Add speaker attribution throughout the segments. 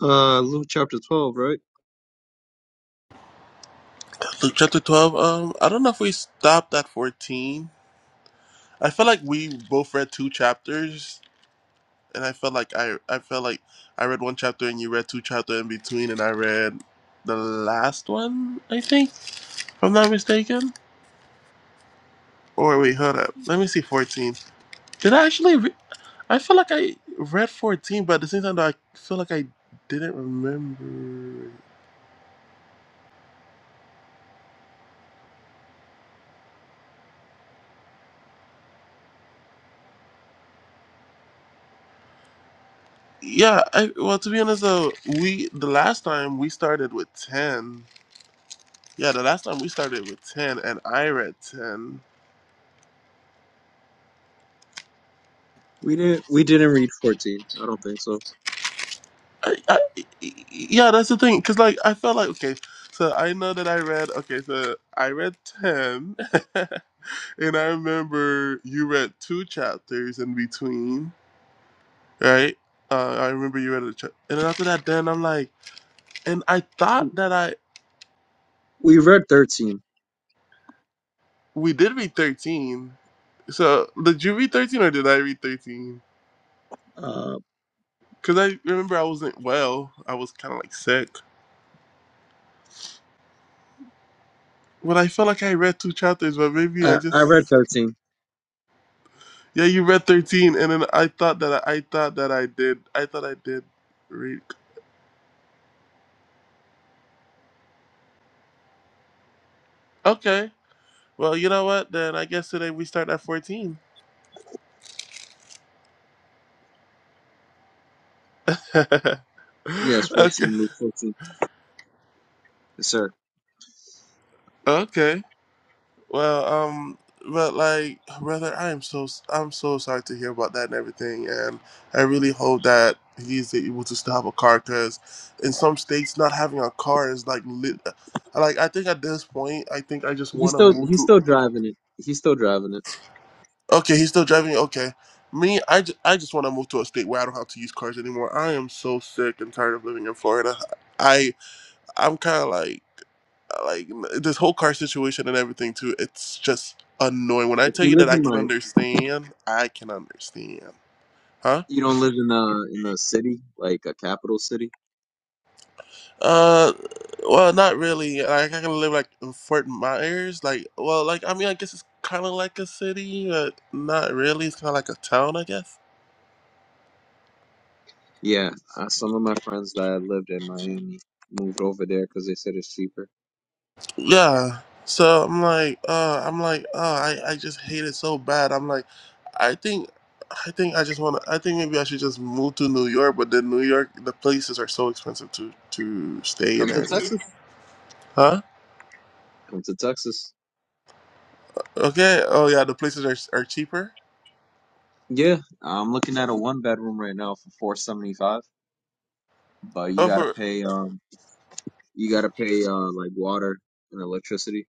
Speaker 1: Uh, Luke chapter 12, right?
Speaker 2: Luke chapter 12. Um, I don't know if we stopped at 14. I felt like we both read two chapters, and I felt like I I felt like I read one chapter and you read two chapter in between, and I read the last one. I think, if I'm not mistaken. Or wait, hold up. Let me see. 14. Did I actually? Re- I feel like I read 14, but at the same time, though, I feel like I didn't remember. Yeah. I well, to be honest, though, we the last time we started with 10. Yeah, the last time we started with ten, and I read ten.
Speaker 1: We didn't we didn't read 14. I don't think so.
Speaker 2: I, I, yeah, that's the thing, cause like I felt like okay, so I know that I read okay, so I read ten, and I remember you read two chapters in between, right? Uh, I remember you read a chapter, and then after that, then I'm like, and I thought that I
Speaker 1: We read 13.
Speaker 2: we did read thirteen. So did you read thirteen or did I read thirteen?
Speaker 1: Uh,
Speaker 2: Cause I remember I wasn't well. I was kind of like sick. But I felt like I read two chapters, but maybe
Speaker 1: I,
Speaker 2: I
Speaker 1: I read
Speaker 2: just
Speaker 1: 13.
Speaker 2: yeah, you read thirteen, and then I thought that I, I thought that I did. I thought I did read. Okay, well, you know what? Then I guess today we start at fourteen. okay,
Speaker 1: Yes, 14, Luke 14. Yes, sir.
Speaker 2: okay. Well, um, but like, brother, I am so I'm so sorry to hear about that and everything, and I really hope that he's able to still have a car because in some states not having a car is like lit. Like I think at this point, I think I just
Speaker 1: He's
Speaker 2: want to
Speaker 1: still
Speaker 2: move
Speaker 1: he's
Speaker 2: to
Speaker 1: still driving it. He's still driving it.
Speaker 2: Okay, he's still driving. you? Okay. Me, I, ju- I just want to move to a state where I don't have to use cars anymore. I am so sick and tired of living in Florida. I I'm kind of like like this whole car situation and everything too. It's just annoying. When I
Speaker 1: If
Speaker 2: tell
Speaker 1: you
Speaker 2: you
Speaker 1: live
Speaker 2: that I
Speaker 1: in
Speaker 2: can
Speaker 1: like
Speaker 2: understand, I can understand. Huh?
Speaker 1: you don't live in uh in the city, like a capital city.
Speaker 2: Uh, well, not really. Like I can live like in Fort Myers. Like, well, like I mean, I guess it's kind of like a city, but not really. It's kind of like a town, I guess.
Speaker 1: Yeah, uh, some of my friends that lived in Miami moved over there because they said it's cheaper.
Speaker 2: yeah. So I'm like, uh, I'm like, uh, I, I just hate it so bad. I'm like, I think, I think I just want to. I think maybe I should just move to New York. But then New York, the places are so expensive to to stay and
Speaker 1: Come to
Speaker 2: everything.
Speaker 1: Texas.
Speaker 2: Huh?
Speaker 1: Come to Texas.
Speaker 2: Okay. Oh yeah, the places are are cheaper.
Speaker 1: Yeah, I'm looking at a one bedroom right now for 475, but you
Speaker 2: Oh,
Speaker 1: gotta
Speaker 2: for
Speaker 1: pay um you gotta pay uh like water and electricity.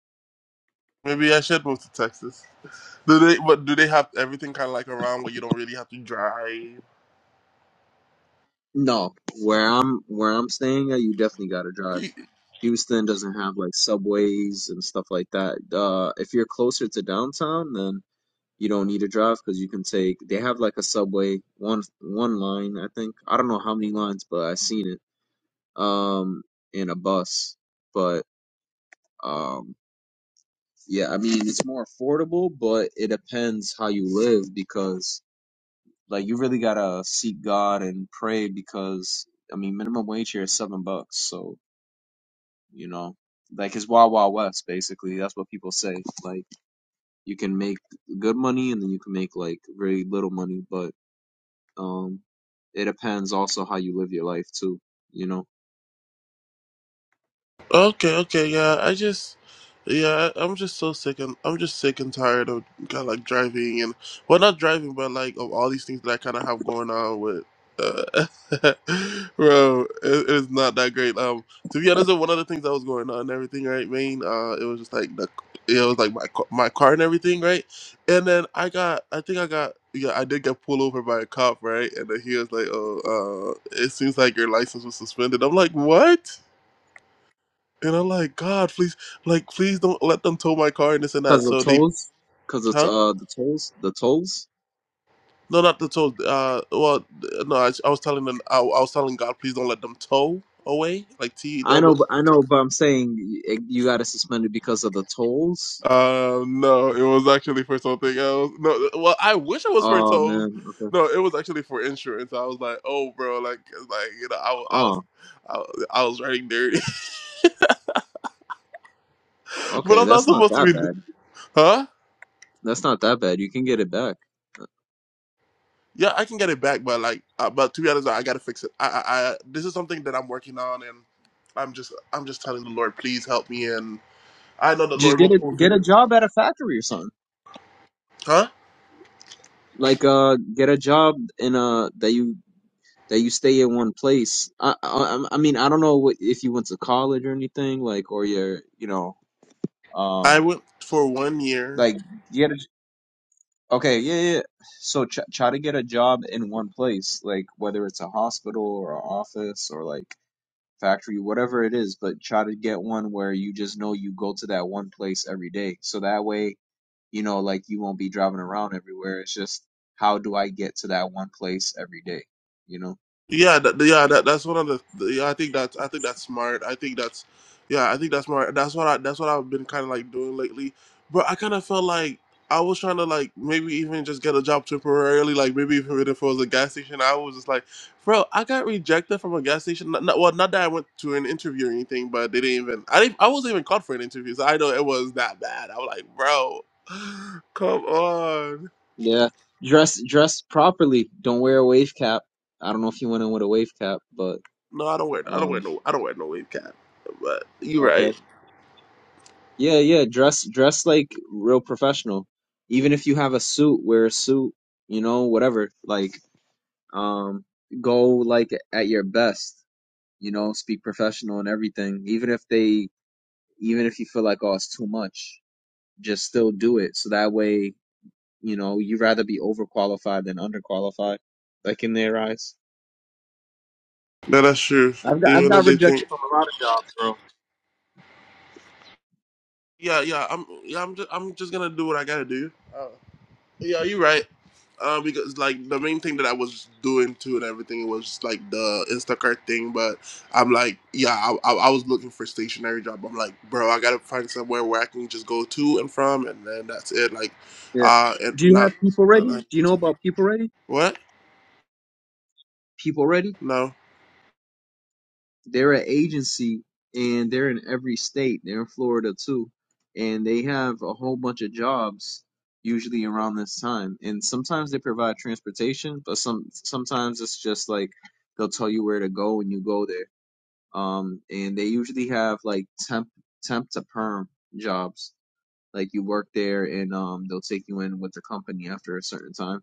Speaker 2: maybe I should move to Texas. Do they? But do they have everything kind of like around where you don't really have to drive?
Speaker 1: No, where I'm where I'm staying at, you definitely gotta drive. Houston doesn't have like subways and stuff like that. Uh, if you're closer to downtown, then You don't need to drive because you can take. They have like a subway one one line, I think. I don't know how many lines, but i seen it. Um, in a bus, but um, yeah. I mean, it's more affordable, but it depends how you live because like you really gotta seek God and pray because I mean, minimum wage here is seven bucks, so you know, like it's wild wild west basically. That's what people say. Like you can make good money and then you can make like very little money, but Um, it depends also how you live your life too, you know.
Speaker 2: Okay, okay, yeah. I just, yeah, I- I'm just so sick and I'm just sick and tired of kind of like driving and well, not driving, but like of all these things that I kind of have going on with. Uh, bro, it, it's not that great. Um, to be honest, one of the things that was going on and everything, right, Maine. Uh, it was just like the, it was like my ca- my car and everything, right. And then I got, I think I got, yeah, I did get pulled over by a cop, right. And then he was like, "Oh, uh, it seems like your license was suspended." I'm like, "What?" And I'm like, God, please, like, please don't let them tow my car and this and that.
Speaker 1: Because the
Speaker 2: So they,
Speaker 1: tolls, because it's
Speaker 2: huh?
Speaker 1: uh the tolls, the tolls.
Speaker 2: No, not the tow. Uh, well, no, I, I was telling them, I, I was telling God, please don't let them tow away, like T
Speaker 1: I
Speaker 2: double.
Speaker 1: know, but I know, but I'm saying y- you got to suspend it because of the tolls.
Speaker 2: Uh, no, it was actually for something else. No, well, I wish it was for
Speaker 1: Oh
Speaker 2: tows.
Speaker 1: man, okay.
Speaker 2: No, it was actually for insurance. I was like, oh, bro, like, like you know, I, wa- I was,
Speaker 1: Oh,
Speaker 2: I, wa- I was writing dirty, but
Speaker 1: okay,
Speaker 2: I'm not
Speaker 1: that's not
Speaker 2: supposed to
Speaker 1: that
Speaker 2: be,
Speaker 1: bad.
Speaker 2: huh?
Speaker 1: That's not that bad. You can get it back.
Speaker 2: Yeah, I can get it back, but like, uh, but to be honest, I gotta fix it. I, I, I, this is something that I'm working on, and I'm just, I'm just telling the Lord, please help me, and I know the
Speaker 1: Just
Speaker 2: Lord will
Speaker 1: get it,
Speaker 2: pull
Speaker 1: get a
Speaker 2: through.
Speaker 1: job at a factory or something.
Speaker 2: Huh?
Speaker 1: Like uh, get a job in a that you that you stay in one place. I I, I mean I don't know what if you went to college or anything like or you're you know
Speaker 2: I
Speaker 1: um
Speaker 2: went for one year
Speaker 1: Like get a, okay, yeah, yeah. yeah. So ch try to get a job in one place, like whether it's a hospital or an office or like factory, whatever it is, but try to get one where you just know you go to that one place every day. So that way, you know, like you won't be driving around everywhere. It's just how do I get to that one place every day, you know?
Speaker 2: Yeah, that, yeah, that, that's one of the, the. Yeah, I think that's I think that's smart. I think that's, yeah, I think that's smart. That's what I that's what I've been kind of like doing lately. But I kind of felt like I was trying to like maybe even just get a job temporarily. Like maybe even if it was a gas station, I was just like, bro, I got rejected from a gas station. Not, not, well, not that I went to an interview or anything, but they didn't even. I didn't. I wasn't even called for an interview, so I know it was that bad. I was like, bro, come on.
Speaker 1: Yeah. Dress dress properly. Don't wear a wave cap. I don't know if you went in with a wave cap, but
Speaker 2: No, I don't wear. I don't wear
Speaker 1: um
Speaker 2: no. I don't wear no wave cap. But you're
Speaker 1: okay.
Speaker 2: right.
Speaker 1: Yeah, yeah, dress dress like real professional. Even if you have a suit, wear a suit, you know, whatever. Like um go like at your best, you know, speak professional and everything. Even if they even if you feel like oh it's too much, just still do it. So that way, you know, you'd rather be overqualified than underqualified, like in their eyes.
Speaker 2: No, that's true.
Speaker 1: I've got I've
Speaker 2: Even though
Speaker 1: got
Speaker 2: they
Speaker 1: rejected
Speaker 2: think,
Speaker 1: from a lot of jobs, bro.
Speaker 2: yeah, yeah, I'm, yeah, I'm just, I'm just gonna do what I gotta do. Uh, yeah, you're right. Uh, because like the main thing that I was doing too and everything was like the Instacart thing, but I'm like, yeah, I, I, I was looking for stationary job. I'm like, bro, I gotta find somewhere where I can just go to and from, and then that's it. Like,
Speaker 1: Yeah.
Speaker 2: uh, and
Speaker 1: Do you have
Speaker 2: not,
Speaker 1: people
Speaker 2: uh,
Speaker 1: ready?
Speaker 2: not
Speaker 1: Do you know
Speaker 2: too far.
Speaker 1: about people ready?
Speaker 2: What?
Speaker 1: People Ready?
Speaker 2: No.
Speaker 1: they're an agency and they're in every state. They're in Florida too, and they have a whole bunch of jobs usually around this time. And sometimes they provide transportation, but some sometimes it's just like they'll tell you where to go and you go there. Um, and they usually have like temp temp to perm jobs. Like you work there and um they'll take you in with the company after a certain time.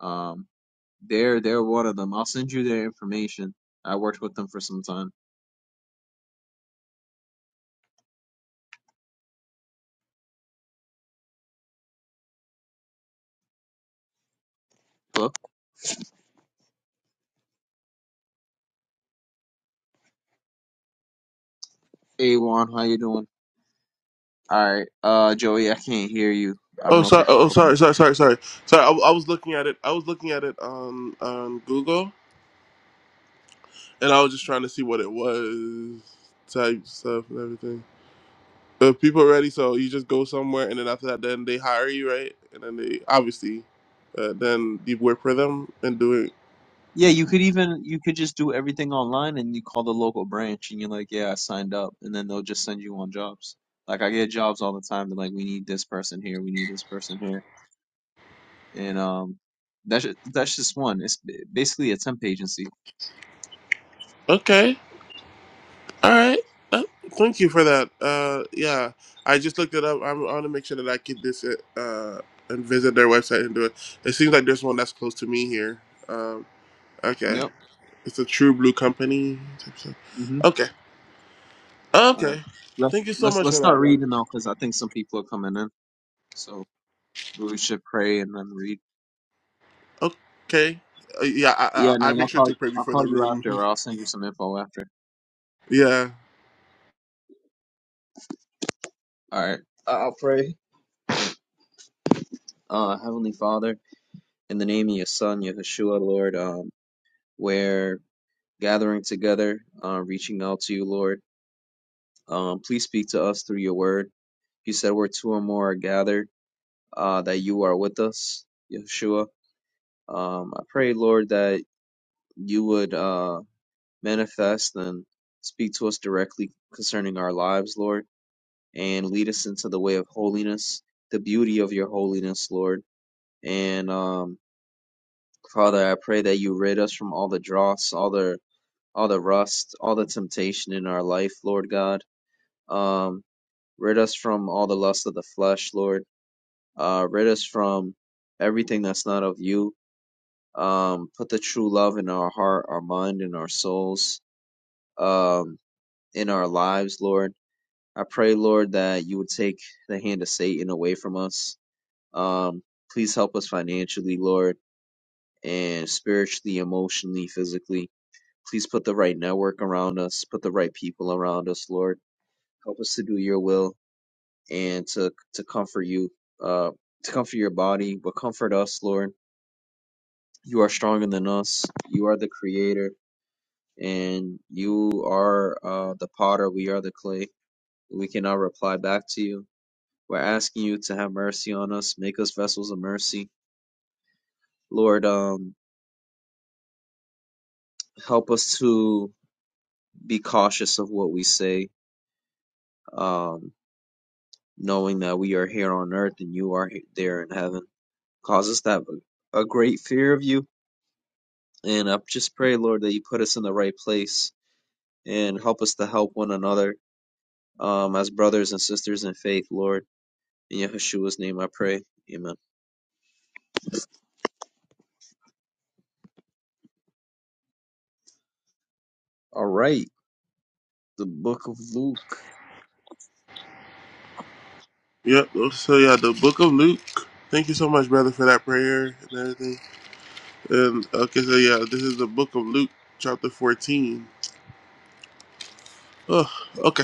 Speaker 1: Um, they're they're one of them. I'll send you their information. I worked with them for some time. Hello? Hey Juan, how you doing? All right, uh, Joey, I can't hear you. I don't
Speaker 2: Oh,
Speaker 1: know if
Speaker 2: sorry.
Speaker 1: you're
Speaker 2: Oh,
Speaker 1: okay.
Speaker 2: sorry. Sorry. Sorry. Sorry. Sorry. I, I was looking at it. I was looking at it on on Google and I was just trying to see what it was, type stuff and everything. But people are ready, so you just go somewhere, and then after that, then they hire you, right? And then they obviously, uh, then you work for them and do it.
Speaker 1: Yeah, you could even you could just do everything online and you call the local branch and you're like, yeah, I signed up, and then they'll just send you on jobs. Like I get jobs all the time. They're like, we need this person here, we need this person here, and um, that's ju- that's just one. It's ba- basically a temp agency.
Speaker 2: Okay, all right. Uh, thank you for that. Uh, yeah, I just looked it up. I'm, I want to make sure that I get this uh, and visit their website and do it. It seems like there's one that's close to me here. Um, okay,
Speaker 1: Yep.
Speaker 2: it's a True Blue company. type stuff.
Speaker 1: hmm
Speaker 2: Okay,
Speaker 1: All right.
Speaker 2: okay.
Speaker 1: Let's
Speaker 2: Thank you so
Speaker 1: let's
Speaker 2: much
Speaker 1: let's
Speaker 2: for that,
Speaker 1: start
Speaker 2: brother.
Speaker 1: reading though, because I think some people are coming in. So we should pray and then read.
Speaker 2: Okay. Uh, yeah, I,
Speaker 1: Yeah, and
Speaker 2: I I
Speaker 1: then
Speaker 2: make
Speaker 1: I'll
Speaker 2: sure to
Speaker 1: call
Speaker 2: pray
Speaker 1: I'll
Speaker 2: before the
Speaker 1: call you
Speaker 2: room.
Speaker 1: after, or I'll send you some info after.
Speaker 2: Yeah.
Speaker 1: All right. I'll pray. Uh, Heavenly Father, in the name of Your Son, Yahushua, Lord, um, we're gathering together, uh, reaching out to You, Lord. Um, please speak to us through Your Word. You said where two or more are gathered, uh, that You are with us, Yahushua. Um, I pray, Lord, that You would uh manifest and speak to us directly concerning our lives, Lord, and lead us into the way of holiness, the beauty of your holiness, Lord. And um, Father, I pray that you rid us from all the dross, all the all the rust, all the temptation in our life, Lord God. Um, rid us from all the lust of the flesh, Lord. Uh, rid us from everything that's not of you. Um, put the true love in our heart, our mind, and our souls. Um, in our lives, Lord I pray, Lord, that you would take the hand of Satan away from us. Um, please help us financially, Lord, and spiritually, emotionally, physically. Please put the right network around us, put the right people around us, Lord. Help us to do your will and to to comfort you, uh, to comfort your body, but comfort us, Lord. You are stronger than us. You are the creator, and you are uh, the potter. We are the clay. We cannot reply back to you We're asking you to have mercy on us, make us vessels of mercy. Lord, um, help us to be cautious of what we say, um, knowing that we are here on earth and you are he- there in heaven. Cause us to have a, a great fear of you. And I just pray, Lord, that you put us in the right place and help us to help one another um, as brothers and sisters in faith, Lord. In Yahushua's name I pray. Amen. All right. The book of Luke.
Speaker 2: Yep. Oh, So yeah, the Book of Luke. Thank you so much, brother, for that prayer and everything. And okay, so yeah, this is the Book of Luke, chapter fourteen. Oh, okay.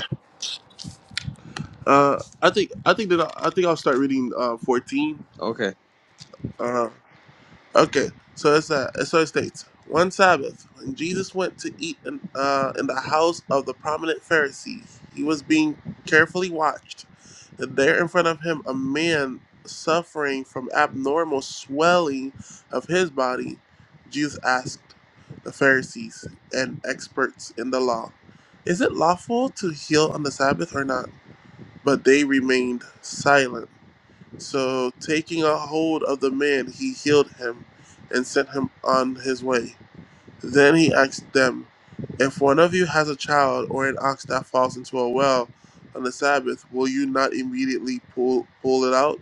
Speaker 2: Uh, I think I think that I, I think I'll start reading uh fourteen.
Speaker 1: Okay.
Speaker 2: Uh, Okay, so it's uh, so it states one Sabbath when Jesus went to eat in, uh, in the house of the prominent Pharisee, he was being carefully watched, and there in front of him a man suffering from abnormal swelling of his body. Jesus asked the Pharisees and experts in the law, "Is it lawful to heal on the Sabbath or not?" But they remained silent. So, taking a hold of the man, he healed him and sent him on his way. Then he asked them, If one of you has a child or an ox that falls into a well on the Sabbath, will you not immediately pull pull it out?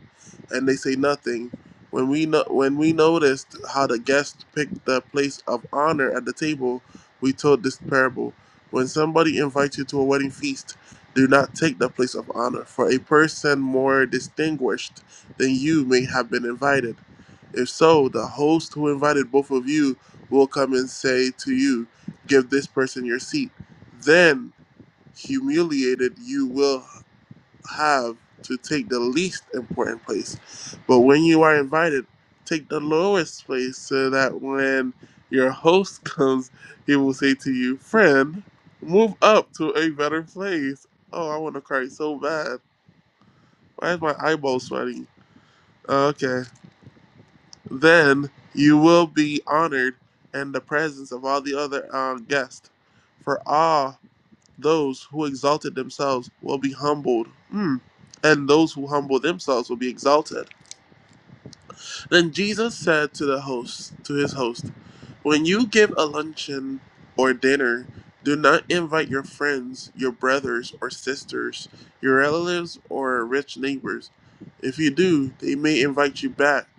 Speaker 2: And they say nothing. When we no, when we noticed how the guests picked the place of honor at the table, we told this parable. When somebody invites you to a wedding feast, do not take the place of honor, for a person more distinguished than you may have been invited. If so, the host who invited both of you will come and say to you, Give this person your seat. Then, humiliated, you will have to take the least important place. But when you are invited, take the lowest place so that when your host comes, he will say to you, Friend, move up to a better place. Oh, I want to cry so bad. Why is my eyeball sweating? Okay. Then you will be honored in the presence of all the other um, guests, for all those who exalted themselves will be humbled, mm. and those who humble themselves will be exalted. Then Jesus said to the host, to his host, When you give a luncheon or dinner, do not invite your friends, your brothers or sisters, your relatives or rich neighbors. If you do, they may invite you back,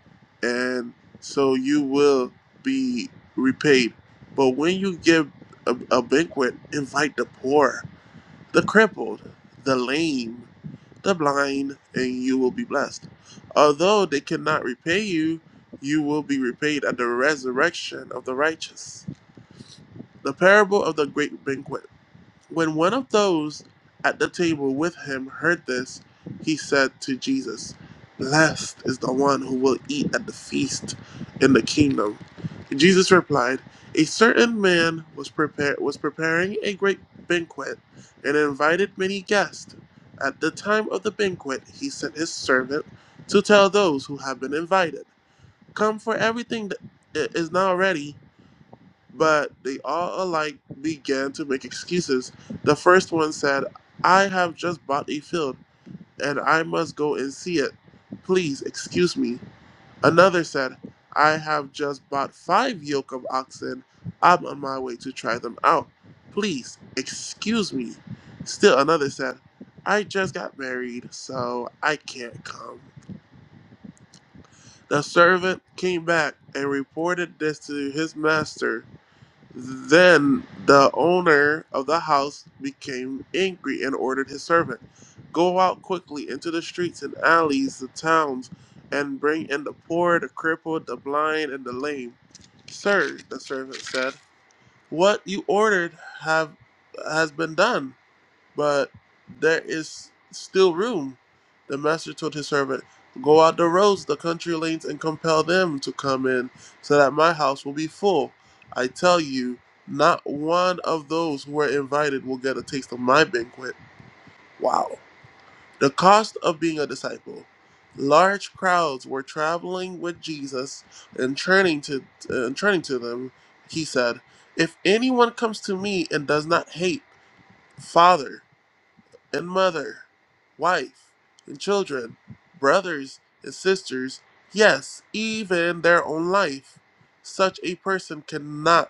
Speaker 2: and so you will be repaid. But when you give a, a banquet, invite the poor, the crippled, the lame, the blind, and you will be blessed. Although they cannot repay you, you will be repaid at the resurrection of the righteous. The parable of the great banquet. When one of those at the table with him heard this, he said to Jesus, Blessed is the one who will eat at the feast in the kingdom. Jesus replied, A certain man was prepared was preparing a great banquet and invited many guests. At the time of the banquet, he sent his servant to tell those who have been invited, 'Come, for everything that is now ready but they all alike began to make excuses. The first one said, I have just bought a field, and I must go and see it. Please excuse me. Another said, I have just bought five yoke of oxen. I'm on my way to try them out. Please excuse me. Still another said, I just got married, so I can't come. The servant came back and reported this to his master. Then the owner of the house became angry and ordered his servant, Go out quickly into the streets and alleys, the towns, and bring in the poor, the crippled, the blind, and the lame. Sir, the servant said, What you ordered have has been done, but there is still room. The master told his servant, Go out the roads, the country lanes, and compel them to come in, so that my house will be full. I tell you, not one of those who are invited will get a taste of my banquet. Wow. The cost of being a disciple. Large crowds were traveling with Jesus, and turning to and turning to them, he said, "If anyone comes to me and does not hate father." and mother, wife and children, brothers and sisters, yes, even their own life. Such a person cannot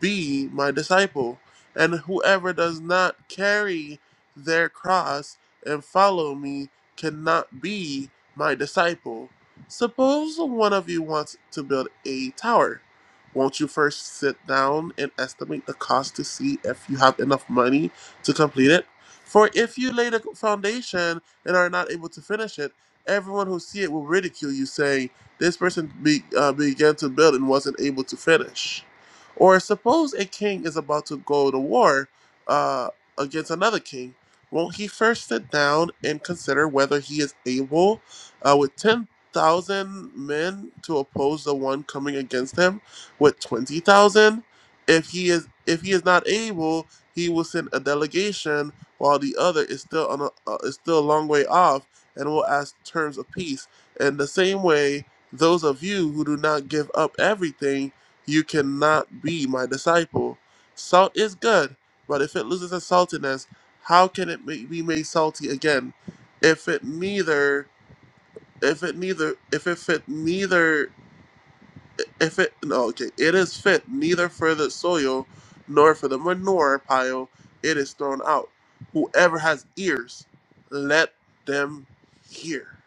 Speaker 2: be my disciple. And whoever does not carry their cross and follow me cannot be my disciple. Suppose one of you wants to build a tower. Won't you first sit down and estimate the cost to see if you have enough money to complete it? For if you lay the foundation and are not able to finish it, everyone who see it will ridicule you, saying, This person be, uh, began to build and wasn't able to finish. Or suppose a king is about to go to war uh, against another king, won't he first sit down and consider whether he is able, uh, with 10,000 men, to oppose the one coming against him with 20,000? If he is if he is not able, he will send a delegation while the other is still on a, uh, is still a long way off and will ask terms of peace. In the same way, those of you who do not give up everything you cannot be my disciple. Salt is good, but if it loses its saltiness, how can it ma- be made salty again? If it neither, if it neither, if it fit neither, if it, no, okay, it is fit neither for the soil nor for the manure pile, it is thrown out. Whoever has ears, let them hear.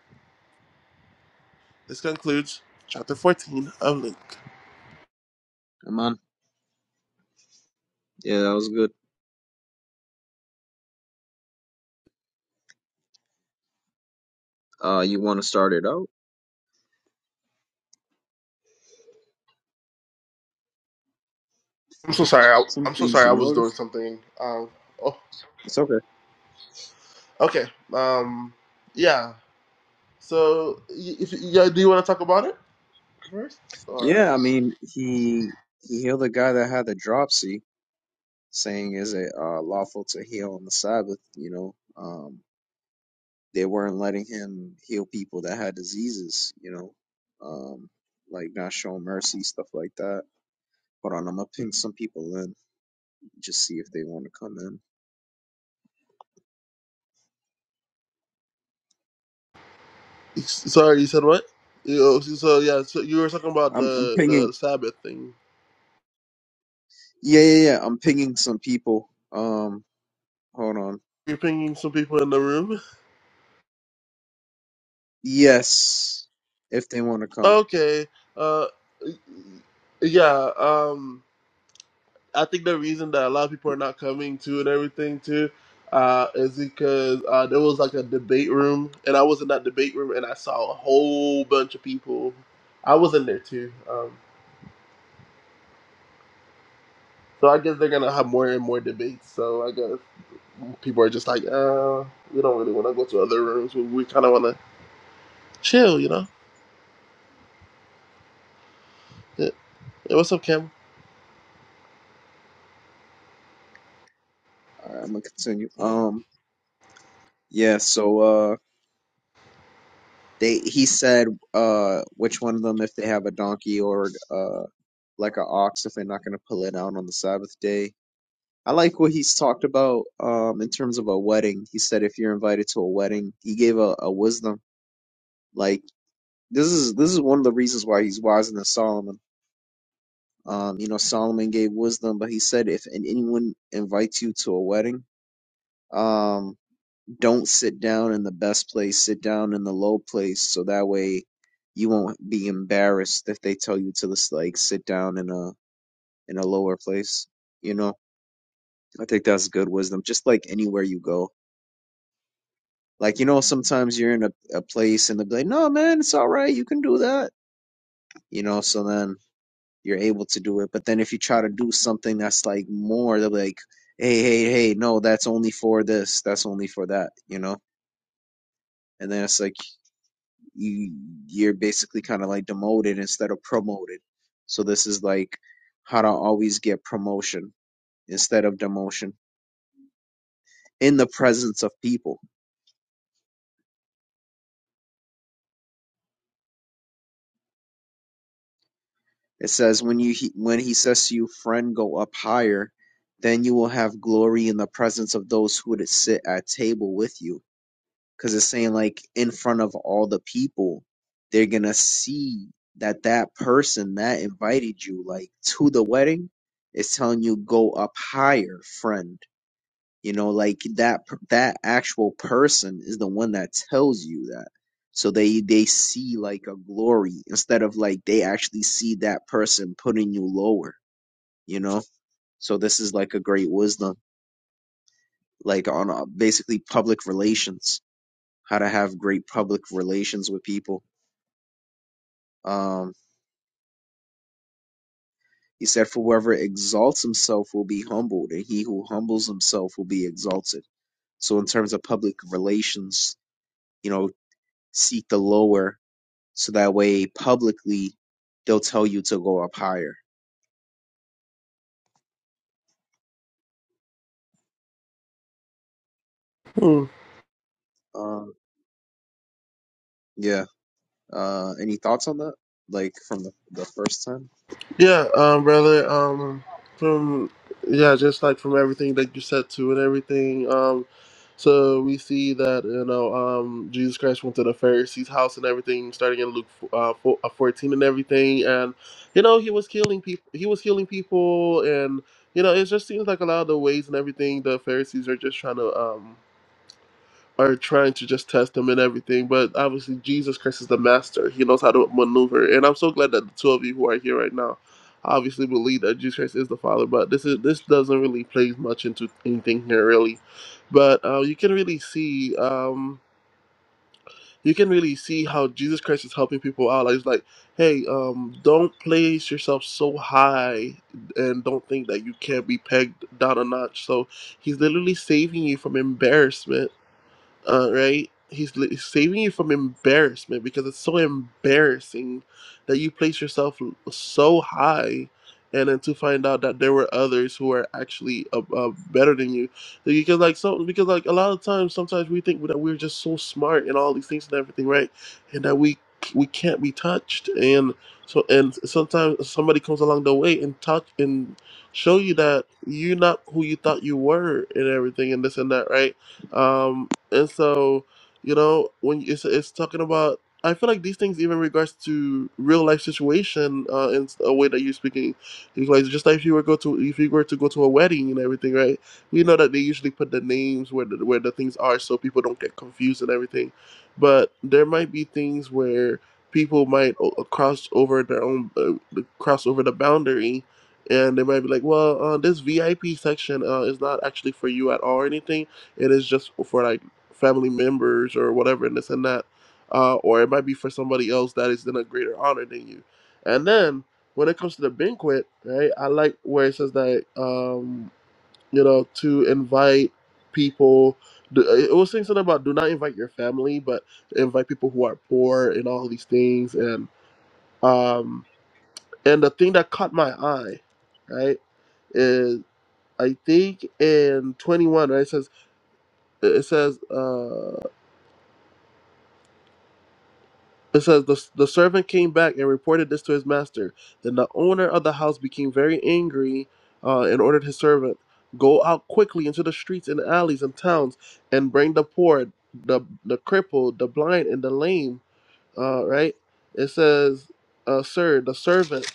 Speaker 2: This concludes chapter 14 of Luke.
Speaker 1: Amen. Yeah, that was good. Uh, you want to start it out?
Speaker 2: I'm so sorry. I,
Speaker 1: Some
Speaker 2: I'm so
Speaker 1: things
Speaker 2: sorry.
Speaker 1: you
Speaker 2: I was doing
Speaker 1: noticed.
Speaker 2: something. Um,
Speaker 1: It's okay.
Speaker 2: Okay. Um. Yeah. So, y- if yeah, do you want to talk about it first? Or
Speaker 1: Yeah, I mean, he he healed a guy that had the dropsy, saying is it uh, lawful to heal on the Sabbath? You know, um, they weren't letting him heal people that had diseases. You know, um, like not showing mercy, stuff like that. Hold on, I'm gonna ping some people in, just see if they want to come in.
Speaker 2: sorry, you said what? You- oh, So so, yeah, so you were talking about
Speaker 1: I'm I'm
Speaker 2: the
Speaker 1: pinging.
Speaker 2: the Sabbath thing.
Speaker 1: Yeah, yeah, yeah. I'm pinging some people. Um, hold on.
Speaker 2: You're pinging some people in the room.
Speaker 1: Yes, if they want to come.
Speaker 2: Okay. Uh. Yeah. Um. I think the reason that a lot of people are not coming to and everything too, uh, is because uh, there was like a debate room, and I was in that debate room, and I saw a whole bunch of people. I was in there too. Um. So I guess they're gonna have more and more debates. So I guess people are just like, uh, we don't really want to go to other rooms. We, we kind of want to chill, you know. Yeah. Hey, what's up, Cam?
Speaker 1: All right, I'm gonna continue. Um, yeah. So, uh, they he said, uh, which one of them, if they have a donkey or uh, like an ox, if they're not gonna pull it out on the Sabbath day. I like what he's talked about. Um, in terms of a wedding, he said if you're invited to a wedding, he gave a, a wisdom. Like this is this is one of the reasons why he's wiser than Solomon. Um, you know, Solomon gave wisdom, but he said if an- anyone invites you to a wedding, um. don't sit down in the best place, sit down in the low place so that way you won't be embarrassed if they tell you to just like sit down in a in a lower place, you know? I think that's good wisdom. Just like anywhere you go. Like, you know, sometimes you're in a, a place and they'll be like, No man, it's all right, you can do that. You know, so then you're able to do it. But then if you try to do something that's like more, they'll be like, Hey, hey, hey, no, that's only for this, that's only for that, you know? And then it's like you you're basically kind of like demoted instead of promoted. So this is like how to always get promotion instead of demotion in the presence of people. It says when you he, when he says to you, friend, go up higher, then you will have glory in the presence of those who would sit at table with you. Because it's saying like in front of all the people, they're gonna see that that person that invited you like to the wedding is telling you go up higher, friend You know, like that per- that actual person is the one that tells you that. So they they see like a glory instead of like they actually see that person putting you lower, you know? So this is like a great wisdom like on uh, basically public relations, how to have great public relations with people. Um he said, "For whoever exalts himself will be humbled, and he who humbles himself will be exalted." So, in terms of public relations, you know, seek the lower so that way publicly they'll tell you to go up higher.
Speaker 2: Hmm.
Speaker 1: Um, yeah. Uh, any thoughts on that? Like from the, the first time?
Speaker 2: Yeah, um, brother, um, from yeah, just like from everything that you said to and everything, um, so we see that you know, um, Jesus Christ went to the Pharisees' house and everything, starting in Luke uh, four- uh, fourteen and everything, and you know, he was killing people. He was killing people, and you know, it just seems like a lot of the ways and everything the Pharisees are just trying to um are trying to just test him and everything. But obviously, Jesus Christ is the master. He knows how to maneuver. And I'm so glad that the two of you who are here right now obviously believe that Jesus Christ is the Father. But this is this doesn't really play much into anything here, really. But uh, you can really see. Um, you can really see how Jesus Christ is helping people out. Like, it's like, hey, um, don't place yourself so high and don't think that you can't be pegged down a notch. So he's literally saving you from embarrassment uh, right? He's li- saving you from embarrassment because it's so embarrassing that you place yourself l- so high, and then to find out that there were others who are actually uh, uh, better than you. Like, Because like so, because like a lot of times, sometimes we think that we're just so smart and all these things and everything, right? And that we we can't be touched, and so and sometimes somebody comes along the way and touch and show you that you're not who you thought you were and everything and this and that, right? Um, and so, you know, when you- it's, it's talking about, I feel like these things, even regards to real life situation, uh, in a way that you're speaking, it's like just like if you were go to if you were to go to a wedding and everything, right? We know that they usually put the names where the, where the things are, so people don't get confused and everything. But there might be things where people might o- cross over their own uh, cross over the boundary and they might be like, well, uh, this VIP section uh, is not actually for you at all or anything it is just for like family members or whatever, and this and that. Uh, or it might be for somebody else that is in a greater honor than you. And then when it comes to the banquet, right, I like where it says that, um, you know, to invite people. do- It was saying something about do not invite your family, but invite people who are poor and all these things. And um, and the thing that caught my eye, right, is I think in 21, right, it says, it says, uh, It says the, the servant came back and reported this to his master. Then the owner of the house became very angry uh, and ordered his servant, "Go out quickly into the streets and alleys and towns and bring the poor, the the crippled, the blind, and the lame." Uh, right? It says, uh, "Sir, the servant."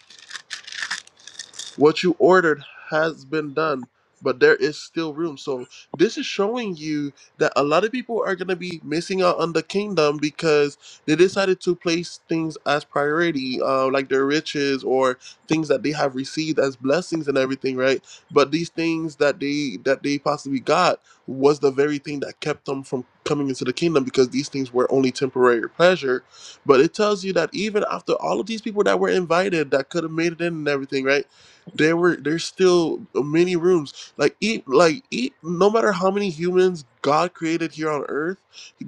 Speaker 2: What you ordered has been done, but there is still room. So this is showing you that a lot of people are going to be missing out on the kingdom because they decided to place things as priority, uh, like their riches or things that they have received as blessings and everything, right? But these things that they that they possibly got was the very thing that kept them from coming into the kingdom because these things were only temporary pleasure. But it tells you that even after all of these people that were invited that could have made it in and everything, right? there were there's still many rooms like eat like eat no matter how many humans god created here on earth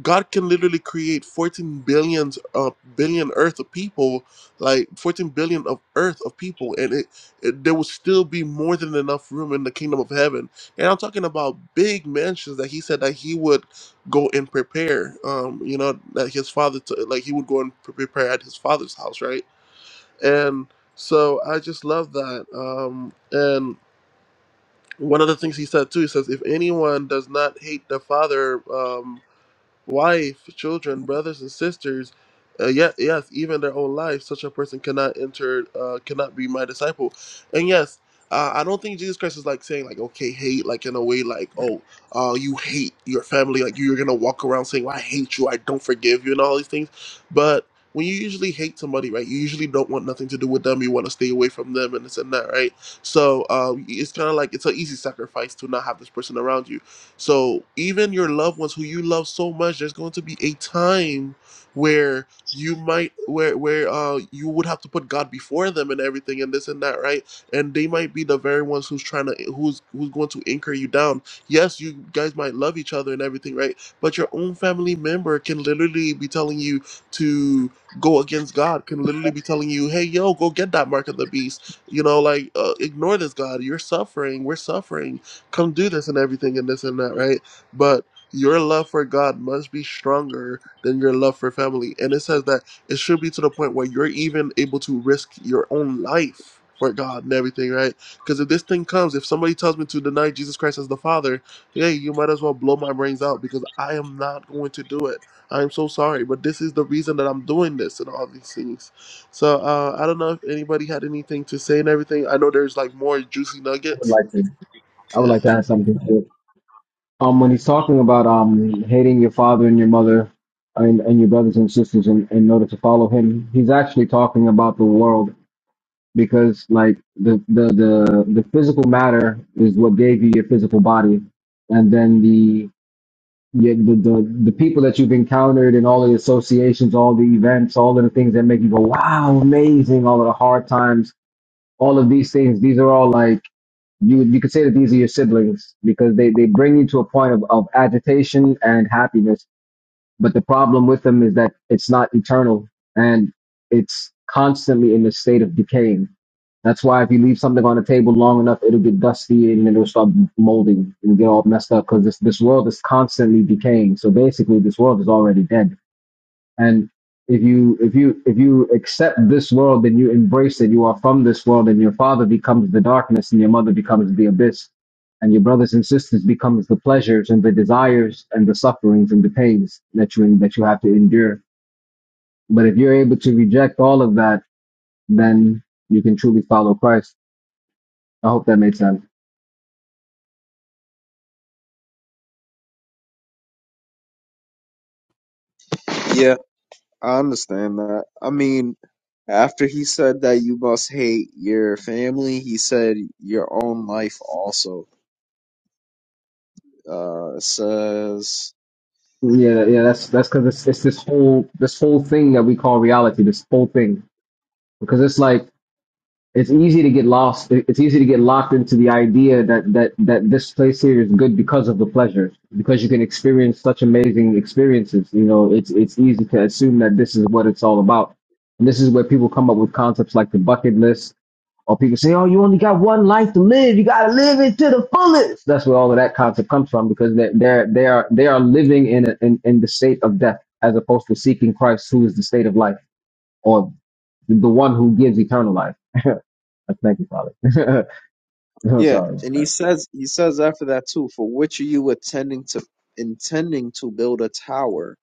Speaker 2: god can literally create 14 billions uh billion earth of people like 14 billion of earth of people and it, it there will still be more than enough room in the kingdom of heaven and i'm talking about big mansions that he said that he would go and prepare um you know that his father t- like he would go and pre- prepare at his father's house right and so I just love that. Um, and one of the things he said too, he says, if anyone does not hate the Father, um, wife, children, brothers and sisters, uh, yet yes, even their own life, such a person cannot enter, uh, cannot be my disciple. And yes, uh, I don't think Jesus Christ is like saying like, okay, hate like in a way like, oh, uh, you hate your family, like you're gonna walk around saying, well, I hate you, I don't forgive you, and all these things. But when you usually hate somebody, right, you usually don't want nothing to do with them. You want to stay away from them and this and that, right? So um, it's kind of like it's an easy sacrifice to not have this person around you so even your loved ones who you love so much, there's going to be a time where you might where where uh you would have to put God before them and everything and this and that, right? And they might be the very ones who's trying to who's who's going to anchor you down. Yes, you guys might love each other and everything, right? But your own family member can literally be telling you to go against God, can literally be telling you, hey yo, go get that mark of the beast. You know, like uh, ignore this God. You're suffering. We're suffering come do this and everything and this and that, right? But your love for God must be stronger than your love for family. And it says that it should be to the point where you're even able to risk your own life for God and everything, right? Because if this thing comes, if somebody tells me to deny Jesus Christ as the Father, hey, you might as well blow my brains out because I am not going to do it. I'm so sorry, but this is the reason that I'm doing this and all these things. So uh, I don't know if anybody had anything to say and everything. I know there's like more juicy
Speaker 3: would
Speaker 2: nuggets.
Speaker 3: like to I would
Speaker 2: Yeah.
Speaker 3: like to add something to it. Um, when he's talking about um hating your father and your mother and, and your brothers and sisters in, in order to follow him, he's actually talking about the world because like the, the the the physical matter is what gave you your physical body, and then the the, the the the people that you've encountered and all the associations, all the events, all of the things that make you go wow, amazing, all of the hard times, all of these things, these are all like you you could say that these are your siblings because they, they bring you to a point of, of agitation and happiness. But the problem with them is that it's not eternal and it's constantly in a state of decaying. That's why if you leave something on the table long enough, it'll get dusty and it'll start molding and get all messed up because this, this world is constantly decaying. So basically, this world is already dead and if you if you if you accept this world, then you embrace it. You are from this world, and your father becomes the darkness, and your mother becomes the abyss, and your brothers and sisters becomes the pleasures and the desires and the sufferings and the pains that you that you have to endure. But if you're able to reject all of that, then you can truly follow Christ. I hope that made sense.
Speaker 1: Yeah, I understand that. I mean, after he said that you must hate your family, he said your own life also. Uh, it says.
Speaker 3: Yeah, yeah, that's that's because it's, it's this whole this whole thing that we call reality. This whole thing because it's like it's easy to get lost. It's easy to get locked into the idea that that that this place here is good because of the pleasures, because you can experience such amazing experiences. You know, it's it's easy to assume that this is what it's all about, and this is where people come up with concepts like the bucket list, or people say, "Oh, you only got one life to live. You got to live it to the fullest." That's where all of that concept comes from, because they they're they are they are living in, a, in in the state of death, as opposed to seeking Christ, who is the state of life, or the one who gives eternal life. Thank you, Father. I'm
Speaker 1: Yeah,
Speaker 3: sorry about
Speaker 1: and he
Speaker 3: that.
Speaker 1: says he says after that too, for which are you attending to intending to build a tower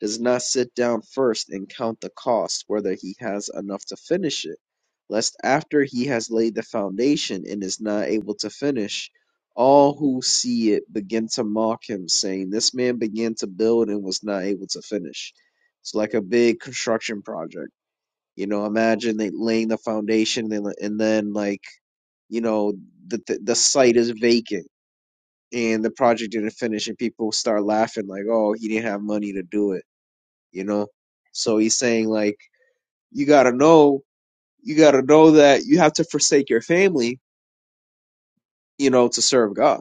Speaker 1: does not sit down first and count the cost whether he has enough to finish it, lest after he has laid the foundation and is not able to finish, all who see it begin to mock him, saying, This man began to build and was not able to finish. It's like a big construction project. You know, imagine they laying the foundation and and then like, you know, the, the the site is vacant and the project didn't finish and people start laughing like, "Oh, he didn't have money to do it." You know? So he's saying like, you got to know, you got to know that you have to forsake your family, you know, to serve God.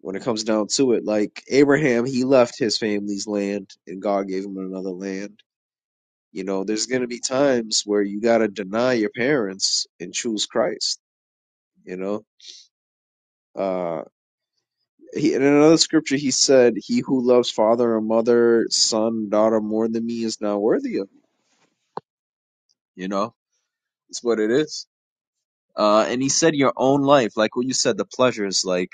Speaker 1: When it comes down to it, like Abraham, he left his family's land and God gave him another land. You know, there's going to be times where you got to deny your parents and choose Christ, you know? Uh, he, in another scripture, he said, "He who loves father or mother, son, daughter more than me is not worthy of me." You know, it's what it is. Uh, and he said, "Your own life, like what you said, the pleasures, like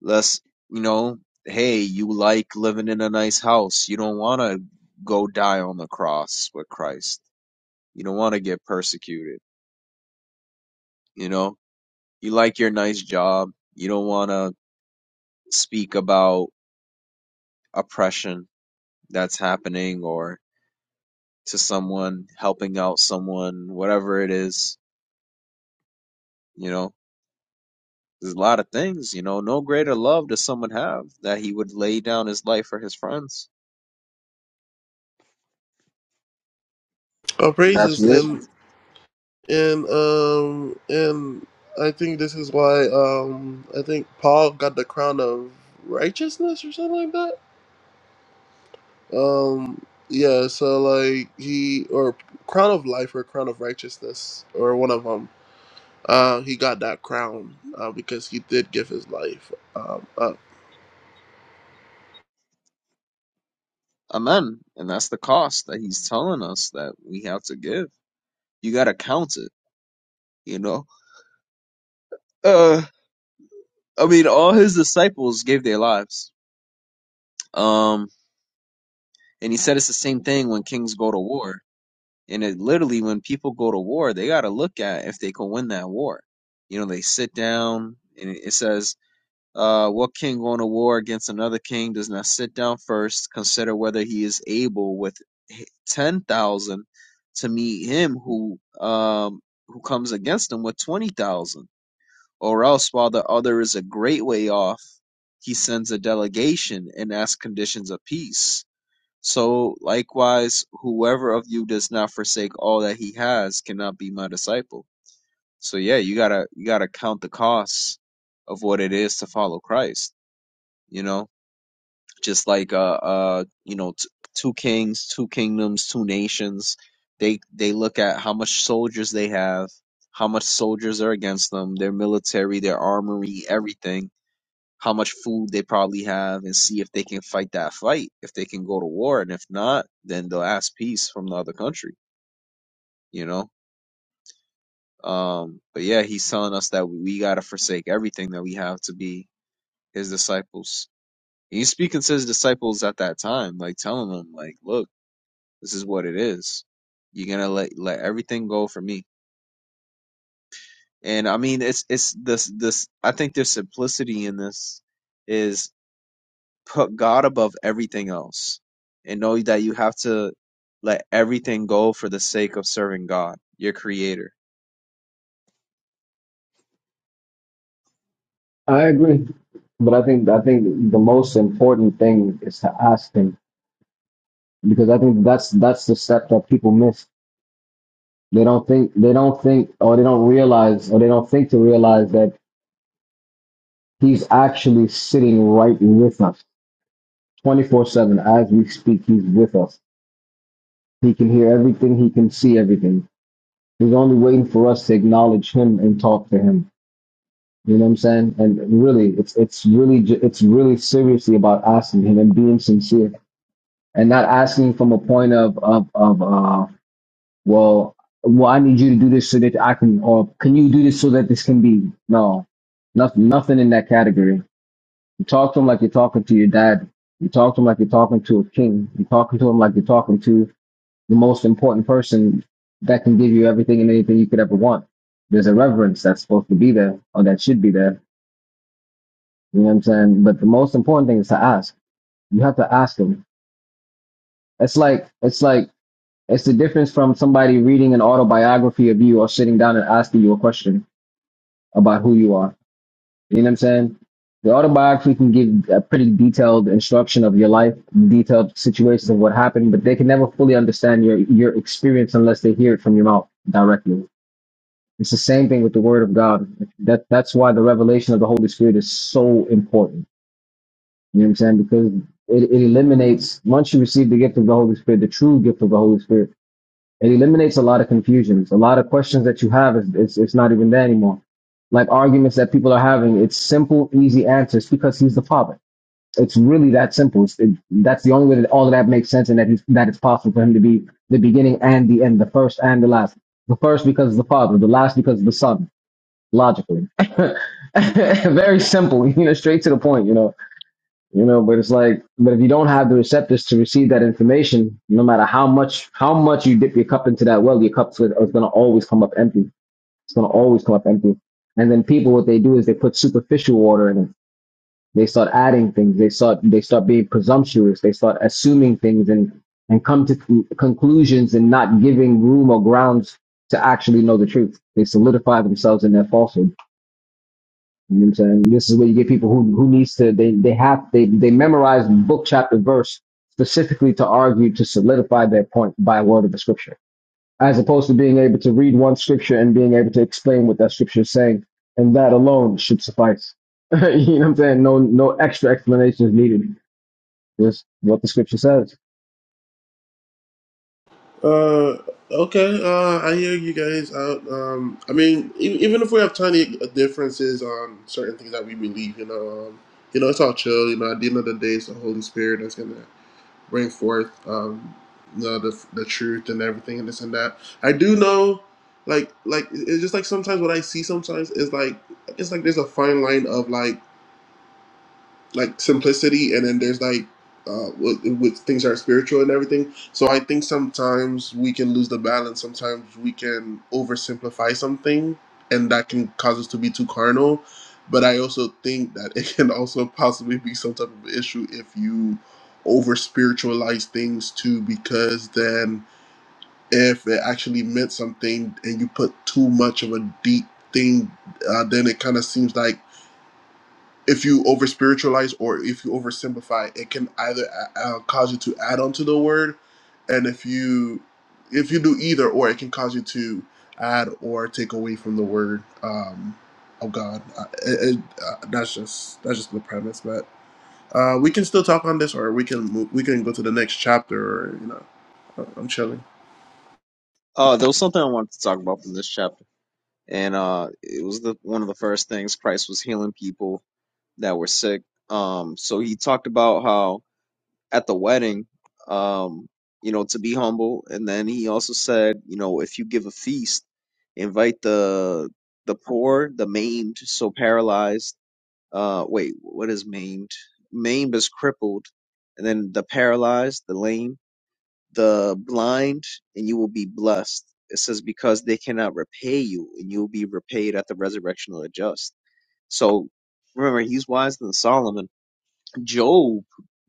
Speaker 1: less, you know, hey, you like living in a nice house. You don't want to go die on the cross with Christ. You don't want to get persecuted. You know, you like your nice job. You don't want to speak about oppression that's happening or." to someone, helping out someone, whatever it is, you know. There's a lot of things, you know. No greater love does someone have that he would lay down his life for his friends.
Speaker 2: uh,
Speaker 3: That's
Speaker 2: praises
Speaker 3: weird.
Speaker 2: and and um and I think this is why um I think Paul got the crown of righteousness or something like that. Um yeah, so like he or crown of life or crown of righteousness or one of them. Uh, he got that crown uh, because he did give his life. Um, up.
Speaker 1: Amen. And that's the cost that he's telling us that we have to give. You gotta count it, you know. Uh I mean all his disciples gave their lives. Um and he said it's the same thing when kings go to war. And it literally when people go to war, they gotta look at if they can win that war you know they sit down and it says Uh, what king going to war against another king does not sit down first, consider whether he is able with ten thousand to meet him who um who comes against him with twenty thousand, or else while the other is a great way off, he sends a delegation and asks conditions of peace. So likewise, whoever of you does not forsake all that he has cannot be my disciple. So yeah, you gotta you gotta count the costs of what it is to follow Christ you know, just like uh uh you know t- two kings, two kingdoms, two nations. They they look at how much soldiers they have, how much soldiers are against them, their military, their armory, everything, how much food they probably have, and see if they can fight that fight, if they can go to war, and if not, then they'll ask peace from the other country, you know. Um, but yeah, he's telling us that we, we gotta forsake everything that we have to be his disciples. He's speaking to his disciples at that time, like telling them, like, look, this is what it is. You're gonna let let everything go for me. And I mean, it's it's this this. I think there's simplicity in this is put God above everything else, and know that you have to let everything go for the sake of serving God, your Creator.
Speaker 3: I agree, but I think I think the most important thing is to ask them because I think that's that's the step that people miss. They don't think they don't think or they don't realize or they don't think to realize that he's actually sitting right with us, twenty four seven as we speak. He's with us. He can hear everything. He can see everything. He's only waiting for us to acknowledge him and talk to him. You know what I'm saying? And really, it's it's really ju- it's really seriously about asking him and being sincere and not asking from a point of of of uh well well I need you to do this so that I can or can you do this so that this can be no nothing nothing in that category. You talk to him like you're talking to your dad. You talk to him like you're talking to a king. You talking to him like you're talking to the most important person that can give you everything and anything you could ever want. There's a reverence that's supposed to be there or that should be there You know what I'm saying? But the most important thing is to ask. You have to ask them. It's like it's like it's the difference from somebody reading an autobiography of you or sitting down and asking you a question about who you are. You know what I'm saying? The autobiography can give a pretty detailed instruction of your life, detailed situations of what happened, but they can never fully understand your your experience unless they hear it from your mouth directly. It's the same thing with the Word of God. That that's why the revelation of the Holy Spirit is so important You know what I'm saying? Because it, it eliminates, once you receive the gift of the Holy Spirit, the true gift of the Holy Spirit, it eliminates a lot of confusions. A lot of questions that you have, is it's, it's not even there anymore. Like arguments that people are having, it's simple, easy answers because he's the Father. It's really that simple. It's, it, that's the only way that all of that makes sense and that, he's, that it's possible for him to be the beginning and the end, the first and the last. The first because of the Father, the last because of the Son, logically. Very simple, you know, straight to the point, you know you know, but it's like, but if you don't have the receptors to receive that information, no matter how much how much you dip your cup into that well, your cup's with- is going to always come up empty. It's going to always come up empty. And then people, what they do is they put superficial water in it. They start adding things. They start they start being presumptuous. They start assuming things and and come to con- conclusions and not giving room or grounds to actually know the truth. They solidify themselves in their falsehood. You know what I'm saying? This is where you get people who who needs to they they have they they memorize book chapter verse specifically to argue to solidify their point by a word of the scripture, as opposed to being able to read one scripture and being able to explain what that scripture is saying, and that alone should suffice. you know what I'm saying? No no extra explanation is needed. Just what the scripture says.
Speaker 2: Uh, okay. Uh, I hear you guys out. Um, I mean, e- even if we have tiny differences on certain things that we believe, you know, um, you know, it's all chill. You know, at the end of the day, it's the Holy Spirit that's gonna bring forth, um, you know, the the truth and everything and this and that. I do know, like, like it's just like sometimes what I see sometimes is like it's like there's a fine line of like like simplicity and then there's like uh with, with things that are spiritual and everything so i think sometimes we can lose the balance sometimes we can oversimplify something and that can cause us to be too carnal but i also think that it can also possibly be some type of issue if you over spiritualize things too because then if it actually meant something and you put too much of a deep thing uh, then it kind of seems like if you over spiritualize or if you oversimplify, it can either uh, uh, cause you to add on to the word, and if you if you do either or, it can cause you to add or take away from the word um, of God. Uh, it, it, uh, that's just that's just the premise, but uh, we can still talk on this, or we can move, we can go to the next chapter, or you know, I- I'm chilling.
Speaker 1: Oh, there was something I wanted to talk about from this chapter, and uh, it was the one of the first things Christ was healing people that were sick. Um, so he talked about how at the wedding, um, you know, to be humble. And then he also said, you know, if you give a feast, invite the the poor, the maimed, so paralyzed. Uh, wait, what is maimed? Maimed is crippled, and then the paralyzed, the lame, the blind, and you will be blessed. It says because they cannot repay you, and you will be repaid at the resurrection of the just. So remember, he's wiser than Solomon. Job,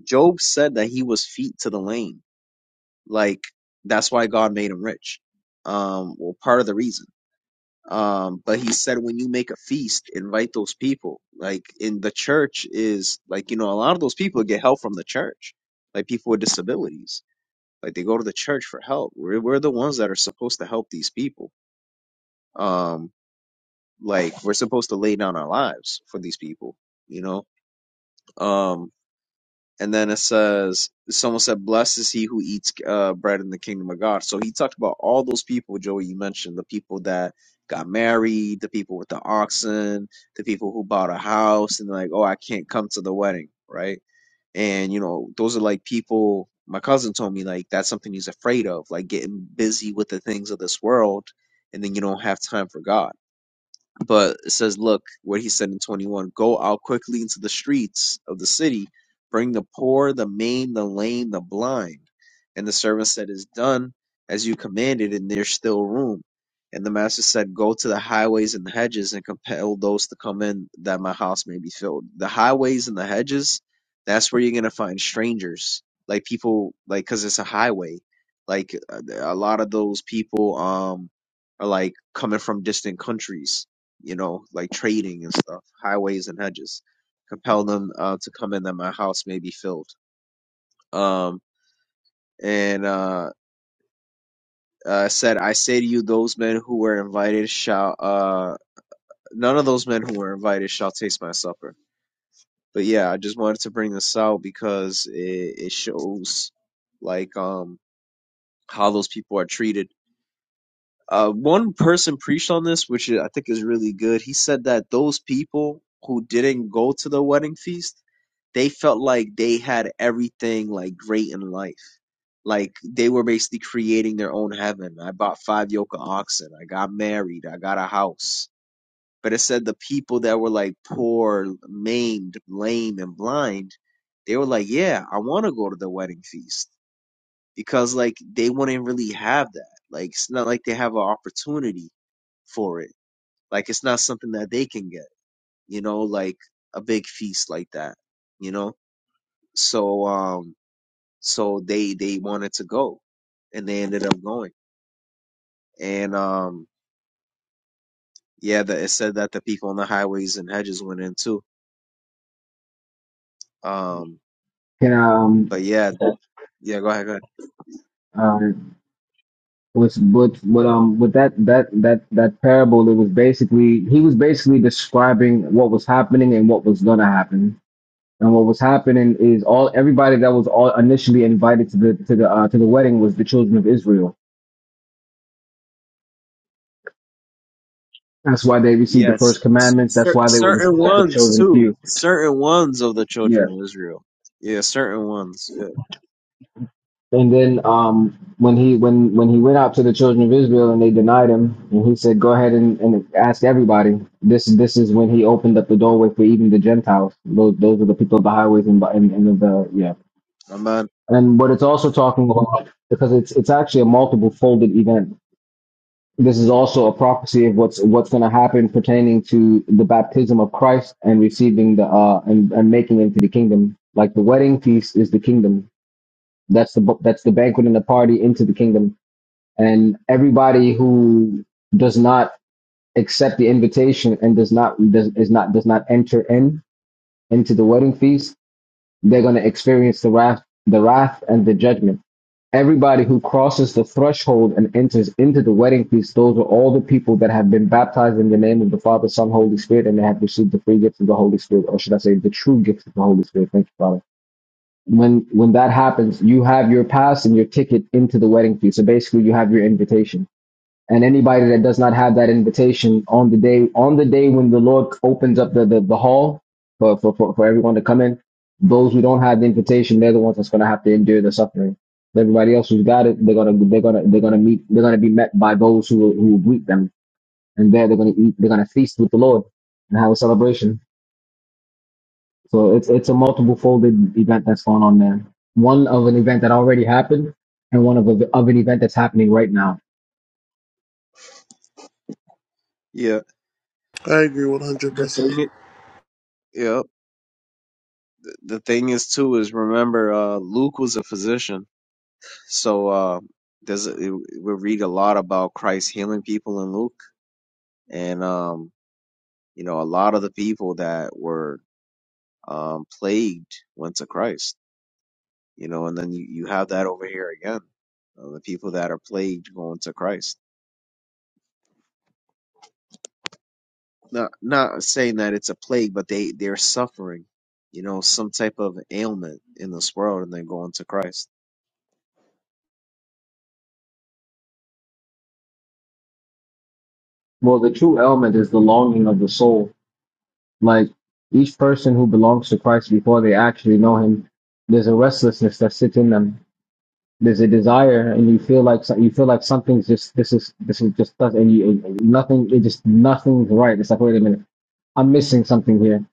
Speaker 1: Job said that he was feet to the lame like that's why God made him rich. Um, well, part of the reason. Um, but he said when you make a feast, invite those people. Like in the church is like you know a lot of those people get help from the church, like people with disabilities. Like they go to the church for help. We're we're the ones that are supposed to help these people. Um, like we're supposed to lay down our lives for these people. You know. Um, and then it says someone said blessed is he who eats uh, bread in the kingdom of god so he talked about all those people joey you mentioned the people that got married the people with the oxen the people who bought a house and like oh i can't come to the wedding right and you know those are like people my cousin told me like that's something he's afraid of like getting busy with the things of this world and then you don't have time for god but it says, look what he said in 21 Go out quickly into the streets of the city, bring the poor, the maimed, the lame, the blind. And the servant said, Is done as you commanded, and there's still room. And the master said, Go to the highways and the hedges and compel those to come in that my house may be filled. The highways and the hedges, that's where you're going to find strangers, like people, like, because it's a highway. Like, a a lot of those people um, are like coming from distant countries you know, like trading and stuff, highways and hedges. Compel them uh, to come in that my house may be filled. Um, and uh, uh, it said, I say to you, those men who were invited shall, uh, none of those men who were invited shall taste my supper. But yeah, I just wanted to bring this out because it, it shows like um, how those people are treated. Uh, one person preached on this, which I think is really good. He said that those people who didn't go to the wedding feast they felt like they had everything like great in life. Like they were basically creating their own heaven. I bought five yoke of oxen. I got married. I got a house. But it said the people that were like poor, maimed, lame, and blind, they were like, yeah, I want to go to the wedding feast because like they wouldn't really have that. Like it's not like they have an opportunity for it. Like it's not something that they can get, you know, like a big feast like that, you know? So, um, so they they wanted to go and they ended up going and um yeah that it said that the people on the highways and hedges went in too um
Speaker 3: Can
Speaker 1: but
Speaker 3: um
Speaker 1: yeah that yeah go ahead go ahead
Speaker 3: um was but but um with that that that that parable it was basically he was basically describing what was happening and what was gonna happen and what was happening is all everybody that was all initially invited to the to the uh, to the wedding was the children of Israel that's why they received the
Speaker 1: yes
Speaker 3: first
Speaker 1: s-
Speaker 3: commandments that's
Speaker 1: cer-
Speaker 3: why they were the
Speaker 1: certain
Speaker 3: selected
Speaker 1: ones
Speaker 3: chosen
Speaker 1: too
Speaker 3: few
Speaker 1: certain ones of the
Speaker 3: yeah
Speaker 1: children of israel yeah certain ones yeah
Speaker 3: And then um, when he when when he went out to the children of Israel and they denied him, and he said, "Go ahead and, and ask everybody." This this is when he opened up the doorway for even the Gentiles. Those those are the people of the highways and by- and, and of the yeah.
Speaker 1: i'm not
Speaker 3: And what it's also talking about because it's it's actually a multiple folded event. This is also a prophecy of what's what's going to happen pertaining to the baptism of Christ and receiving the uh and, and making into the kingdom. Like the wedding feast is the kingdom. That's the bu- that's the banquet and the party into the kingdom and everybody who does not accept the invitation and does not does is not does not enter in into the wedding feast, they're going to experience the wrath, the wrath and the judgment. Everybody who crosses the threshold and enters into the wedding feast, those are all the people that have been baptized in the name of the Father, Son, Holy Spirit, and they have received the free gift of the Holy Spirit, or should I say, the true gift of the Holy Spirit. Thank you, Father. When when that happens, you have your pass and your ticket into the wedding feast. So basically, you have your invitation and anybody that does not have that invitation on the day on the day when the Lord opens up the the, the hall for, for for for everyone to come in, those who don't have the invitation, they're the ones that's going to have to endure the suffering. Everybody else who's got it, they're gonna they're gonna they're gonna meet they're gonna be met by those who who greet them, and there they're gonna eat they're gonna feast with the Lord and have a celebration. So it's it's a multiple folded event that's going on there. One of an event that already happened, and one of a, of an event that's happening right now.
Speaker 1: yeah
Speaker 2: I agree one hundred
Speaker 1: the thing
Speaker 2: percent.
Speaker 1: i- yeah the the thing is too is remember uh luke was a physician so uh there's a- we read a lot about christ healing people in luke And, um, you know, a lot of the people that were um, plagued went to Christ, you know, and then you, you have that over here again. Uh, the people that are plagued going to Christ. Not, not saying that it's a plague, but they, they're suffering, you know, some type of ailment in this world and they're going to Christ.
Speaker 3: Well, the true element is the longing of the soul Like each person who belongs to Christ before they actually know Him, there's a restlessness that sits in them. There's a desire, and you feel like so, you feel like something's just this is this is just and you and nothing it just nothing's right. It's like wait a minute, I'm missing something here.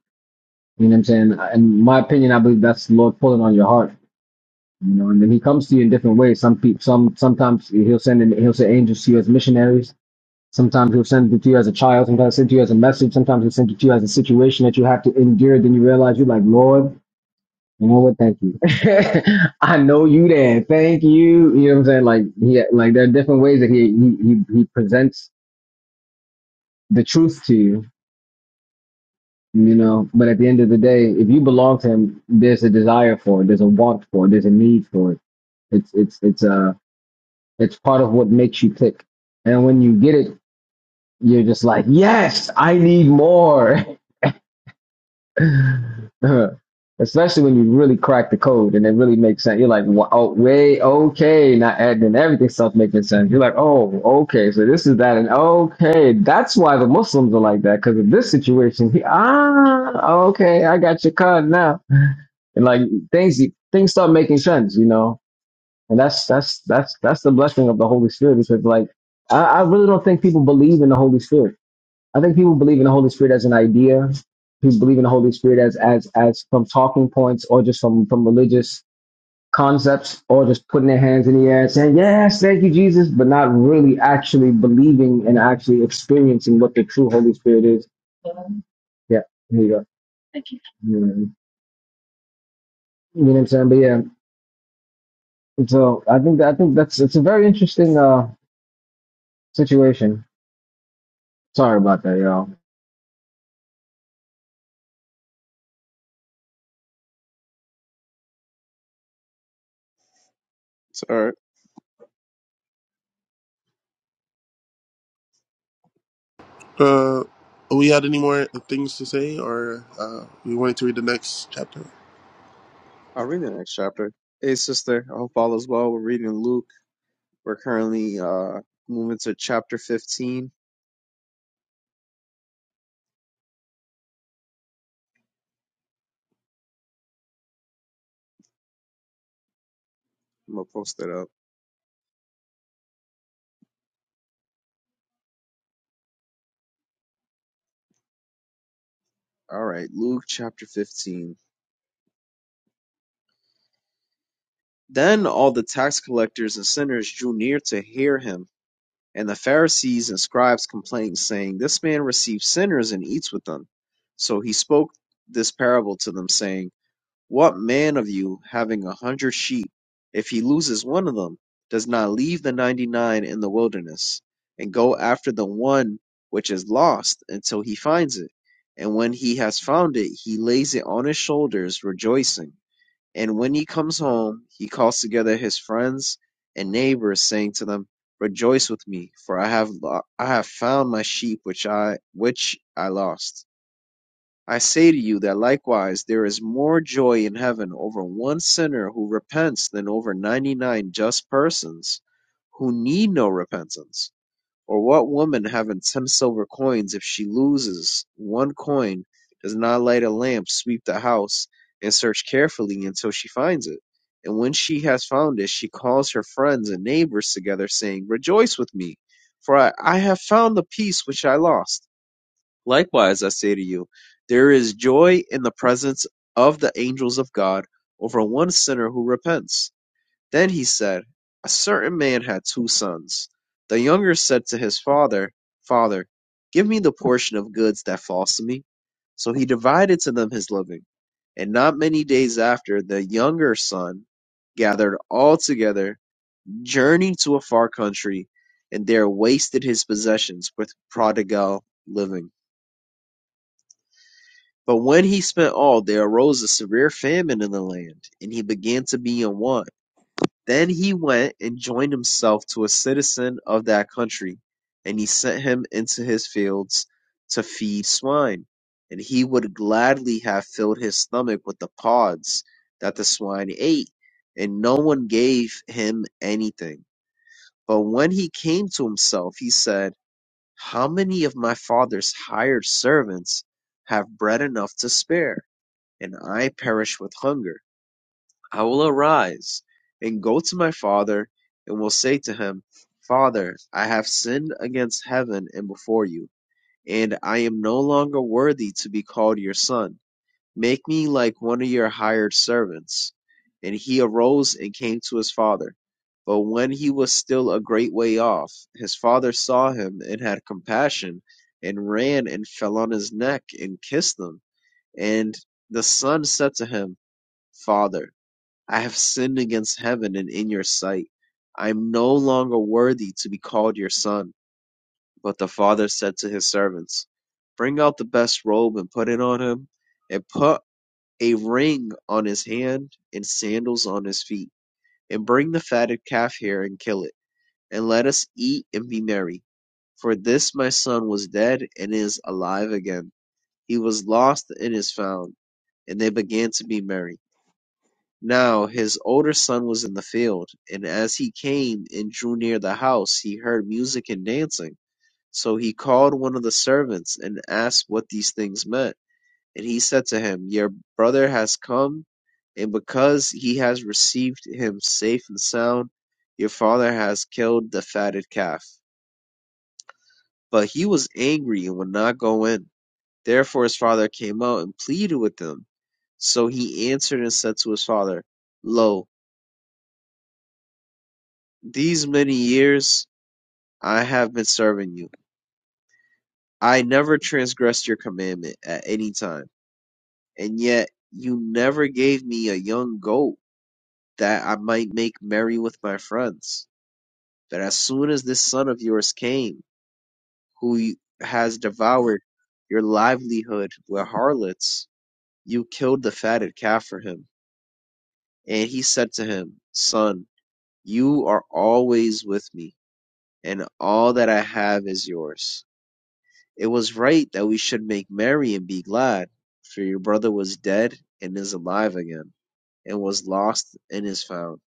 Speaker 3: You know what I'm saying? In my opinion, I believe that's the Lord pulling on your heart. You know, and then He comes to you in different ways. Some people, some sometimes He'll send in, He'll send angels to you as missionaries Sometimes he'll send it to you as a child, sometimes he'll send it to you as a message, sometimes he'll send it to you as a situation that you have to endure. Then you realize you're like, Lord, you know what? Thank you. I know you there. Thank you. You know what I'm saying? Like he like there are different ways that he he he, he presents the truth to you. You know, but at the end of the day, if you belong to him, there's a desire for it, there's a want for it, there's a need for it. It's it's it's uh it's part of what makes you tick. And when you get it, you're just like, yes, I need more. Especially when you really crack the code and it really makes sense. You're like, wow, oh, wait, okay. Not adding everything stuff making sense. You're like, oh, okay. So this is that. And okay. That's why the Muslims are like that because of this situation. He, ah, okay. I got your card now. And like things, things start making sense, you know? And that's, that's, that's, that's the blessing of the Holy Spirit because like, I, I really don't think people believe in the Holy Spirit. I think people believe in the Holy Spirit as an idea. People believe in the Holy Spirit as as as from talking points or just from from religious concepts or just putting their hands in the air and saying yes, thank you Jesus, but not really actually believing and actually experiencing what the true Holy Spirit is. Yeah, here you go. Mm, You know what I'm saying? But yeah, so I think that, I think that's it's a very interesting uh situation. Sorry about that, y'all.
Speaker 1: So, all right,
Speaker 2: Uh, we had any more things to say, or uh, we wanted to read the next chapter?
Speaker 1: I'll read the next chapter. Hey, sister, I hope all is well. We're reading Luke. We're currently uh, moving to chapter 15. I'm going to post it up. All right, Luke chapter 15 Then all the tax collectors and sinners drew near to hear him. And the Pharisees and scribes complained, saying, This man receives sinners and eats with them. So he spoke this parable to them, saying, What man of you, having a hundred sheep, if he loses one of them, does not leave the ninety nine in the wilderness, and go after the one which is lost until he finds it? And when he has found it, he lays it on his shoulders, rejoicing. And when he comes home, he calls together his friends and neighbors, saying to them, Rejoice with me, for I have lo- I have found my sheep which I which I lost. I say to you that likewise there is more joy in heaven over one sinner who repents than over ninety nine just persons who need no repentance. Or what woman having ten silver coins, if she loses one coin, does not light a lamp, sweep the house, and search carefully until she finds it? And when she has found it, she calls her friends and neighbors together, saying, Rejoice with me, for I, I have found the peace which I lost. Likewise, I say to you, there is joy in the presence of the angels of God over one sinner who repents. Then he said, A certain man had two sons. The younger said to his father, Father, give me the portion of goods that falls to me. So he divided to them his living. And not many days after, the younger son gathered all together, journeyed to a far country, and there wasted his possessions with prodigal living. But when he spent all, there arose a severe famine in the land, and he began to be in want. Then he went and joined himself to a citizen of that country, and he sent him into his fields to feed swine. And he would gladly have filled his stomach with the pods that the swine ate, and no one gave him anything. But when he came to himself, he said, How many of my father's hired servants have bread enough to spare, and I perish with hunger? I will arise and go to my father and will say to him, Father, I have sinned against heaven and before you, and I am no longer worthy to be called your son. Make me like one of your hired servants. And he arose and came to his father. But when he was still a great way off, his father saw him and had compassion, and ran and fell on his neck and kissed him. And the son said to him, Father, I have sinned against heaven and in your sight. I am no longer worthy to be called your son. But the father said to his servants, Bring out the best robe and put it on him, and put a ring on his hand and sandals on his feet. And bring the fatted calf here and kill it, and let us eat and be merry. For this my son was dead and is alive again. He was lost and is found. And they began to be merry. Now his older son was in the field, and as he came and drew near the house, he heard music and dancing. So he called one of the servants and asked what these things meant. And he said to him, Your brother has come, and because he has received him safe and sound, your father has killed the fatted calf. But he was angry and would not go in. Therefore his father came out and pleaded with him. So he answered and said to his father, Lo, These many years I have been serving you. I never transgressed your commandment at any time, and yet you never gave me a young goat that I might make merry with my friends. But as soon as this son of yours came, who y- has devoured your livelihood with harlots, you killed the fatted calf for him. And he said to him, Son, you are always with me, and all that I have is yours. It was right that we should make merry and be glad, for your brother was dead and is alive again, and was lost and is found.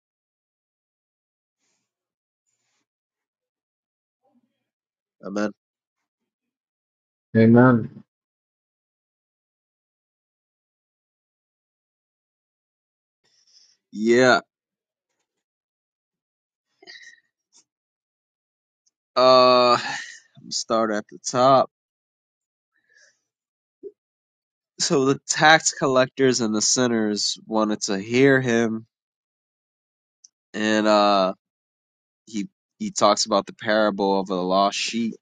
Speaker 1: Amen.
Speaker 3: Amen.
Speaker 1: Yeah. Uh, start at the top. So the tax collectors and the sinners wanted to hear him, and uh, he he talks about the parable of the lost sheep.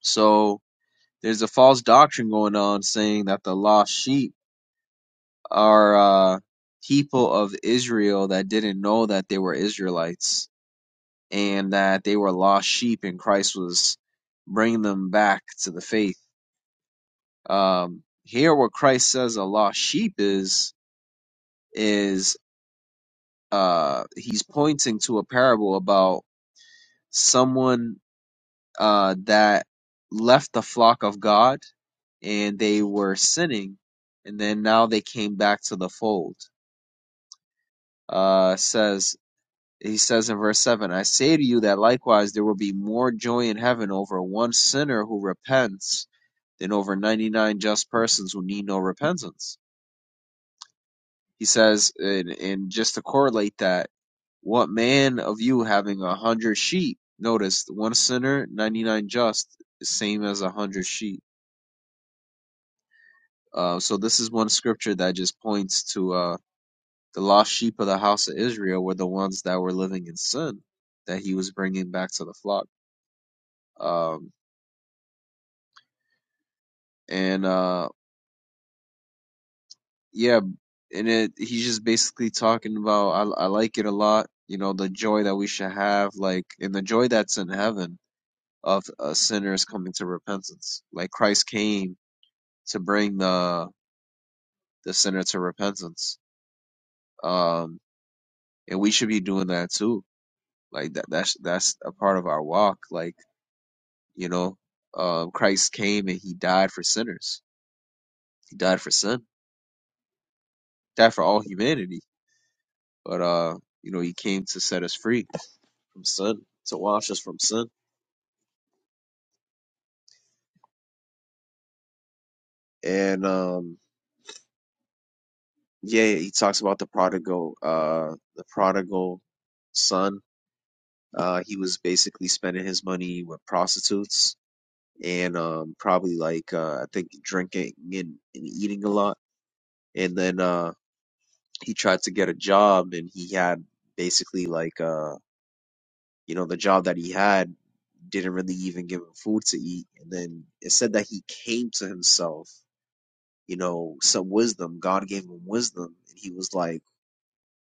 Speaker 1: So there's a false doctrine going on saying that the lost sheep are uh, people of Israel that didn't know that they were Israelites and that they were lost sheep, and Christ was bringing them back to the faith. Um, here, what Christ says a lost sheep is is uh, he's pointing to a parable about someone uh, that left the flock of God and they were sinning, and then now they came back to the fold. Uh, it says He says in verse 7 I say to you that likewise there will be more joy in heaven over one sinner who repents than over 99 just persons who need no repentance. He says, and, and just to correlate that, what man of you having a hundred sheep? Notice one sinner, 99 just, is same as a hundred sheep. Uh, so this is one scripture that just points to uh, the lost sheep of the house of Israel were the ones that were living in sin that he was bringing back to the flock. Um, and uh yeah and it he's just basically talking about I, I like it a lot you know the joy that we should have like and the joy that's in heaven of uh, sinners coming to repentance like christ came to bring the the sinner to repentance um and we should be doing that too like that that's that's a part of our walk like you know um christ came and he died for sinners he died for sin died for all humanity but uh you know he came to set us free from sin to wash us from sin. And um, yeah, he talks about the prodigal, uh, the prodigal son. Uh, he was basically spending his money with prostitutes and um, probably like uh, I think drinking and, and eating a lot. And then uh, he tried to get a job, and he had basically like uh, you know the job that he had didn't really even give him food to eat. And then it said that he came to himself you know, some wisdom. God gave him wisdom, and he was like,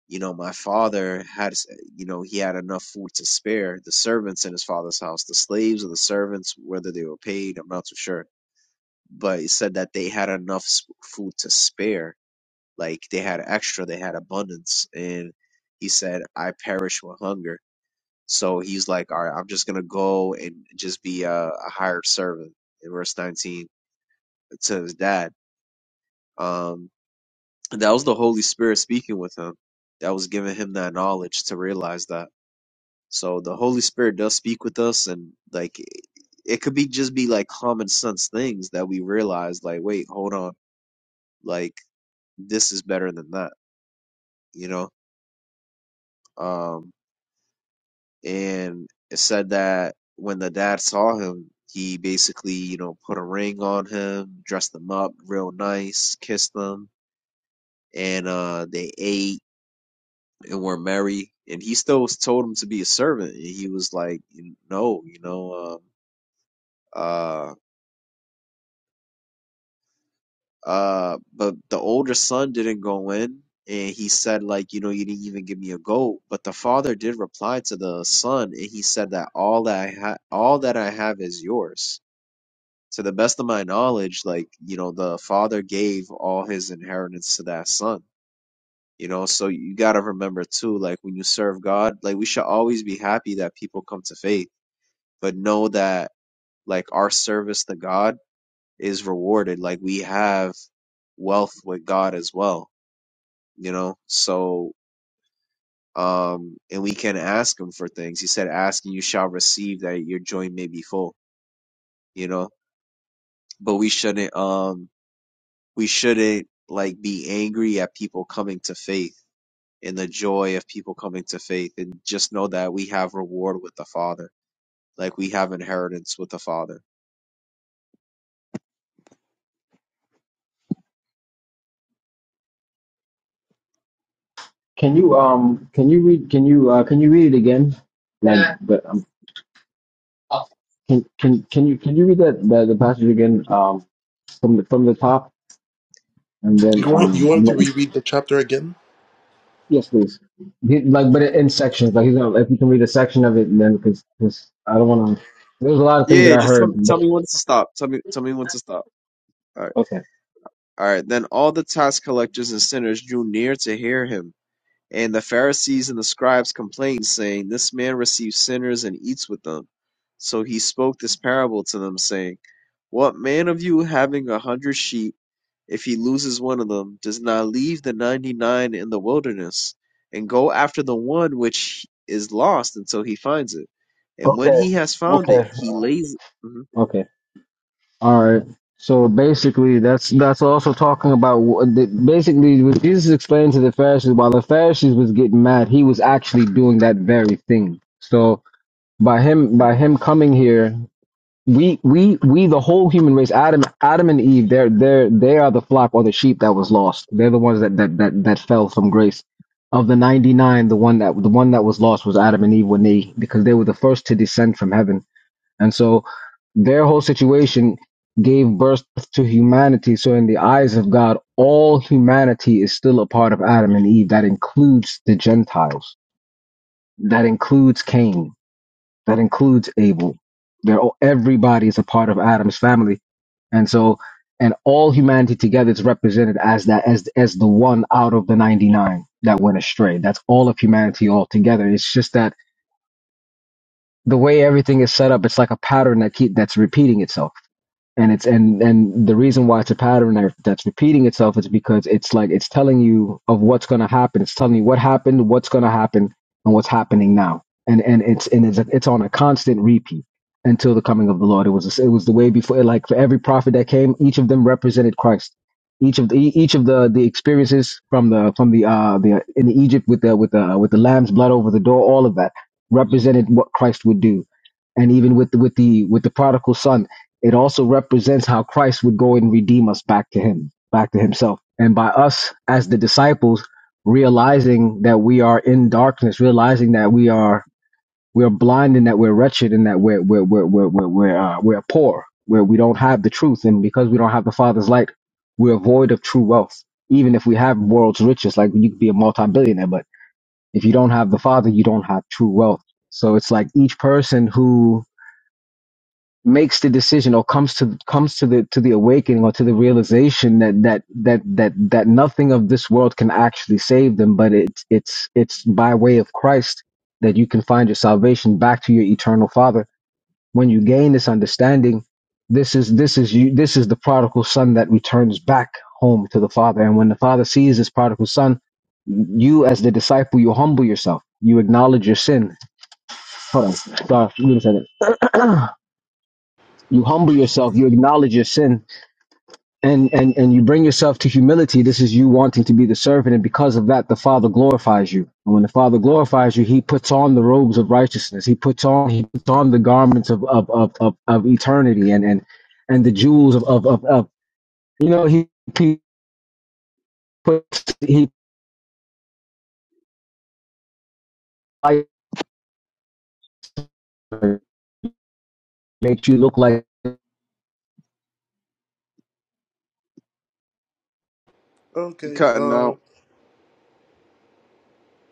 Speaker 1: you know, my father had, you know, he had enough food to spare the servants in his father's house, the slaves or the servants, whether they were paid, I'm not so sure. But he said that they had enough s- food to spare, like they had extra, they had abundance, and he said, I perish with hunger. So he's like, all right, I'm just gonna go and just be a, a hired servant in verse 19 to his dad. Um, that was the Holy Spirit speaking with him. That was giving him that knowledge to realize that. So the Holy Spirit does speak with us, and like it could be just be like common sense things that we realize. Like, wait, hold on, like this is better than that, you know. Um, and it said that when the dad saw him, he basically you know put a ring on him, dressed him up real nice, kissed him, and uh, they ate and were merry. And he still told him to be a servant. And he was like, no, you know, um, uh, uh, but the older son didn't go in. And he said, like, you know, you didn't even give me a goat. But the father did reply to the son, and he said that all that I ha- all that I have is yours. To the best of my knowledge, like, you know, the father gave all his inheritance to that son. You know, so you gotta remember too, like when you serve God, like we should always be happy that people come to faith but know that like our service to God is rewarded. Like we have wealth with God as well, you know? So, um, and we can ask him for things. He said, ask and you shall receive that your joint may be full, you know? But we shouldn't, um, we shouldn't like be angry at people coming to faith and the joy of people coming to faith and just know that we have reward with the Father. Like we have inheritance with the Father
Speaker 3: Can you um can you read can you uh can you read it again? Like, Yeah. but, um, Oh. Can can can you can you read that the, the passage again um, from the from the top and then
Speaker 2: You want you
Speaker 3: um I'm
Speaker 2: wanted to
Speaker 3: not-
Speaker 2: reread the chapter again?
Speaker 3: yes please He- like but in sections like he's gonna if you can read a section of it and then because I don't want to there's a lot of things that
Speaker 1: Yeah,
Speaker 3: I
Speaker 1: just tell,
Speaker 3: heard but
Speaker 1: tell me when to stop. Tell me, tell me when to stop. All right,
Speaker 3: okay
Speaker 1: all right. Then all the tax collectors and sinners drew near to hear him, and the Pharisees and the scribes complained, saying, "This man receives sinners and eats with them." So he spoke this parable to them, saying, "What man of you having a hundred sheep?" if he loses one of them, does not leave the 99 in the wilderness and go after the one which is lost until he finds it. And when
Speaker 3: okay
Speaker 1: he has found it,
Speaker 3: okay
Speaker 1: he lays. Mhm.
Speaker 3: okay all right so basically that's that's also talking about wh- the, basically what Jesus explained to the Pharisees while the Pharisees was getting mad he was actually doing that very thing so by him by him coming here we we we the whole human race adam adam and eve they're they're they are the flock or the sheep that was lost they're the ones that that that, that fell from grace of the 99 the one that the one that was lost was adam and eve when they because they were the first to descend from heaven and so their whole situation gave birth to humanity so in the eyes of god all humanity is still a part of adam and eve that includes the gentiles that includes cain that includes Abel. They're all, everybody is a part of Adam's family, and so and all humanity together is represented as that as as the one out of the ninety nine that went astray. That's all of humanity all together. It's just that the way everything is set up, it's like a pattern that keep that's repeating itself and it's and and the reason why it's a pattern that- that's repeating itself is because it's like it's telling you of what's going to happen it's telling you what happened what's going to happen and what's happening now and and it's and it's, it's on a constant repeat until the coming of the lord it was it was the way before like for every prophet that came each of them represented christ each of the each of the the experiences from the from the uh the in egypt with the with the with the lamb's blood over the door all of that represented what christ would do and even with the, with the with the prodigal son it also represents how Christ would go and redeem us back to him, back to himself. And by us as the disciples realizing that we are in darkness, realizing that we are we're blind and that we're wretched and that we're we're we're we're we're we're, uh, we're poor, where we don't have the truth, and because we don't have the Father's light, we're void of true wealth. Even if we have world's riches, like you could be a multi-billionaire, but if you don't have the Father, you don't have true wealth. So it's like each person who makes the decision or comes to comes to the to the awakening or to the realization that that that that that nothing of this world can actually save them but it's it's it's by way of Christ that you can find your salvation back to your eternal father when you gain this understanding this is this is you this is the prodigal son that returns back home to the father and when the father sees this prodigal son you as the disciple you humble yourself you acknowledge your sin hold on sorry give me a second you humble yourself you acknowledge your sin and and and you bring yourself to humility this is you wanting to be the servant and because of that the father glorifies you and when the father glorifies you he puts on the robes of righteousness he puts on he puts on the garments of of of of, of eternity and and and the jewels of of of, of you know he he puts he makes you look like
Speaker 1: You
Speaker 2: Okay.
Speaker 1: cutting
Speaker 2: Um.
Speaker 1: out?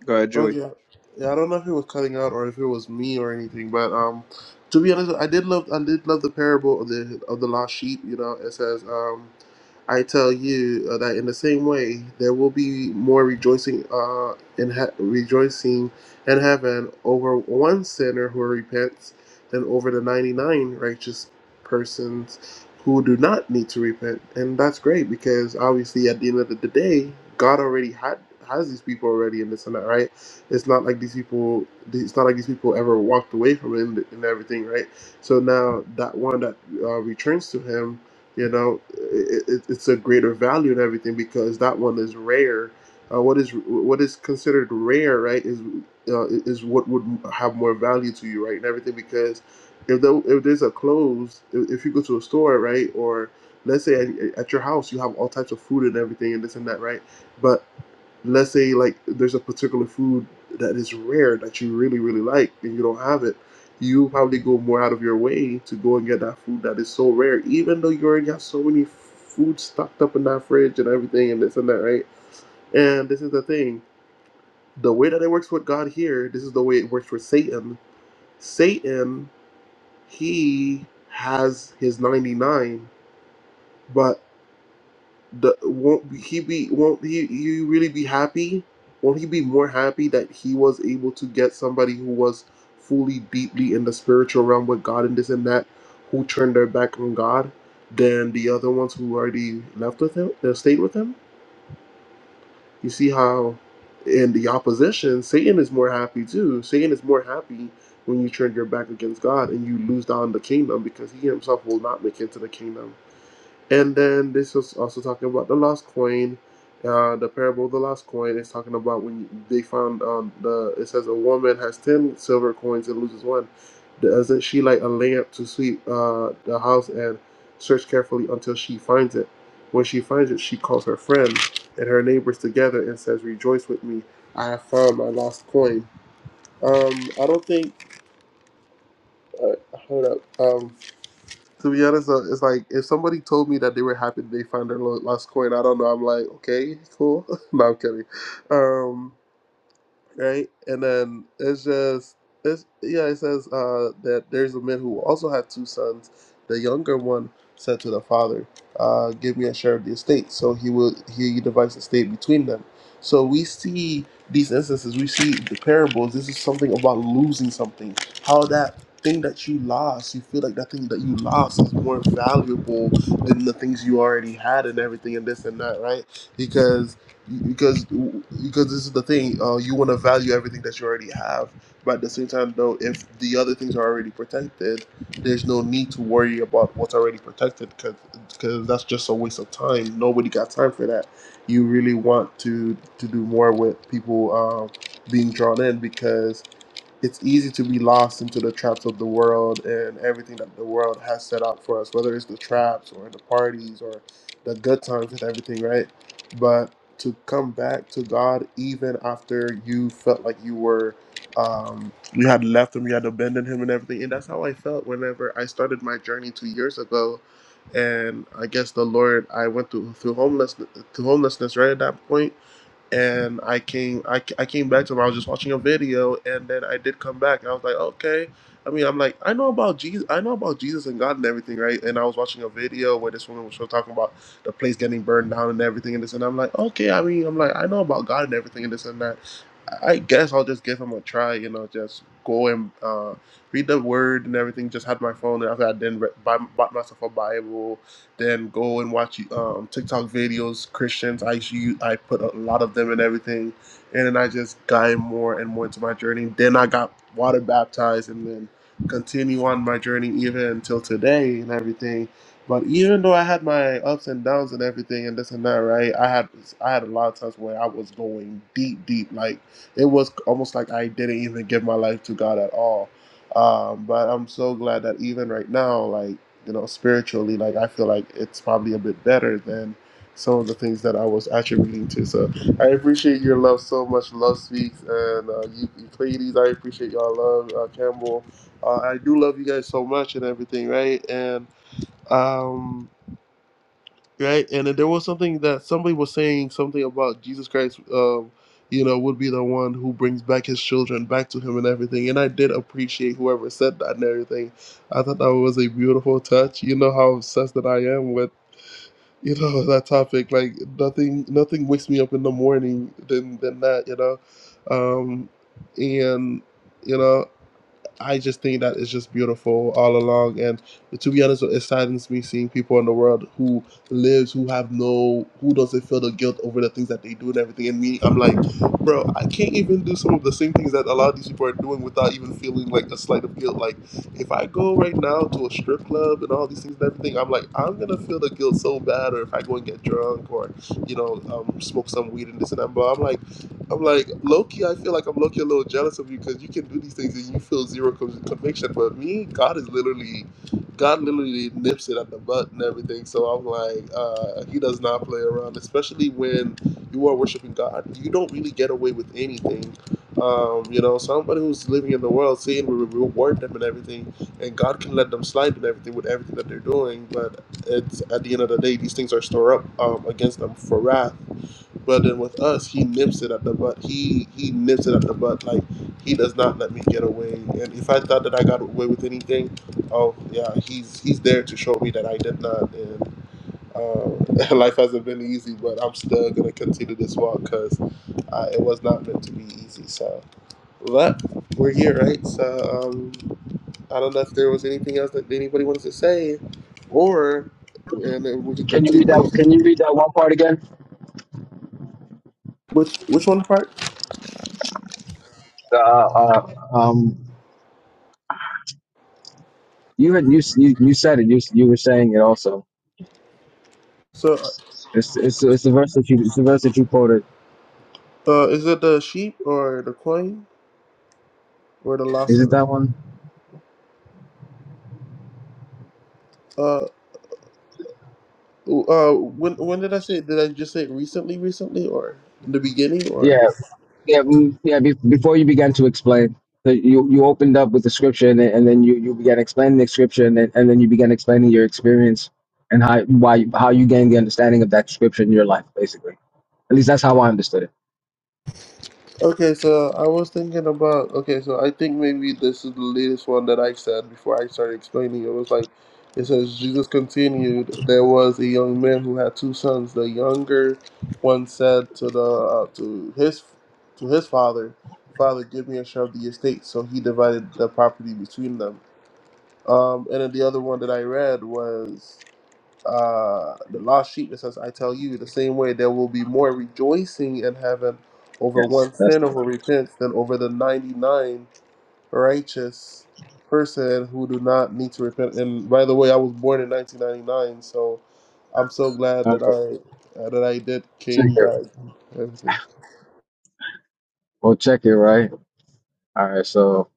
Speaker 1: Go ahead, Joey.
Speaker 2: Okay. Yeah, Yeah, I don't know if it was cutting out or if it was me or anything, but um, to be honest, I did love I did love the parable of the of the lost sheep. You know, it says um. I tell you uh, that in the same way there will be more rejoicing uh, in he- rejoicing in heaven over one sinner who repents than over the 99 righteous persons who do not need to repent. And that's great because obviously at the end of the the day, God already had has these people already in this and that, right? It's not like these people it's not like these people ever walked away from him and everything, right? So now that one that uh, returns to him you know it, it, it's a greater value and everything because that one is rare uh, what is what is considered rare right is uh, is what would have more value to you right and everything because if there, if there's a clothes if if you go to a store right or let's say at, at your house you have all types of food and everything and this and that right but let's say like there's a particular food that is rare that you really really like and you don't have it you probably go more out of your way to go and get that food that is so rare even though you already have so many food stocked up in that fridge and everything and this and that right and this is the thing the way that it works with god here this is the way it works for satan satan he has his 99 but the won't he be won't he you really be happy won't he be more happy that he was able to get somebody who was fully deeply in the spiritual realm with god and this and that who turned their back on god than the other ones who already left with him uh, stayed with him you see how in the opposition satan is more happy too satan is more happy when you turn your back against god and you lose down the kingdom because he himself will not make it to the kingdom and then this was also talking about the lost coin. Uh, the parable of the lost coin is talking about when they found um, the. It says a woman has ten silver coins and loses one. Doesn't she light a lamp to sweep uh, the house and search carefully until she finds it? When she finds it, she calls her friends and her neighbors together and says, "Rejoice with me! I have found my lost coin." Um, I don't think. Uh, hold up. Um, to be honest, uh, it's like if somebody told me that they were happy they found their lo- last coin, I don't know. I'm like, okay, cool. no, I'm kidding. Um, right? And then it's just it's yeah, it says uh, that there's a man who also had two sons. The younger one said to the father, uh, "Give me a share of the estate." So he will he divides the estate between them. So we see these instances. We see the parables. This is something about losing something. How that thing that you lost, you feel like that thing that you lost is more valuable than the things you already had and everything and this and that, right? Because because because this is the thing uh, you want to value everything that you already have but at the same time though if the other things are already protected there's no need to worry about what's already protected because that's just a waste of time nobody got time for that you really want to to do more with people uh, being drawn in because it's easy to be lost into the traps of the world and everything that the world has set out for us, whether it's the traps or the parties or the good times and everything, right? But to come back to God even after you felt like you were, um, you had left Him, you had abandoned Him and everything. And that's how I felt whenever I started my journey two years ago. And I guess the Lord, I went through through homelessness, through homelessness right at that point and I came I, I came back to him. I was just watching a video, and then I did come back. I was like, okay. I mean, I'm like, I know about Jesus. I know about Jesus and God and everything, right? And I was watching a video where this woman was talking about the place getting burned down and everything and this, and I'm like, okay. I mean, I'm like, I know about God and everything and this and that. I guess I'll just give him a try. You know, just go and uh, read the word and everything. Just had my phone, and after I then re- buy, bought myself a Bible then go and watch um, TikTok videos, Christians. I usually, I put a lot of them and everything, and then I just got more and more into my journey. Then I got water baptized, and then continue on my journey even until today and everything. But even though I had my ups and downs and everything and this and that, right? I had I had a lot of times where I was going deep, deep. Like it was almost like I didn't even give my life to God at all. Um, but I'm so glad that even right now, like you know, spiritually, like I feel like it's probably a bit better than some of the things that I was attributing to. So I appreciate your love so much. Love speaks and uh, Eu- Euclides. I appreciate y'all love, uh, Campbell. Uh, I do love you guys so much and everything, right? And um right? And then there was something that somebody was saying something about Jesus Christ, um, you know, would be the one who brings back his children back to him and everything. And I did appreciate whoever said that and everything. I thought that was a beautiful touch. You know how obsessed that I am with you know that topic. Like nothing, nothing wakes me up in the morning than than that. You know, um, and. You know, I just think that it's just beautiful all along. And to be honest, it saddens me seeing people in the world who lives, who have no, who doesn't feel the guilt over the things that they do and everything. And me, I'm like, bro, I can't even do some of the same things that a lot of these people are doing without even feeling like a slight of guilt. Like, if I go right now to a strip club and all these things and everything, I'm like, I'm gonna feel the guilt so bad. Or if I go and get drunk, or you know, um, smoke some weed and this and that. But I'm like I'm like Loki. I feel like I'm Loki a little jealous of you because you can do these things and you feel zero con- conviction. But me, God is literally, God literally nips it at the butt and everything. So I'm like, uh, He does not play around, especially when you are worshiping God. You don't really get away with anything. Um, you know, somebody who's living in the world saying we we reward them and everything, and God can let them slide and everything with everything that they're doing. But it's at the end of the day, these things are stored up um, against them for wrath but then with us, he nips it at the butt. He he nips it at the butt. Like he does not let me get away. And if I thought that I got away with anything, oh yeah, he's he's there to show me that I did not. And uh, life hasn't been easy, but I'm still gonna continue this walk because uh, it was not meant to be easy. So, but we're here, right? So um, I don't know if there was anything else that anybody wanted to say, or and then we can
Speaker 3: can you read that
Speaker 2: continue.
Speaker 3: can you read that one part again
Speaker 2: Which which one part?
Speaker 3: uh, uh, um you had you you you said it you you were saying it also
Speaker 2: So.
Speaker 3: It's it's it's the verse that you it's the verse that you quoted.
Speaker 2: Uh, is it the sheep or the coin or the
Speaker 3: Is it
Speaker 2: lawson?
Speaker 3: that one?
Speaker 2: Uh, uh, when when did I say? Did I just say it recently, recently, or in the beginning, or?
Speaker 3: Yeah, yeah, mm, yeah. Be, before you began to explain, so you you opened up with the scripture, and, then- and then you you began explaining the scripture, and then, and then you began explaining your experience and how why you- how you gained the understanding of that scripture in your life, basically. At least that's how I understood it.
Speaker 2: Okay, so I was thinking about. Okay, so I think maybe this is the latest one that I said before I started explaining. It was like, it says Jesus continued. There was a young man who had two sons. The younger one said to the uh, to his to his father, "Father, give me a share of the estate." So he divided the property between them. Um, and then the other one that I read was uh, the lost sheep that says, "I tell you, the same way there will be more rejoicing in heaven over
Speaker 3: Yes,
Speaker 2: one
Speaker 3: that's
Speaker 2: sinner
Speaker 3: the
Speaker 2: who
Speaker 3: one.
Speaker 2: repents than over the ninety-nine righteous person who do not need to repent." And by the way, I was born in 1999, so I'm so glad
Speaker 3: All
Speaker 2: that
Speaker 3: right,
Speaker 2: I uh, that I did
Speaker 3: check
Speaker 2: came
Speaker 3: it.
Speaker 2: back. and Everything.
Speaker 3: Well, check it right. All right, so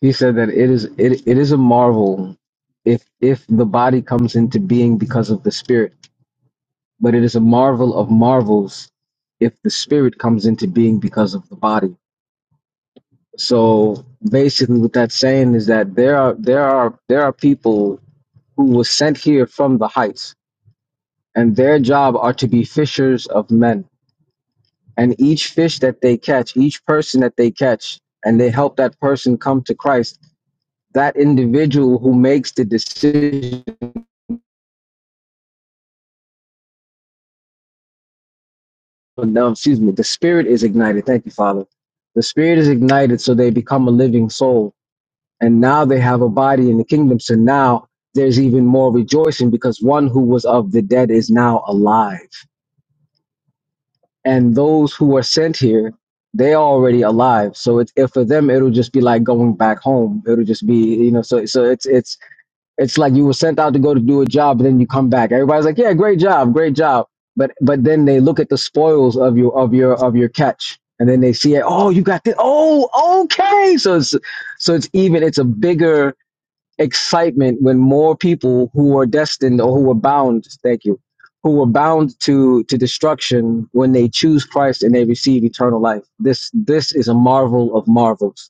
Speaker 3: he said that it is it it is a marvel if if the body comes into being because of the spirit But it is a marvel of marvels if the spirit comes into being because of the body. So basically, what that's saying is that there are there are there are people who were sent here from the heights, and their job are to be fishers of men. And each fish that they catch, each person that they catch, and they help that person come to Christ. That individual who makes the decision, no, excuse me, the spirit is ignited. Thank you, Father. The spirit is ignited, so they become a living soul and now they have a body in the kingdom. So now there's even more rejoicing because one who was of the dead is now alive. And those who are sent here, they are already alive. So it's if for them it'll just be like going back home. It'll just be, you know, so so it's it's it's like you were sent out to go to do a job and then you come back. Everybody's like, Yeah, great job, great job. But but then they look at the spoils of your of your of your catch. And then they see it, oh, you got this. Oh, okay. So it's so it's even it's a bigger excitement when more people who are destined or who are bound, thank you, who are bound to to destruction when they choose Christ and they receive eternal life. This this is a marvel of marvels.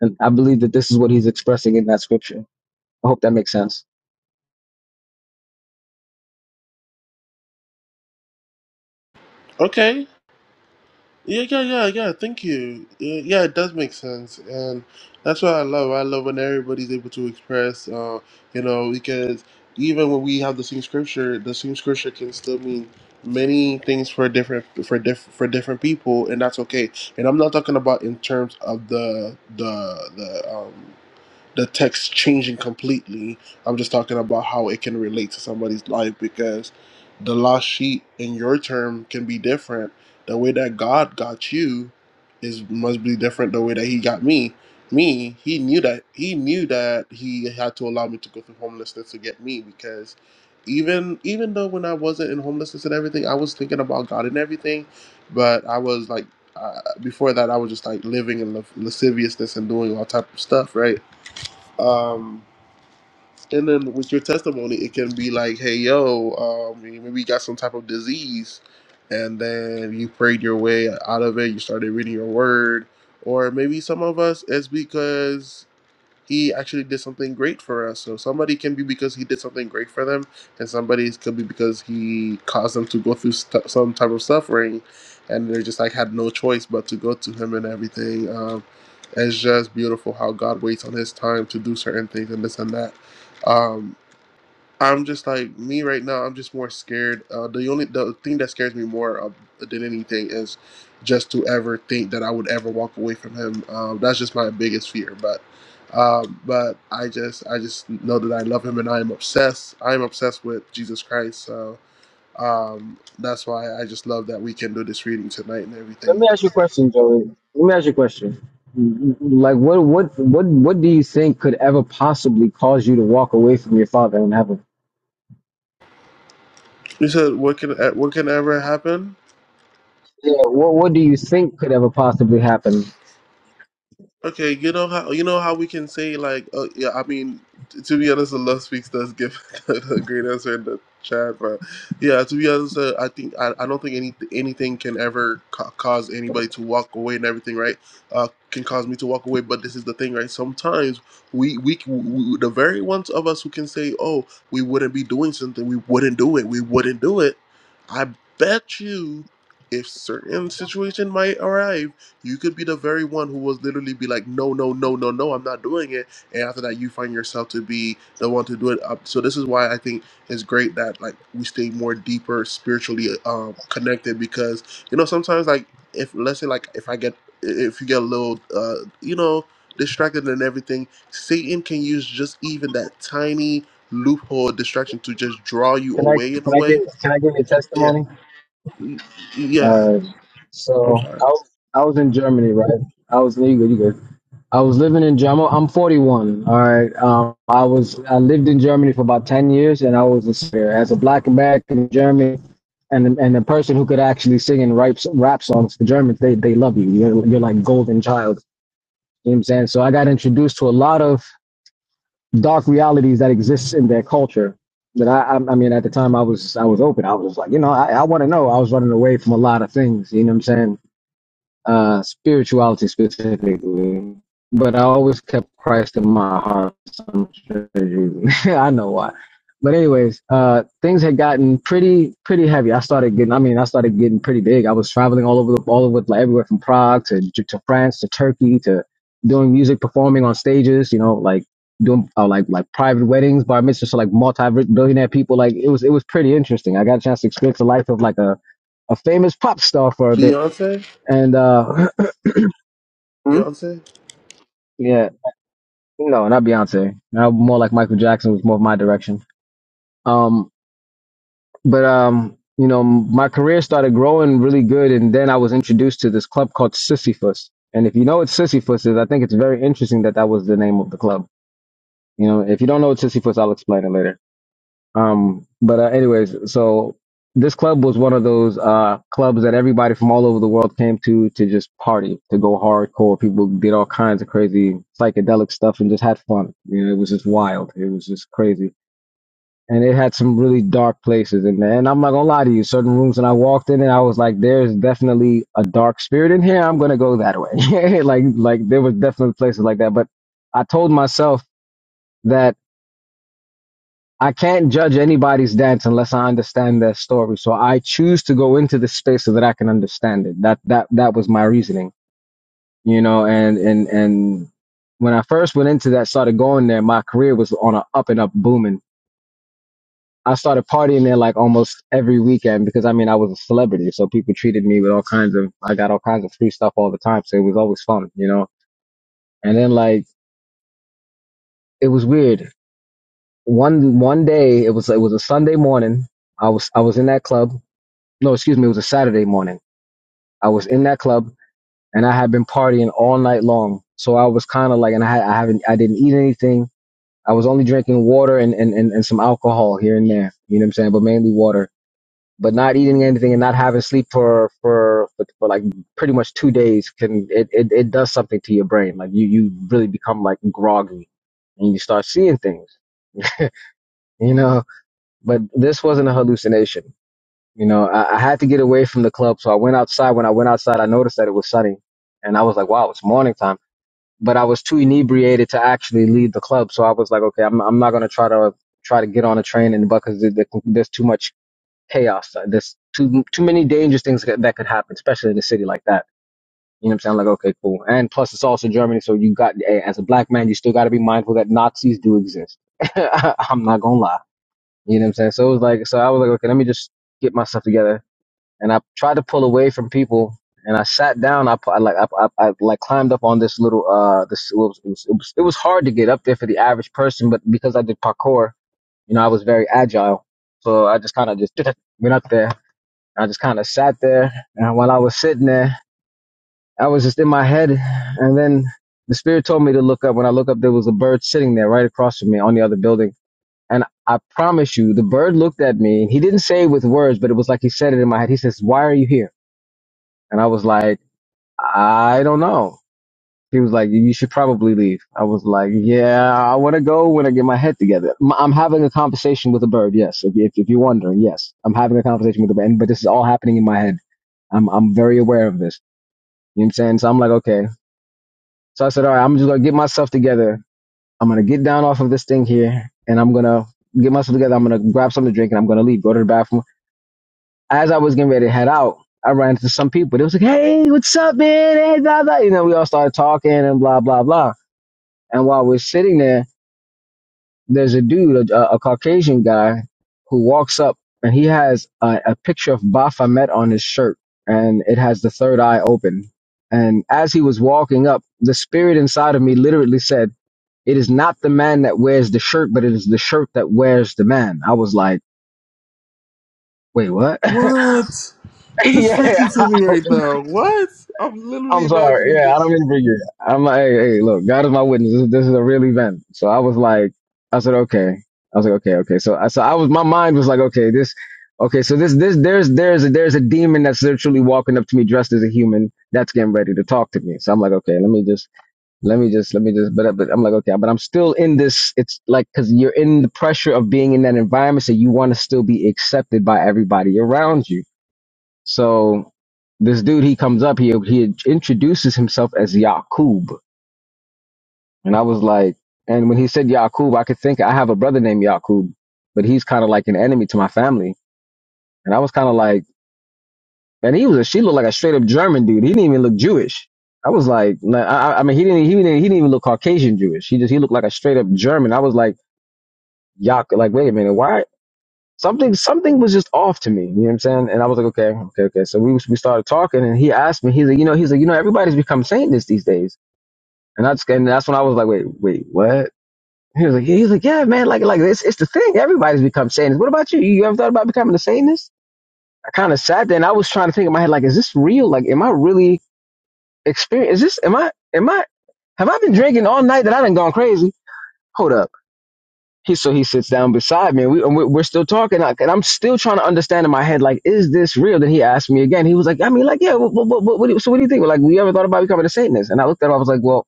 Speaker 3: And I believe that this is what he's expressing in that scripture. I hope that makes sense.
Speaker 2: Okay, Yeah, yeah, yeah, yeah. Thank you. Yeah, yeah, it does make sense, and that's what I love. I love when everybody's able to express, uh, you know, because even when we have the same scripture, the same scripture can still mean many things for different for diff, for different people, and that's okay. And I'm not talking about in terms of the the the um the text changing completely. I'm just talking about how it can relate to somebody's life because the lost sheep in your term can be different. The way that God got you is must be different the way that he got me. Me, he knew that he knew that he had to allow me to go through homelessness to get me because even even though when I wasn't in homelessness and everything, I was thinking about God and everything, but I was like uh, before that I was just like living in la- lasciviousness and doing all type of stuff, right? Um, and then with your testimony, it can be like, hey, yo, um, maybe you got some type of disease, and then you prayed your way out of it. You started reading your word, or maybe some of us it's because he actually did something great for us. So somebody can be because he did something great for them, and somebody could be because he caused them to go through stu- some type of suffering, and they just like had no choice but to go to him and everything. Um, it's just beautiful how God waits on His time to do certain things and this and that. Um, I'm just like me right now. I'm just more scared. Uh, the only the thing that scares me more uh, than anything is just to ever think that I would ever walk away from him. Um, that's just my biggest fear. But um, but I just I just know that I love him and I am obsessed. I am obsessed with Jesus Christ. So um, that's why I just love that we can do this reading tonight and
Speaker 3: Let
Speaker 2: everything.
Speaker 3: me ask you a question, Joey. Let me ask you a question. Like what what what what do you think could ever possibly cause you to walk away from your father in heaven?
Speaker 2: You said what can uh, what can ever happen?
Speaker 3: Yeah, what what do you think could ever possibly happen?
Speaker 2: Okay, you know how you know how we can say like, oh yeah, I mean, t- to be honest, the Love Speaks does give a great answer in the chat, but yeah, to be honest, uh, I think I, I don't think any anything can ever ca- cause anybody to walk away and everything, right? Uh, can cause me to walk away, but this is the thing, right? Sometimes we we, c- we the very ones of us who can say, oh, we wouldn't be doing something, we wouldn't do it, we wouldn't do it. I bet you, if certain situation might arrive. You could be the very one who was literally be like, no, no, no, no, no, I'm not doing it. And after that, you find yourself to be the one to do it. Up. So this is why I think it's great that like we stay more deeper spiritually um, connected because you know sometimes like if let's say like if I get if you get a little uh, you know distracted and everything, Satan can use just even that tiny loophole distraction to just draw you
Speaker 3: Can I
Speaker 2: away in
Speaker 3: can
Speaker 2: a
Speaker 3: I give
Speaker 2: way.
Speaker 3: can I give you a
Speaker 2: Yeah,
Speaker 3: testimony?
Speaker 2: Y-
Speaker 3: All
Speaker 2: yeah.
Speaker 3: right.
Speaker 2: I'm
Speaker 3: So
Speaker 2: sorry,
Speaker 3: I was, I was in Germany, right? I was you good, you good. I was living in Germany. I'm 41. All right. Um, I was I lived in Germany for about 10 years, and I was a singer as a black American in Germany, and and a person who could actually sing and rap rap songs. The Germans they they love you. You're you're like golden child. You know what I'm saying? So I got introduced to a lot of dark realities that exist in their culture. That I, I I mean, at the time I was I was open. I was like, you know, I, I want to know. I was running away from a lot of things. You know what I'm saying? uh, spirituality specifically. But I always kept Christ in my heart. So I'm sure you- I know why. But anyways, uh, things had gotten pretty, pretty heavy. I started getting, I mean, I started getting pretty big. I was traveling all over the, all over, like everywhere from Prague to, to France to Turkey to doing music, performing on stages, you know, like doing uh, like, like private weddings, bar mitzvahs, so like multi-billionaire people. Like it was, it was pretty interesting. I got a chance to experience the life of like a, a famous pop star for a bit
Speaker 2: Beyonce,
Speaker 3: and uh Hmm?
Speaker 2: Beyonce.
Speaker 3: Yeah. No, not Beyonce. Now more like Michael Jackson was more of my direction. Um, but um, you know, m- my career started growing really good, and then I was introduced to this club called Sisyphus. And if you know what Sisyphus is, I think it's very interesting that that was the name of the club. You know, if you don't know what Sisyphus, I'll explain it later. Um, but uh, anyways, so this club was one of those uh, clubs that everybody from all over the world came to to just party, to go hardcore. People did all kinds of crazy psychedelic stuff and just had fun. You know, it was just wild. It was just crazy. And it had some really dark places in there. And I'm not gonna lie to you, certain rooms when I walked in and I was like, there's definitely a dark spirit in here. I'm gonna go that way. like like there was definitely places like that. But I told myself that I can't judge anybody's dance unless I understand their story. So I choose to go into this space so that I can understand it. That that that was my reasoning, you know. And and and when I first went into that, started going there, my career was on a up and up booming. I started partying there like almost every weekend because I mean I was a celebrity, so people treated me with all kinds of. I got all kinds of free stuff all the time, so it was always fun, you know. And then like it was weird. One one day it was it was a Sunday morning. I was I was in that club no, excuse me, it was a Saturday morning. I was in that club and I had been partying all night long. So I was kind of like, and I, had- I haven't, I didn't eat anything. I was only drinking water and, and, and, and some alcohol here and there. You know what I'm saying? But mainly water, but not eating anything and not having sleep for, for, for, for like pretty much two days can, it, it, it does something to your brain. Like you, you really become like groggy and you start seeing things, you know, but this wasn't a hallucination You know, I, I had to get away from the club, so I went outside. When I went outside, I noticed that it was sunny, and I was like, "Wow, it's morning time." But I was too inebriated to actually leave the club, so I was like, "Okay, I'm I'm not gonna try to try to get on a train in the bus because there, there, there's too much chaos. There's too too many dangerous things that, that could happen, especially in a city like that." You know what I'm saying? Like, okay, cool. And plus, it's also Germany, so you got eh, as a black man, you still got to be mindful that Nazis do exist. I'm not gonna lie. You know what I'm saying? So it was like, so I was like, okay, let me just get myself together and I tried to pull away from people. And I sat down. I, pu- I like I, I, I like climbed up on this little uh this it was, it was it was it was hard to get up there for the average person, but because I did parkour, you know, I was very agile. So I just kind of just went up there. I just kind of sat there, and while I was sitting there, I was just in my head. And then the spirit told me to look up. When I look up, there was a bird sitting there right across from me on the other building. And I promise you, the bird looked at me. He didn't say it with words, but it was like he said it in my head. He says, "Why are you here?" And I was like, I don't know. He was like, you should probably leave. I was like, yeah, I want to go when I get my head together. M- I'm having a conversation with a bird. Yes. If, if, if you're wondering, yes, I'm having a conversation with a bird. And- But this is all happening in my head. I'm, I'm very aware of this. You know what I'm saying? So I'm like, okay. So I said, all right, I'm just going to get myself together. I'm going to get down off of this thing here and I'm going to get myself together. I'm going to grab something to drink and I'm going to leave, go to the bathroom as I was getting ready to head out, I ran into some people. They was like, "Hey, what's up, man?" Hey, blah blah. You know, we all started talking and blah blah blah. And while we're sitting there, there's a dude, a, a Caucasian guy, who walks up and he has a, a picture of Baphomet on his shirt, and it has the third eye open. And as he was walking up, the spirit inside of me literally said, "It is not the man that wears the shirt, but it is the shirt that wears the man." I was like, "Wait, what?"
Speaker 2: What? This is freaky
Speaker 3: yeah,
Speaker 2: to me
Speaker 3: I
Speaker 2: right now. What? I'm literally
Speaker 3: I'm sorry.
Speaker 2: imagining
Speaker 3: Yeah, I don't
Speaker 2: this.
Speaker 3: mean to bring you. I'm like, hey, hey, look, God is my witness. This, this is a real event. So I was like, I said, okay. I was like, okay, okay. So I, so I was, my mind was like, okay, this, okay. So this, this, there's, there's, a, there's a demon that's literally walking up to me dressed as a human that's getting ready to talk to me. So I'm like, okay, let me just, let me just, let me just, but, but I'm like, okay, but I'm still in this. It's like, cause you're in the pressure of being in that environment. So you want to still be accepted by everybody around you. So this dude, he comes up, he he introduces himself as Yaqub, and I was like, and when he said Yaqub, I could think I have a brother named Yaqub, but he's kind of like an enemy to my family, and I was kind of like, and he was a, she looked like a straight up German dude. He didn't even look Jewish. I was like, nah, I, I mean, he didn't, he didn't, he didn't even look Caucasian Jewish. He just, he looked like a straight up German. I was like, Yaq, like, wait a minute, why? something something was just off to me. You know what I'm saying? And I was like, okay, okay, okay. So we we started talking, and he asked me, he's like, you know, he's like, you know, everybody's become Satanists these days. And I just and that's when I was like, wait, wait, what? He was like, yeah, he's like, yeah, man, like like it's it's the thing. Everybody's become Satanists. What about you? You ever thought about becoming a Satanist? I kind of sat there and I was trying to think in my head, like, is this real? Like, am I really experience? Is this? Am I? Am I? Have I been drinking all night that I done gone crazy? Hold up he so he sits down beside me and we, and we- we're still talking like, and i'm still trying to understand in my head like is this real then he asked me again he was like i mean like yeah what, what, what, what do you, so what do you think like we ever thought about becoming a satanist and i looked at him i was like well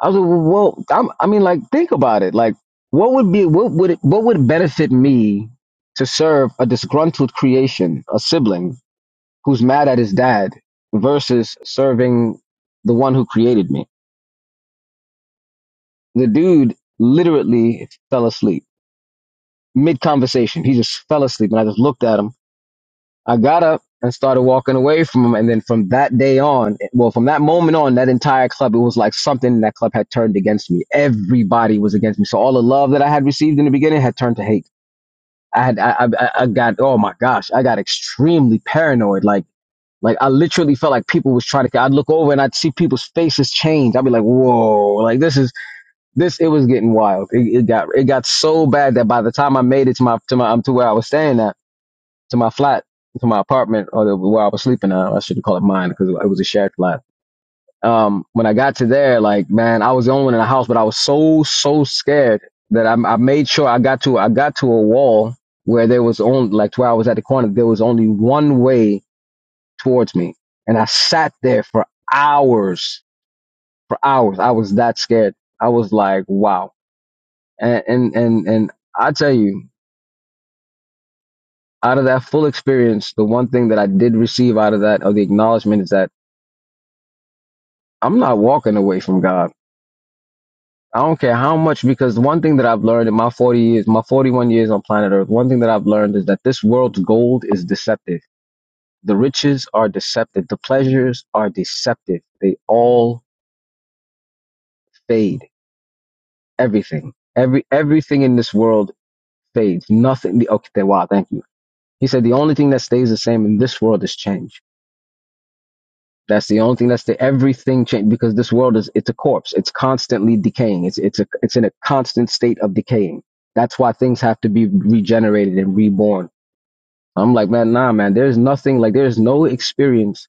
Speaker 3: i was like well well, I'm, i mean like think about it like what would be what would it, what would benefit me to serve a disgruntled creation a sibling who's mad at his dad versus serving the one who created me the dude literally fell asleep mid conversation. He just fell asleep, and I just looked at him. I got up and started walking away from him. And then from that day on, well, from that moment on, that entire club, it was like something in that club had turned against me. Everybody was against me. So all the love that I had received in the beginning had turned to hate. I had, I, I, I got, oh my gosh, I got extremely paranoid. Like, like I literally felt like people was trying to. I'd look over and I'd see people's faces change. I'd be like, whoa, like this is this it was getting wild. It, it got it got so bad that by the time I made it to my to my um, to where I was staying at, to my flat, to my apartment, or the, where I was sleeping. Uh, I shouldn't call it mine because it was a shared flat. Um, when I got to there, like man, I was the only one in the house, but I was so so scared that I, I made sure I got to I got to a wall where there was only like where I was at the corner. There was only one way towards me, and I sat there for hours, for hours. I was that scared. I was like, wow, and and and, and I tell you. Out of that full experience, the one thing that I did receive out of that, or the acknowledgement, is that I'm not walking away from God. I don't care how much, because one thing that I've learned in my 40 years, my 41 years on planet Earth, one thing that I've learned is that this world's gold is deceptive. The riches are deceptive. The pleasures are deceptive. They all fade. Everything, every everything in this world fades. Nothing. Okay, wow, thank you. He said the only thing that stays the same in this world is change That's the only thing. That's the everything change because this world is it's a corpse. It's constantly decaying. It's it's a it's in a constant state of decaying. That's why things have to be regenerated and reborn. I'm like, man, nah, man. There's nothing like there's no experience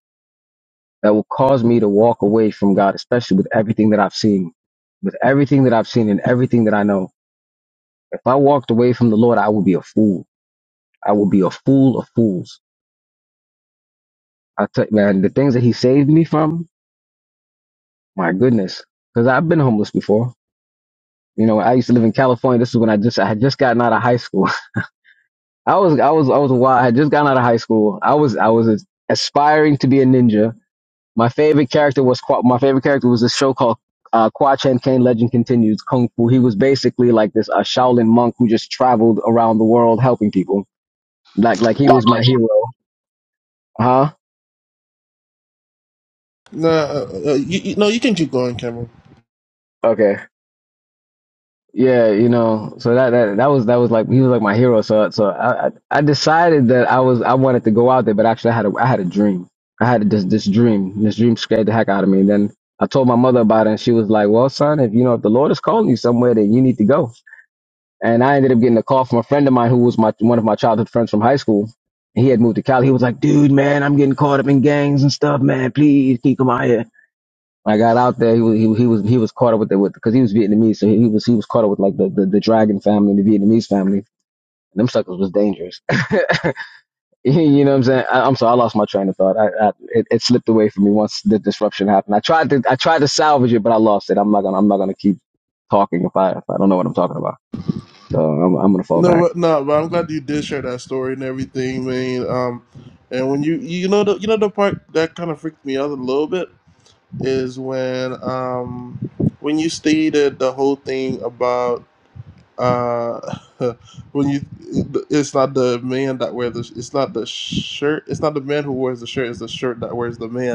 Speaker 3: that will cause me to walk away from God, especially with everything that I've seen, with everything that I've seen and everything that I know. If I walked away from the Lord, I would be a fool. I would be a fool of fools. I tell man, the things that He saved me from, my goodness, because I've been homeless before. You know, I used to live in California. This is when I just I had just gotten out of high school. I was I was I was wild. I had just gotten out of high school. I was I was aspiring to be a ninja. My favorite character was my favorite character was this show called uh, Kwa Chan Kane Legend Continues Kung Fu. He was basically like this a Shaolin monk who just traveled around the world helping people. Like like he
Speaker 4: like
Speaker 3: was
Speaker 4: like
Speaker 3: my hero. Huh?
Speaker 2: Nah, uh, uh, you, you, no, you can keep going, Cameron.
Speaker 3: Okay. Yeah, you know, so that, that that was that was like he was like my hero. So so I I I decided that I was I wanted to go out there, but actually I had a I had a dream. I had this this dream. This dream scared the heck out of me. And then I told my mother about it, and she was like, "Well, son, if you know if the Lord is calling you somewhere, then you need to go." And I ended up getting a call from a friend of mine who was my one of my childhood friends from high school. He had moved to Cali. He was like, "Dude, man, I'm getting caught up in gangs and stuff, man. Please, can you come out here." When I got out there, he was he, was- he was he was caught up with it with because he was Vietnamese, so he was he was caught up with like the, the, the dragon family, the Vietnamese family. And them suckers was dangerous. you know what I'm saying? I, I'm sorry, I lost my train of thought. I, I it, it slipped away from me once the disruption happened. I tried to I tried to salvage it, but I lost it. I'm not gonna I'm not gonna keep talking if I if I don't know what I'm talking about. So I'm I'm gonna fall
Speaker 2: No,
Speaker 3: back.
Speaker 2: but no, but I'm glad you did share that story and everything, man. Um, and when you you know the you know the part that kind of freaked me out a little bit is when um when you stated the whole thing about uh when you it's not the man that wears the it's not the shirt it's not the man who wears the shirt it's the shirt that wears the man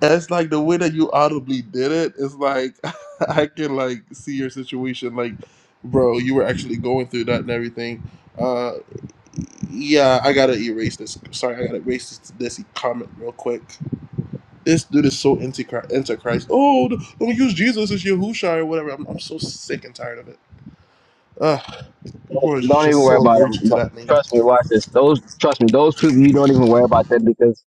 Speaker 2: It's like the way that you audibly did it. It's like I can like see your situation. Like, bro, you were actually going through that and everything. Uh, yeah, I gotta erase this. Sorry, I gotta erase this, this comment real quick. This dude is so anti Christ. Oh, don't use Jesus as Yahusha or whatever. I'm, I'm so sick and tired of it. Ugh, people are
Speaker 3: Don't even
Speaker 2: just so
Speaker 3: worry about them.
Speaker 2: allergic to that name.
Speaker 3: Trust me, watch this. Those trust me, those people you don't even worry about that because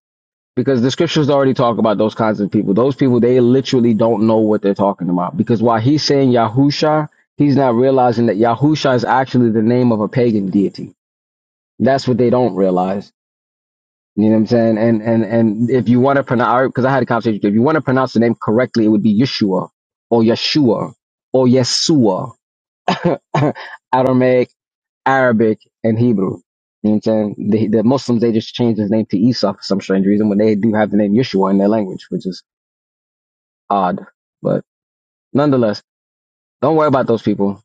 Speaker 3: because the scriptures already talk about those kinds of people. Those people, they literally don't know what they're talking about. Because while he's saying Yahusha, he's not realizing that Yahusha is actually the name of a pagan deity. That's what they don't realize. You know what I'm saying? And and and if you want to pronounce, because I had a conversation, if you want to pronounce the name correctly, it would be Yeshua or Yeshua or Yeshua, Aramaic, Arabic, and Hebrew. You know what I'm saying? The, the Muslims, they just changed his name to Esau for some strange reason when they do have the name Yeshua in their language, which is odd. But nonetheless, don't worry about those people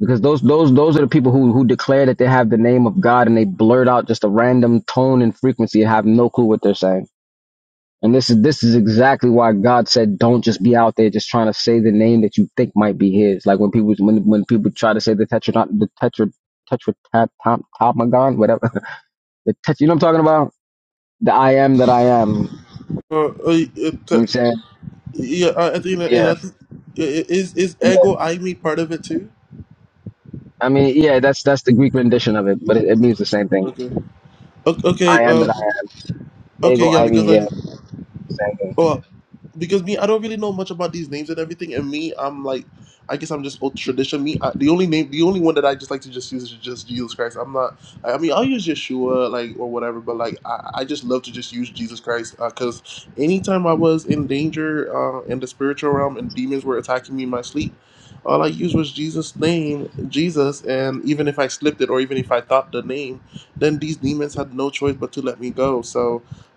Speaker 3: because those those those are the people who who declare that they have the name of God and they blurt out just a random tone and frequency and have no clue what they're saying. And this is this is exactly why God said, "Don't just be out there just trying to say the name that you think might be His." Like when people when when people try to say the tetra the tetra tetra tat top top tetratomagon, whatever the tetra, you know what I'm talking about? The I am that I am. You know
Speaker 2: Uh, uh,
Speaker 3: what
Speaker 2: uh,
Speaker 3: I'm saying?
Speaker 2: yeah, I think, and
Speaker 3: Yeah,
Speaker 2: I think is is
Speaker 3: yeah.
Speaker 2: ego I me part of it too?
Speaker 3: I mean, yeah. That's that's the Greek rendition of it, but it, it means the same thing.
Speaker 2: Okay. O- Okay,
Speaker 3: I am
Speaker 2: uh,
Speaker 3: that I am. Hey,
Speaker 2: okay, yeah,
Speaker 3: Ivy.
Speaker 2: because like,
Speaker 3: Yeah, same thing.
Speaker 2: well, because me, I don't really know much about these names and everything. And me, I'm like, I guess I'm just old tradition. Me, I, the only name, the only one that I just like to just use is just Jesus Christ. I'm not. I I mean, I'll use Yeshua, like or whatever, but like, I, I just love to just use Jesus Christ because anytime I was in danger uh, in the spiritual realm and demons were attacking me in my sleep. All I used was Jesus' name, Jesus, and even if I slipped it, or even if I thought the name, then these demons had no choice but to let me go. So,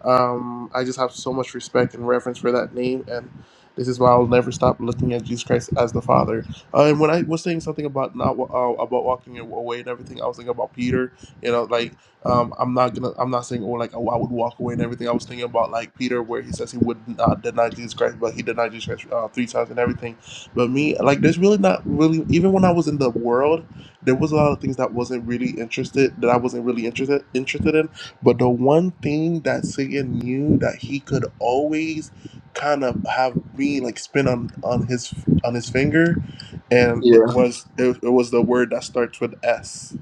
Speaker 2: um, I just have so much respect and reverence for that name, and this is why I'll never stop looking at Jesus Christ as the Father. Uh, and when I was saying something about not wa- uh, about walking away and everything, I was thinking about Peter. You know, like um, I'm not gonna, I'm not saying oh like oh, I would walk away and everything. I was thinking about like Peter, where he says he would not deny Jesus Christ, but he denied Jesus Christ uh, three times and everything. But me, like, there's really not really even when I was in the world, there was a lot of things that wasn't really interested that I wasn't really interested interested in. But the one thing that Satan knew that he could always kind of have being like spin on on his on his finger, and it
Speaker 3: Yeah.
Speaker 2: was it, it was the word that starts with S.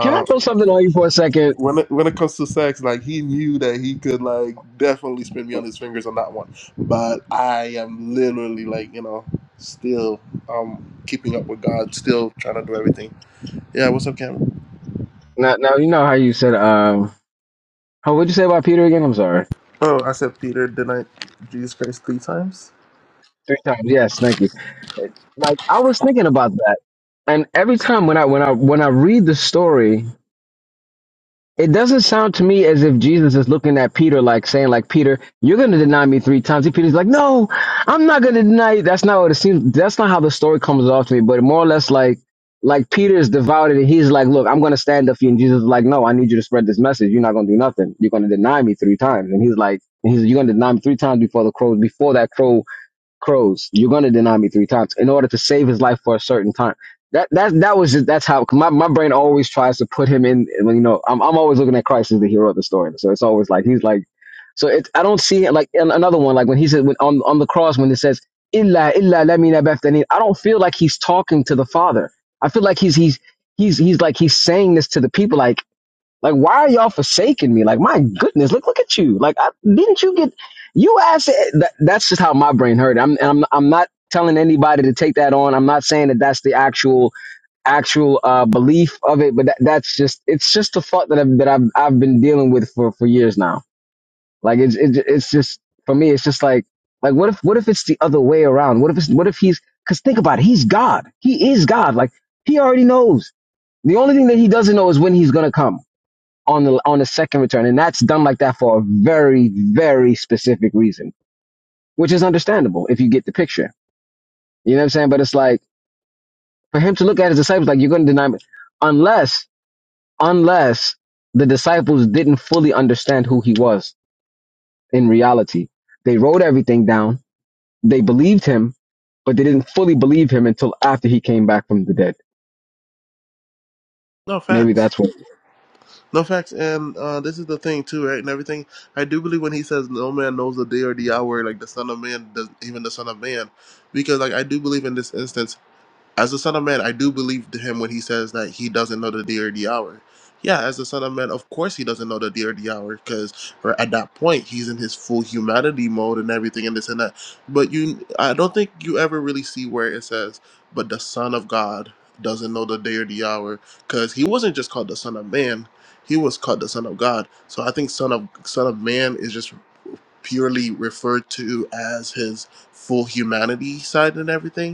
Speaker 3: Can I throw something on you for a second?
Speaker 2: when it, when it comes to sex, like he knew that he could like definitely spin me on his fingers on that one, but I am literally like you know still um keeping up with God, still trying to do everything. Yeah, what's up, Cameron?
Speaker 3: Now, now you know how you said. Um, how would you say about Peter again? I'm sorry.
Speaker 2: Oh, I said Peter denied Jesus Christ three times.
Speaker 3: Three times. Yes, thank you. Like I was thinking about that, and every time when I when I when I read the story. it doesn't sound to me as if Jesus is looking at Peter like saying, like, Peter, you're gonna deny me three times. And Peter's like, No, I'm not gonna deny you. That's not what it seems that's not how the story comes off to me, but more or less like like Peter is devoted and he's like, Look, I'm gonna stand up for you. And Jesus is like, No, I need you to spread this message. You're not gonna do nothing. You're gonna deny me three times. And he's like, and he's like, you're gonna deny me three times before the crow before that crow crows. You're gonna deny me three times in order to save his life for a certain time. That that that was just that's how my, my brain always tries to put him in. When you know, I'm I'm always looking at Christ as the hero of the story. So it's always like he's like. So it's I don't see like an- another one like when he said when, on on the cross when it says illa illa lamina bethany. I don't feel like he's talking to the Father. I feel like he's he's he's he's like he's saying this to the people like like, why are y'all forsaking me? Like, my goodness, look, look at you. Like, I, didn't you get, you asked, that, that's just how my brain heard it. I'm, and I'm, I'm not telling anybody to take that on. I'm not saying that that's the actual, actual, uh, belief of it, but that, that's just, it's just the thought that I've, that I've, I've been dealing with for, for years now. Like, it's, it's, it's just, for me, it's just like, like, what if, what if it's the other way around? What if it's, what if he's, cause think about it. He's God. He is God. Like, he already knows. The only thing that he doesn't know is when he's going to come on the on the second return, and that's done like that for a very very specific reason, which is understandable if you get the picture. You know what I'm saying? But it's like for him to look at his disciples like you're going to deny me, unless unless the disciples didn't fully understand who he was in reality. They wrote everything down. They believed him, but they didn't fully believe him until after he came back from the dead.
Speaker 2: No, facts.
Speaker 3: Maybe that's what.
Speaker 2: No facts, and uh, this is the thing too, right? And everything. I do believe when he says, "No man knows the day or the hour," like the Son of Man does, even the Son of Man, because like I do believe in this instance as the Son of Man, I do believe to him when he says that he doesn't know the day or the hour. Yeah, as the Son of Man, of course he doesn't know the day or the hour because at that point he's in his full humanity mode and everything and this and that. But you, I don't think you ever really see where it says, but the Son of God doesn't know the day or the hour because he wasn't just called the Son of Man, he was called the Son of God. So I think Son of Son of Man is just purely referred to as his full humanity side and everything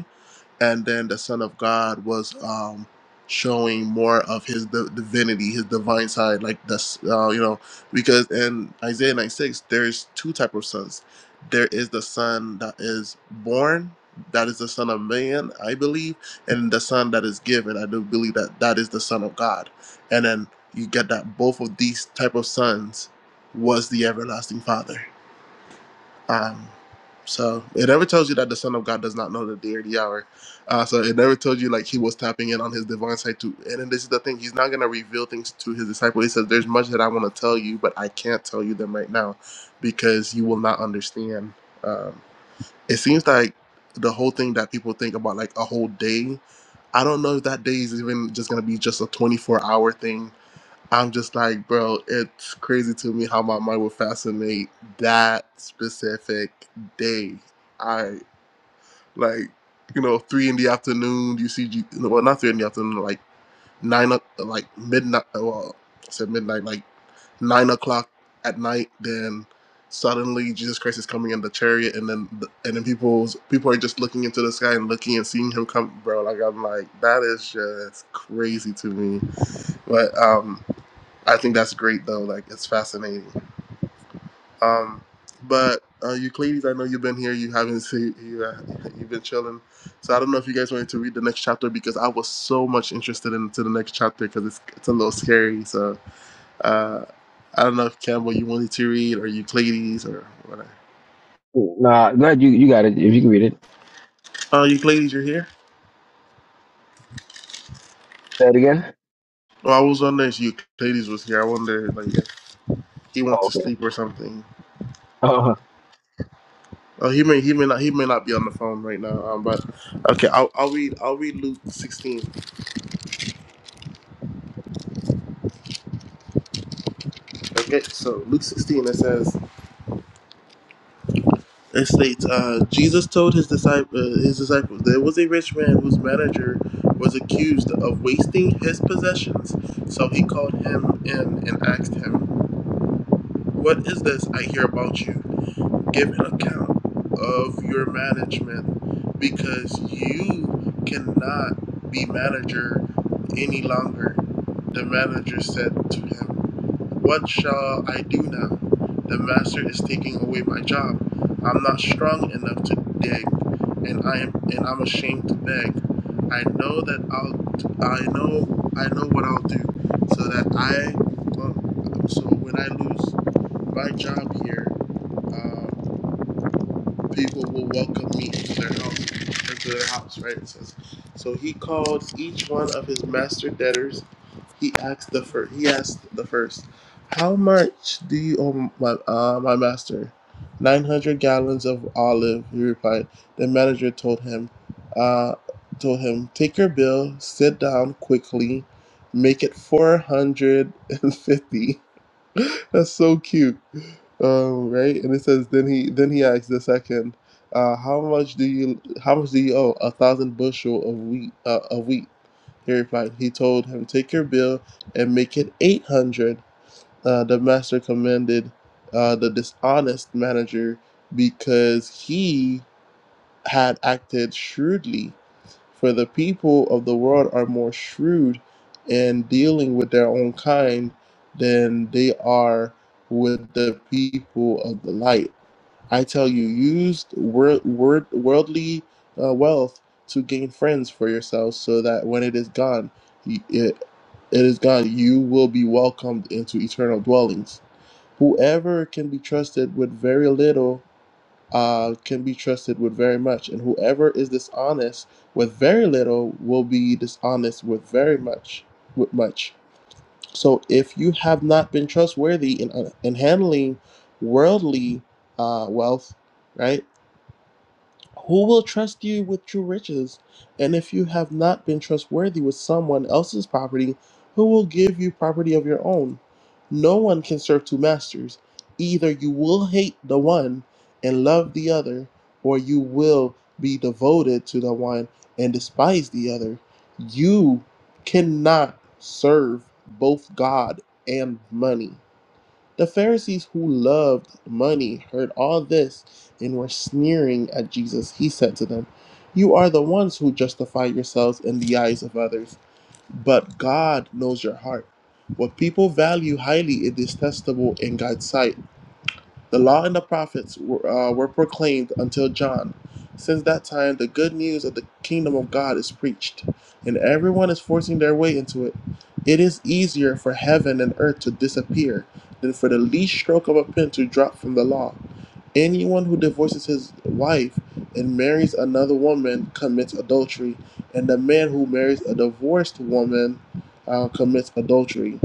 Speaker 2: and then the Son of God was um, showing more of his di- divinity, his divine side, like that's uh, you know because in Isaiah 96, there's two type of sons. There is the son that is born, that is the son of man, I believe, and the son that is given. I do believe that that is the son of God, and then you get that both of these type of sons was the everlasting Father um, so it never tells you that the Son of God does not know the day or the hour. Uh, so it never tells you like he was tapping in on his divine side too. And then this is the thing: he's not gonna reveal things to his disciple. He says, "There's much that I want to tell you, but I can't tell you them right now, because you will not understand." Um, it seems like the whole thing that people think about like a whole day. I don't know if that day is even just gonna be just a 24 hour thing I'm just like, bro, it's crazy to me how my mind would fascinate that specific day. I like, you know, three in the afternoon. You see, G- no, well, not three in the afternoon, like nine, o- like midnight. Well, I said midnight, like nine o'clock at night. Then suddenly, Jesus Christ is coming in the chariot, and then the, and then people's people are just looking into the sky and looking and seeing him come, bro. Like I'm like, that is just crazy to me. But um. I think that's great though. Like it's fascinating. Um, but uh, Euclides, I know you've been here. You haven't seen you. Uh, you've been chilling. So I don't know if you guys wanted to read the next chapter because I was so much interested into the next chapter because it's it's a little scary. So uh, I don't know if Campbell you wanted to read or Euclides or whatever.
Speaker 3: Nah, no, you you got it. If you can read it,
Speaker 2: Uh, Euclides, you're here.
Speaker 3: say it again.
Speaker 2: Oh, I was wondering if Euclides was here. I wonder like if he went
Speaker 3: Oh,
Speaker 2: to
Speaker 3: okay.
Speaker 2: sleep or something.
Speaker 3: Oh,
Speaker 2: Oh, he may he may not he may not be on the phone right now. Um, but okay, I'll I'll read I'll read Luke 16. Okay, so Luke 16, it says, It states, uh, Jesus told his disciple, uh, his disciples, there was a rich man whose manager was accused of wasting his possessions. So he called him in and asked him, What is this I hear about you? Give an account of your management, because you cannot be manager any longer. The manager said to him, What shall I do now? The master is taking away my job. I'm not strong enough to dig, and I am and I'm ashamed to beg. I know that I'll I know I know what I'll do so that I um, so when I lose my job here, uh, people will welcome me into their house, into their house, right? It says, so he called each one of his master debtors. He asked the first. He asked the first, "How much do you owe my uh, my master?" Nine hundred gallons of olive. He replied. The manager told him, uh, told him, "Take your bill, sit down quickly, make it four hundred and fifty. That's so cute. Um, right? And it says then he then he asked the second, uh, how much do you how much do you owe? A thousand bushel of wheat uh, of wheat. He replied. He told him, Take your bill and make it eight hundred. Uh, the master commended uh, the dishonest manager because he had acted shrewdly. For the people of the world are more shrewd in dealing with their own kind than they are with the people of the light. I tell you, use wor- wor- worldly uh, wealth to gain friends for yourselves, so that when it is gone, y- it, it is gone. You will be welcomed into eternal dwellings. Whoever can be trusted with very little uh, can be trusted with very much, and whoever is dishonest with very little will be dishonest with very much. With much. So if you have not been trustworthy in uh, in handling worldly uh, wealth, right? Who will trust you with true riches? And if you have not been trustworthy with someone else's property, who will give you property of your own? No one can serve two masters. Either you will hate the one and love the other, or you will be devoted to the one and despise the other. You cannot serve both God and money. The Pharisees who loved money heard all this and were sneering at Jesus. He said to them, You are the ones who justify yourselves in the eyes of others, but God knows your heart. What people value highly is detestable in God's sight. The law and the prophets were, uh, were proclaimed until John. Since that time, the good news of the kingdom of God is preached, and everyone is forcing their way into it. It is easier for heaven and earth to disappear than for the least stroke of a pen to drop from the law. Anyone who divorces his wife and marries another woman commits adultery, and the man who marries a divorced woman uh, commits adultery.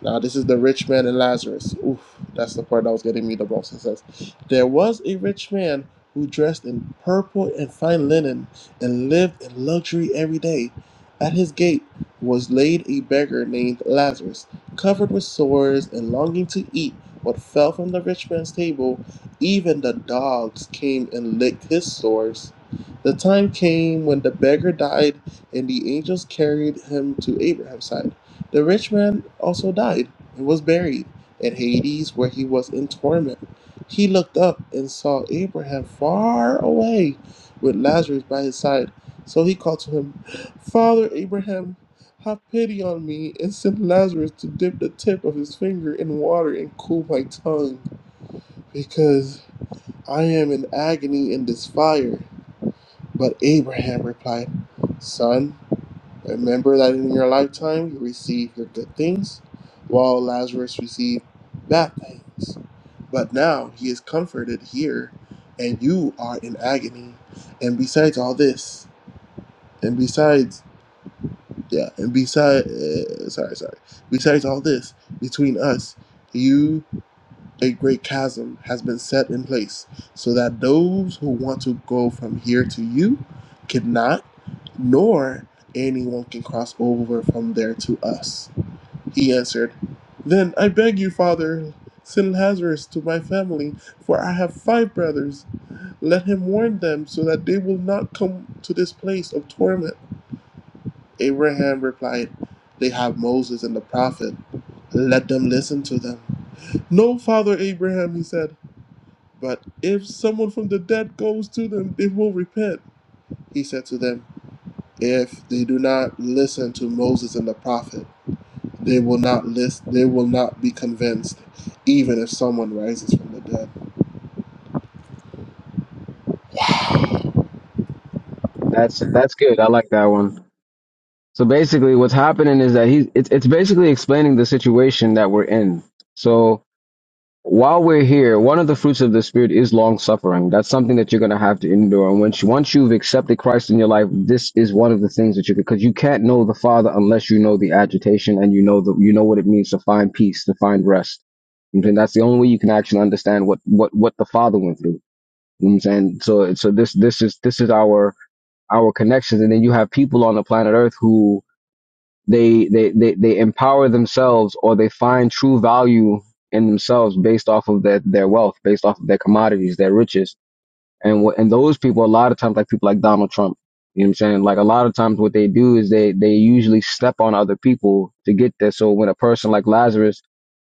Speaker 2: Now, this is the rich man and Lazarus. Oof, that's the part that was getting me the most. It says, There was a rich man who dressed in purple and fine linen and lived in luxury every day. At his gate was laid a beggar named Lazarus, covered with sores and longing to eat what fell from the rich man's table. Even the dogs came and licked his sores. The time came when the beggar died, and the angels carried him to Abraham's side. The rich man also died and was buried in Hades, where he was in torment. He looked up and saw Abraham far away with Lazarus by his side. So he called to him, Father Abraham, have pity on me and send Lazarus to dip the tip of his finger in water and cool my tongue, because I am in agony in this fire. But Abraham replied, Son, Remember that in your lifetime you received the good things, while Lazarus received bad things. But now he is comforted here, and you are in agony. And besides all this, and besides, yeah, and besides, uh, sorry, sorry, besides all this, between us, you, a great chasm has been set in place, so that those who want to go from here to you cannot nor anyone can cross over from there to us. He answered, Then I beg you, father, send Lazarus to my family, for I have five brothers. Let him warn them so that they will not come to this place of torment. Abraham replied, They have Moses and the prophet. Let them listen to them. No, Father Abraham, he said, but if someone from the dead goes to them, they will repent. He said to them, If they do not listen to Moses and the prophet, they will not list, they will not be convinced, even if someone rises from the dead.
Speaker 3: that's that's good. I like that one. So basically, what's happening is that hes it's it's basically explaining the situation that we're in. So while we're here, one of the fruits of the spirit is long suffering. That's something that you're going to have to endure. And once you, once you've accepted Christ in your life, this is one of the things that you because you can't know the Father unless you know the agitation and you know the you know what it means to find peace, to find rest. You know what I'm saying that's the only way you can actually understand what what what the Father went through. You know what I'm saying so so this this is this is our our connections, and then you have people on the planet Earth who they, they they they empower themselves or they find true value in themselves based off of their, their wealth, based off of their commodities, their riches. And what and those people a lot of times like people like Donald Trump. You know what I'm saying? Like a lot of times what they do is they they usually step on other people to get there. So when a person like Lazarus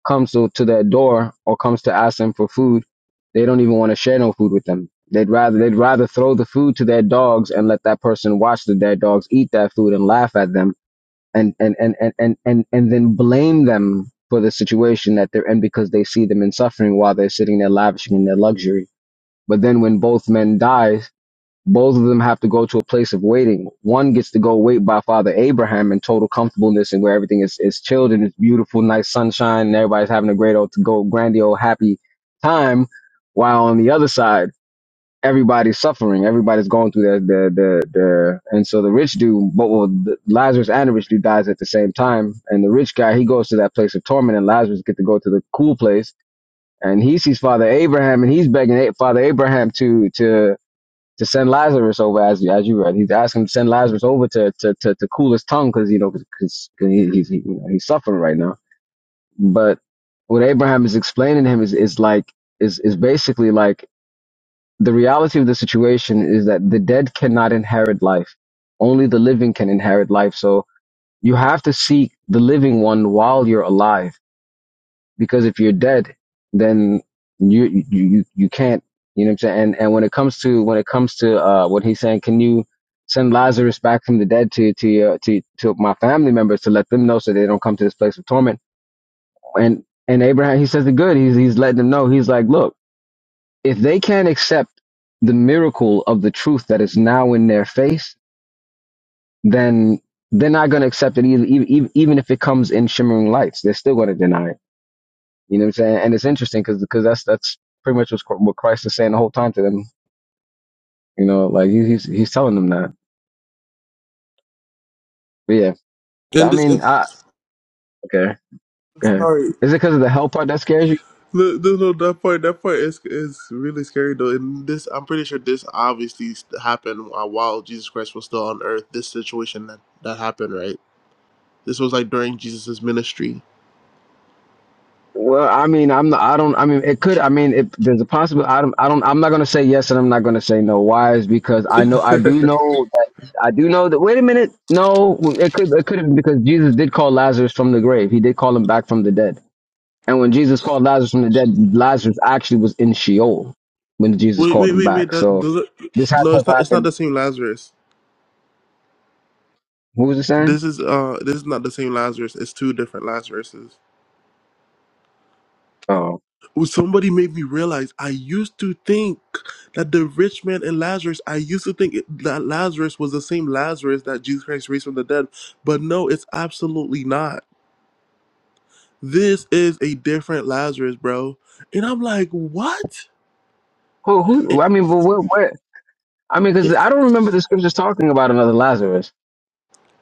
Speaker 3: comes to, to their door or comes to ask them for food, they don't even want to share no food with them. They'd rather they'd rather throw the food to their dogs and let that person watch the, their dogs eat that food and laugh at them and and and and and and, and then blame them for the situation that they're in because they see them in suffering while they're sitting there lavishing in their luxury. But then when both men die, both of them have to go to a place of waiting. One gets to go wait by Father Abraham in total comfortableness and where everything is, is chilled and it's beautiful, nice sunshine, and everybody's having a great old to go grandiose happy time. While on the other side, everybody's suffering. Everybody's going through their the the the and so the rich dude, but well, the, Lazarus and the rich dude dies at the same time, and the rich guy he goes to that place of torment, and Lazarus get to go to the cool place, and he sees Father Abraham, and he's begging A- Father Abraham to to to send Lazarus over as you as you read. He's asking him to send Lazarus over to to to, to cool his tongue because you know because he, he's he, you know, he's suffering right now, but what Abraham is explaining to him is is like is is basically like the reality of the situation is that the dead cannot inherit life. Only the living can inherit life. So you have to seek the living one while you're alive. Because if you're dead, then you, you, you you can't, you know what I'm saying? And, and when it comes to, when it comes to, uh, what he's saying, can you send Lazarus back from the dead to, to, your to, to my family members to let them know so they don't come to this place of torment? And, and Abraham, he says it good. He's, he's letting them know. He's like, look, if they can't accept the miracle of the truth that is now in their face, then they're not going to accept it either, even, even if it comes in shimmering lights. They're still going to deny it. You know what I'm saying? And it's interesting because because that's that's pretty much what's, what Christ is saying the whole time to them. You know, like he, he's he's telling them that. But yeah,
Speaker 2: And
Speaker 3: I
Speaker 2: this,
Speaker 3: mean,
Speaker 2: and,
Speaker 3: I okay, go ahead.
Speaker 2: sorry,
Speaker 3: Is it because of the hell part that scares you?
Speaker 2: no, no, no, that part, that part is is really scary though. And this, I'm pretty sure this obviously happened uh, while Jesus Christ was still on Earth. This situation that that happened, right? This was like during Jesus' ministry.
Speaker 3: Well, I mean, I'm not, I don't, I mean, it could, I mean, it, there's a possibility. I don't, I don't, I'm not going to say yes and I'm not going to say no. Why is because I know, I do know that, I do know that, wait a minute. No, it could, it couldn't because Jesus did call Lazarus from the grave. He did call him back from the dead. And when Jesus called Lazarus from the dead, Lazarus actually was in Sheol when Jesus
Speaker 2: Wait,
Speaker 3: called
Speaker 2: wait,
Speaker 3: him
Speaker 2: wait, wait.
Speaker 3: back.
Speaker 2: That
Speaker 3: So
Speaker 2: those are,
Speaker 3: this had
Speaker 2: no,
Speaker 3: to
Speaker 2: it's
Speaker 3: have
Speaker 2: not. It's not
Speaker 3: happened.
Speaker 2: the same Lazarus.
Speaker 3: Who was it saying?
Speaker 2: This is uh, this is not the same Lazarus. It's two different Lazaruses.
Speaker 3: Oh,
Speaker 2: Well, somebody made me realize I used to think that the rich man and Lazarus, I used to think it- that Lazarus was the same Lazarus that Jesus Christ raised from the dead, but no, it's absolutely not. This is a different Lazarus, bro. And I'm like, what?
Speaker 3: who, who,
Speaker 2: It,
Speaker 3: I mean, but where, where, I mean, because
Speaker 2: it,
Speaker 3: I don't remember the scriptures talking about another Lazarus.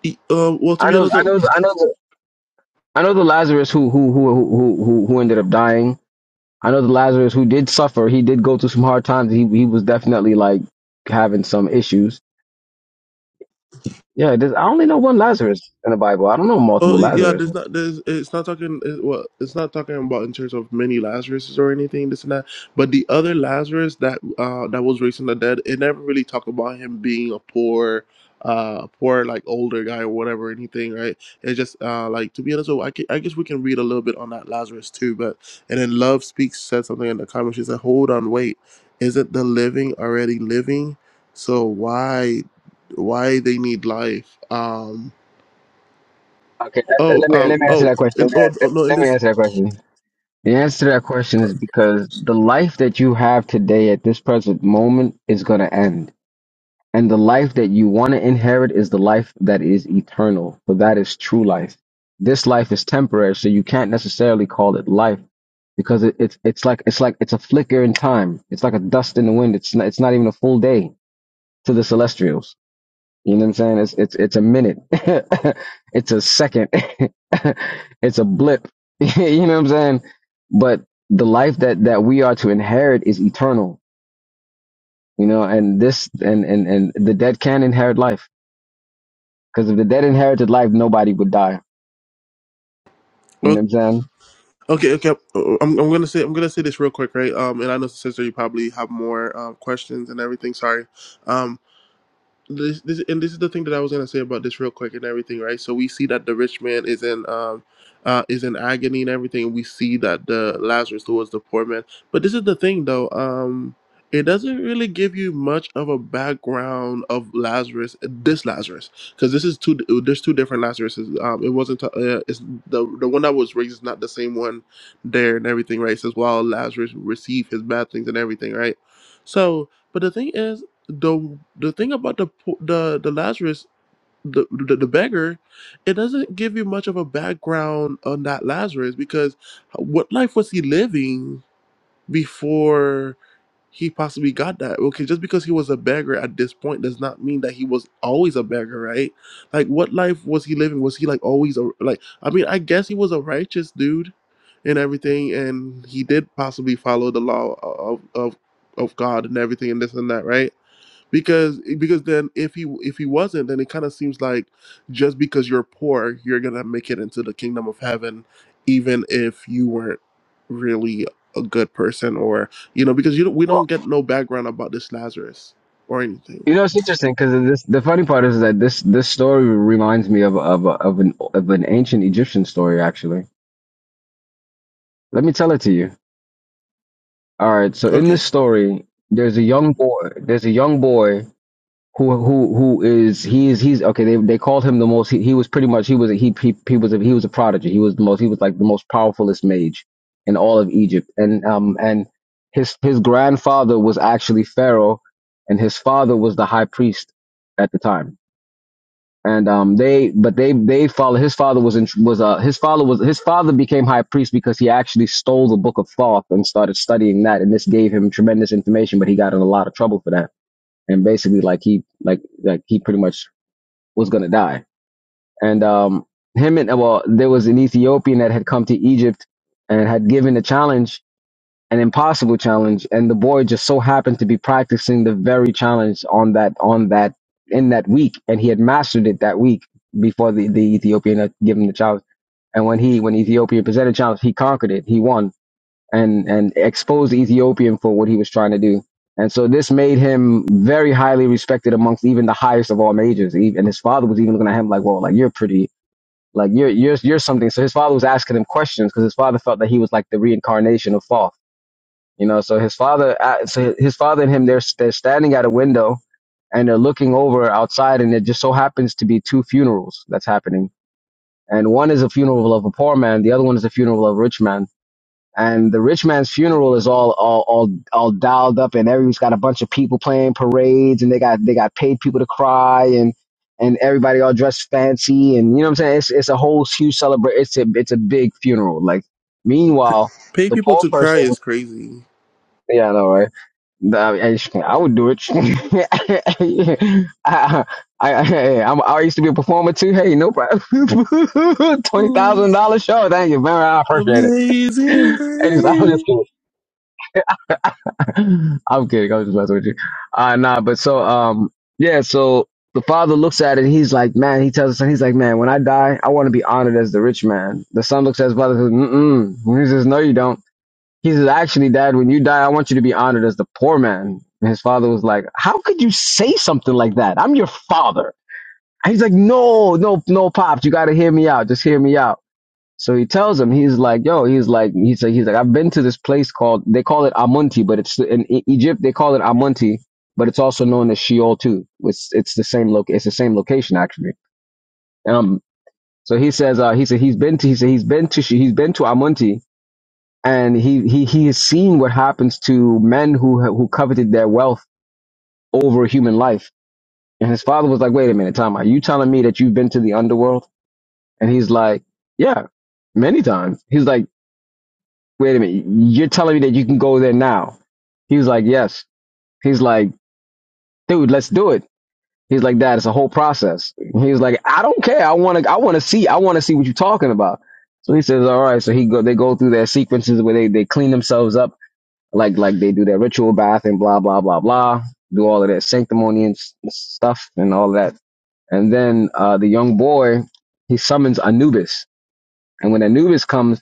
Speaker 2: it- uh, well, to
Speaker 3: I
Speaker 2: be
Speaker 3: know,
Speaker 2: honest,
Speaker 3: I know, I know. I know the Lazarus who who who who who who ended up dying. I know the Lazarus who did suffer. He did go through some hard times. He he was definitely like having some issues. Yeah, there's, I only know one Lazarus in the Bible. I don't know multiple
Speaker 2: Oh yeah, there's
Speaker 3: Lazaruses.
Speaker 2: not. There's it's not talking. It, well, it's not talking about in terms of many Lazaruses or anything this and that. But the other Lazarus that uh that was raised from the dead, it never really talked about him being a poor, uh, poor like older guy or whatever anything, right? It's just uh like to be honest, so I ca- I guess we can read a little bit on that Lazarus too. But and then Love speaks said something in the comments. She said, "Hold on, wait, isn't the living already living? So why, why they need life?" Um
Speaker 3: Okay, that, that-
Speaker 2: Oh,
Speaker 3: let me
Speaker 2: um,
Speaker 3: let me answer
Speaker 2: oh,
Speaker 3: that question. Let
Speaker 2: and,
Speaker 3: me,
Speaker 2: oh, oh,
Speaker 3: let,
Speaker 2: no, in
Speaker 3: let me
Speaker 2: this,
Speaker 3: answer that question. The answer to that question is because the life that you have today at this present moment is going to end And the life that you want to inherit is the life that is eternal, for that is true life. This life is temporary, so you can't necessarily call it life because it, it's it's like it's like it's a flicker in time. It's like a dust in the wind. It's not, it's not even a full day to the celestials. You know what I'm saying? It's it's it's a minute. it's a second. it's a blip. you know what I'm saying? But the life that that we are to inherit is eternal. You know, and this and and and the dead can inherit life Because if the dead inherited life, nobody would die. You
Speaker 2: oh,
Speaker 3: know what I'm saying?
Speaker 2: okay, okay, oh, oh, I'm, I'm gonna say, I'm gonna say this real quick, right? Um, and I know, sister, you probably have more um, questions and everything. Sorry, um, this, this and this is the thing that I was gonna say about this real quick and everything, right? So we see that the rich man is in um uh is in agony and everything. We see that the Lazarus who was the poor man. But this is the thing though, um it doesn't really give you much of a background of Lazarus, this Lazarus, because this is two. There's two different Lazaruses. Um, it wasn't. Uh, it's the the one that was raised is not the same one there and everything, right? It says while Lazarus received his bad things and everything, right? So, but the thing is the the thing about the po- the the Lazarus the, the the beggar, it doesn't give you much of a background on that Lazarus because what life was he living before he possibly got that? Okay, just because he was a beggar at this point does not mean that he was always a beggar, right? Like what life was he living? Was he like always a like? I mean, I guess he was a righteous dude and everything, and he did possibly follow the law of of of God and everything and this and that, right? because because then if he if he wasn't then it kind of seems like just because you're poor you're gonna make it into the kingdom of heaven even if you weren't really a good person or you know because you don't, we don't
Speaker 3: Well,
Speaker 2: get no background about this lazarus or anything
Speaker 3: you know it's interesting because this. The funny part is that this this story reminds me of of of an of an ancient Egyptian story. Actually, let me tell it to you. All right. So in this
Speaker 2: okay
Speaker 3: story, there's a young boy. There's a young boy who who who is he is he's okay they they called him the most he, he was pretty much he was a, he, he he was a, he was a prodigy he was the most he was like the most powerfulest mage in all of Egypt and um and his his grandfather was actually pharaoh and his father was the high priest at the time and um they but they they follow his father was in was uh his father was his father became high priest because he actually stole the book of Thoth and started studying that and this gave him tremendous information but he got in a lot of trouble for that and basically like he like like he pretty much was gonna die. And um him and uh, well, there was an Ethiopian that had come to Egypt and had given a challenge, an impossible challenge, and the boy just so happened to be practicing the very challenge on that on that in that week, and he had mastered it that week before the, the Ethiopian had given the challenge. And when he when the Ethiopian presented the challenge, he conquered it. He won and and exposed the Ethiopian for what he was trying to do. And so this made him very highly respected amongst even the highest of all majors. E- And his father was even looking at him like, "Well, like you're pretty, like you're you're you're something." So his father was asking him questions because his father felt that he was like the reincarnation of Thoth, you know. So his father, uh, so his father and him, they're they're standing at a window and they're looking over outside, and it just so happens to be two funerals that's happening. And one is a funeral of a poor man, the other one is a funeral of a rich man and the rich man's funeral is all all all, all dialed up and everyone's got a bunch of people playing parades and they got they got paid people to cry and and everybody all dressed fancy and you know what I'm saying it's it's a whole huge celebration it's a it's a big funeral like meanwhile
Speaker 2: pay
Speaker 3: the
Speaker 2: people
Speaker 3: poor
Speaker 2: to cry
Speaker 3: person
Speaker 2: is crazy
Speaker 3: yeah I know right I, I I would do it I, I, I, hey, I'm, I used to be a performer too hey no problem twenty
Speaker 2: Oh,
Speaker 3: thousand dollar show thank you very I appreciate it
Speaker 2: amazing
Speaker 3: and just, I'm just
Speaker 2: grace
Speaker 3: kidding. I'm kidding. I'm just messing with you. Uh nah, but so um yeah, so the father looks at it and he's like, man, he tells his son, he's like, man, when I die, I want to be honored as the rich man. The son looks at his brother and says, mm-mm. He says, no, you don't. He says, actually, dad, when you die, I want you to be honored as the poor man. And his father was like, how could you say something like that? I'm your father. And he's like, no, no, no, pops, you got to hear me out. Just hear me out. So he tells him, he's like, yo, he's like, he's like, he's like, I've been to this place called, they call it Amunti, but it's in E- Egypt, they call it Amunti, but it's also known as Sheol too. It's, it's the same loc, it's the same location actually. Um, so he says, uh, he said he's been to, he said he's been to, She- he's been to Amunti and he, he, he has seen what happens to men who, who coveted their wealth over human life. And his father was like, wait a minute, time out. You telling me that you've been to the underworld? And he's like, yeah, many times. He's like, wait a minute, you're telling me that you can go there now? He was like, yes. He's like, dude, let's do it. He's like, that is a whole process. He was like, I don't care. I want to, I want to see, I want to see what you're talking about. So he says, all right. So he go, they go through their sequences where they, they clean themselves up, like, like they do their ritual bath and blah, blah, blah, blah, do all of that sanctimony and s- stuff and all that. And then, uh, the young boy, he summons Anubis. And when Anubis comes,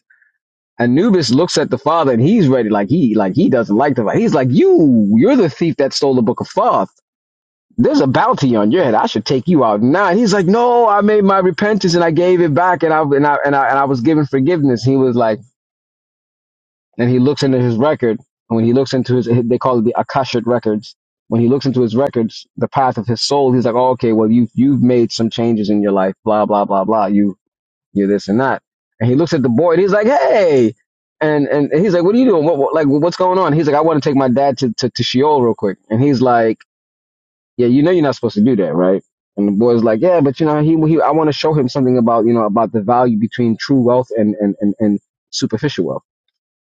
Speaker 3: Anubis looks at the father and he's ready, like he like he doesn't like the father. He's like, You, you're the thief that stole the book of Thoth. There's a bounty on your head. I should take you out now. And he's like, No, I made my repentance and I gave it back and I and I and I, and I was given forgiveness. He was like and he looks into his record. And when he looks into his they call it the Akashic records. When he looks into his records, the path of his soul, he's like, oh, okay, well, you you've made some changes in your life, blah, blah, blah, blah. You, you are this and that. And he looks at the boy and he's like, hey. And, and he's like, what are you doing? What, what like, what's going on? He's like, I want to take my dad to, to, to Sheol real quick. And he's like, yeah, you know, you're not supposed to do that, right? And the boy's like, yeah, but you know, he, he I want to show him something about, you know, about the value between true wealth and, and, and, and superficial wealth.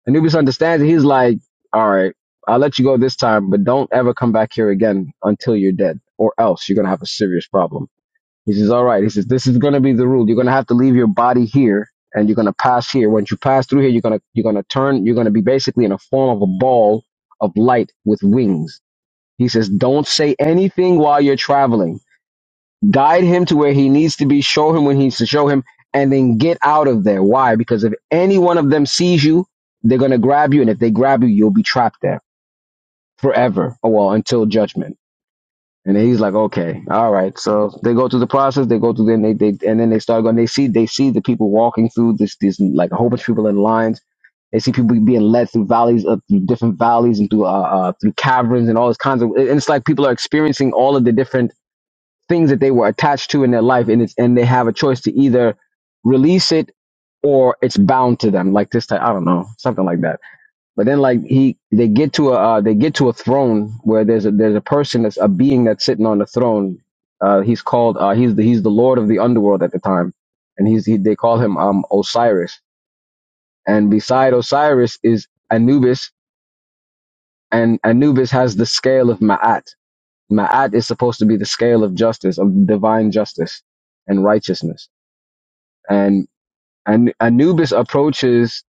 Speaker 3: And Nubius understands it. He's like, all right, I'll let you go this time, but don't ever come back here again until you're dead or else you're going to have a serious problem he says, All right. He says, This is gonna be the rule. You're gonna have to leave your body here and you're gonna pass here. Once you pass through here, you're gonna you're gonna turn, you're gonna be basically in a form of a ball of light with wings. He says, Don't say anything while you're traveling. Guide him to where he needs to be, show him when he needs to show him, and then get out of there. Why? Because if any one of them sees you, they're gonna grab you, and if they grab you, you'll be trapped there forever. Oh well, until judgment. And he's like, okay, all right. So they go through the process. They go through then they, they and then they start going. They see they see the people walking through this this like a whole bunch of people in lines. They see people being led through valleys, up through different valleys and through uh, uh through caverns and all this kinds of. And it's like people are experiencing all of the different things that they were attached to in their life, and it's and they have a choice to either release it or it's bound to them, like this type. I don't know, something like that. But then like he they get to a uh, they get to a throne where there's a there's a person that's a being that's sitting on the throne. Uh, he's called uh, he's the, he's the lord of the underworld at the time, and he's he, they call him um Osiris. And beside Osiris is Anubis, and Anubis has the scale of Ma'at. Ma'at is supposed to be the scale of justice of divine justice and righteousness. And and Anubis approaches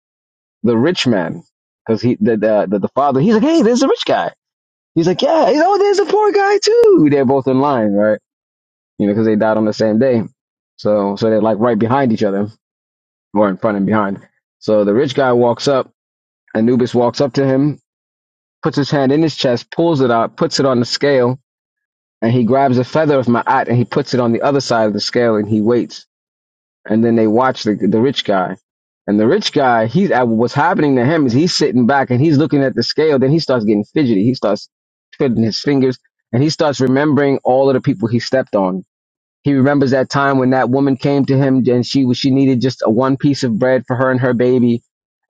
Speaker 3: the rich man because he the, the the the father he's like hey there's a rich guy He's like, yeah, you know, there's a poor guy too. They're both in line, right? You know, because they died on the same day. So, so they're like right behind each other, or in front and behind. So the rich guy walks up, Anubis walks up to him, puts his hand in his chest, pulls it out, puts it on the scale, and he grabs a feather of Ma'at and he puts it on the other side of the scale and he waits. and then they watch the the rich guy. And the rich guy, he's at what's happening to him is he's sitting back and he's looking at the scale. Then he starts getting fidgety. He starts twiddling his fingers and he starts remembering all of the people he stepped on he remembers that time when that woman came to him and she she needed just a one piece of bread for her and her baby,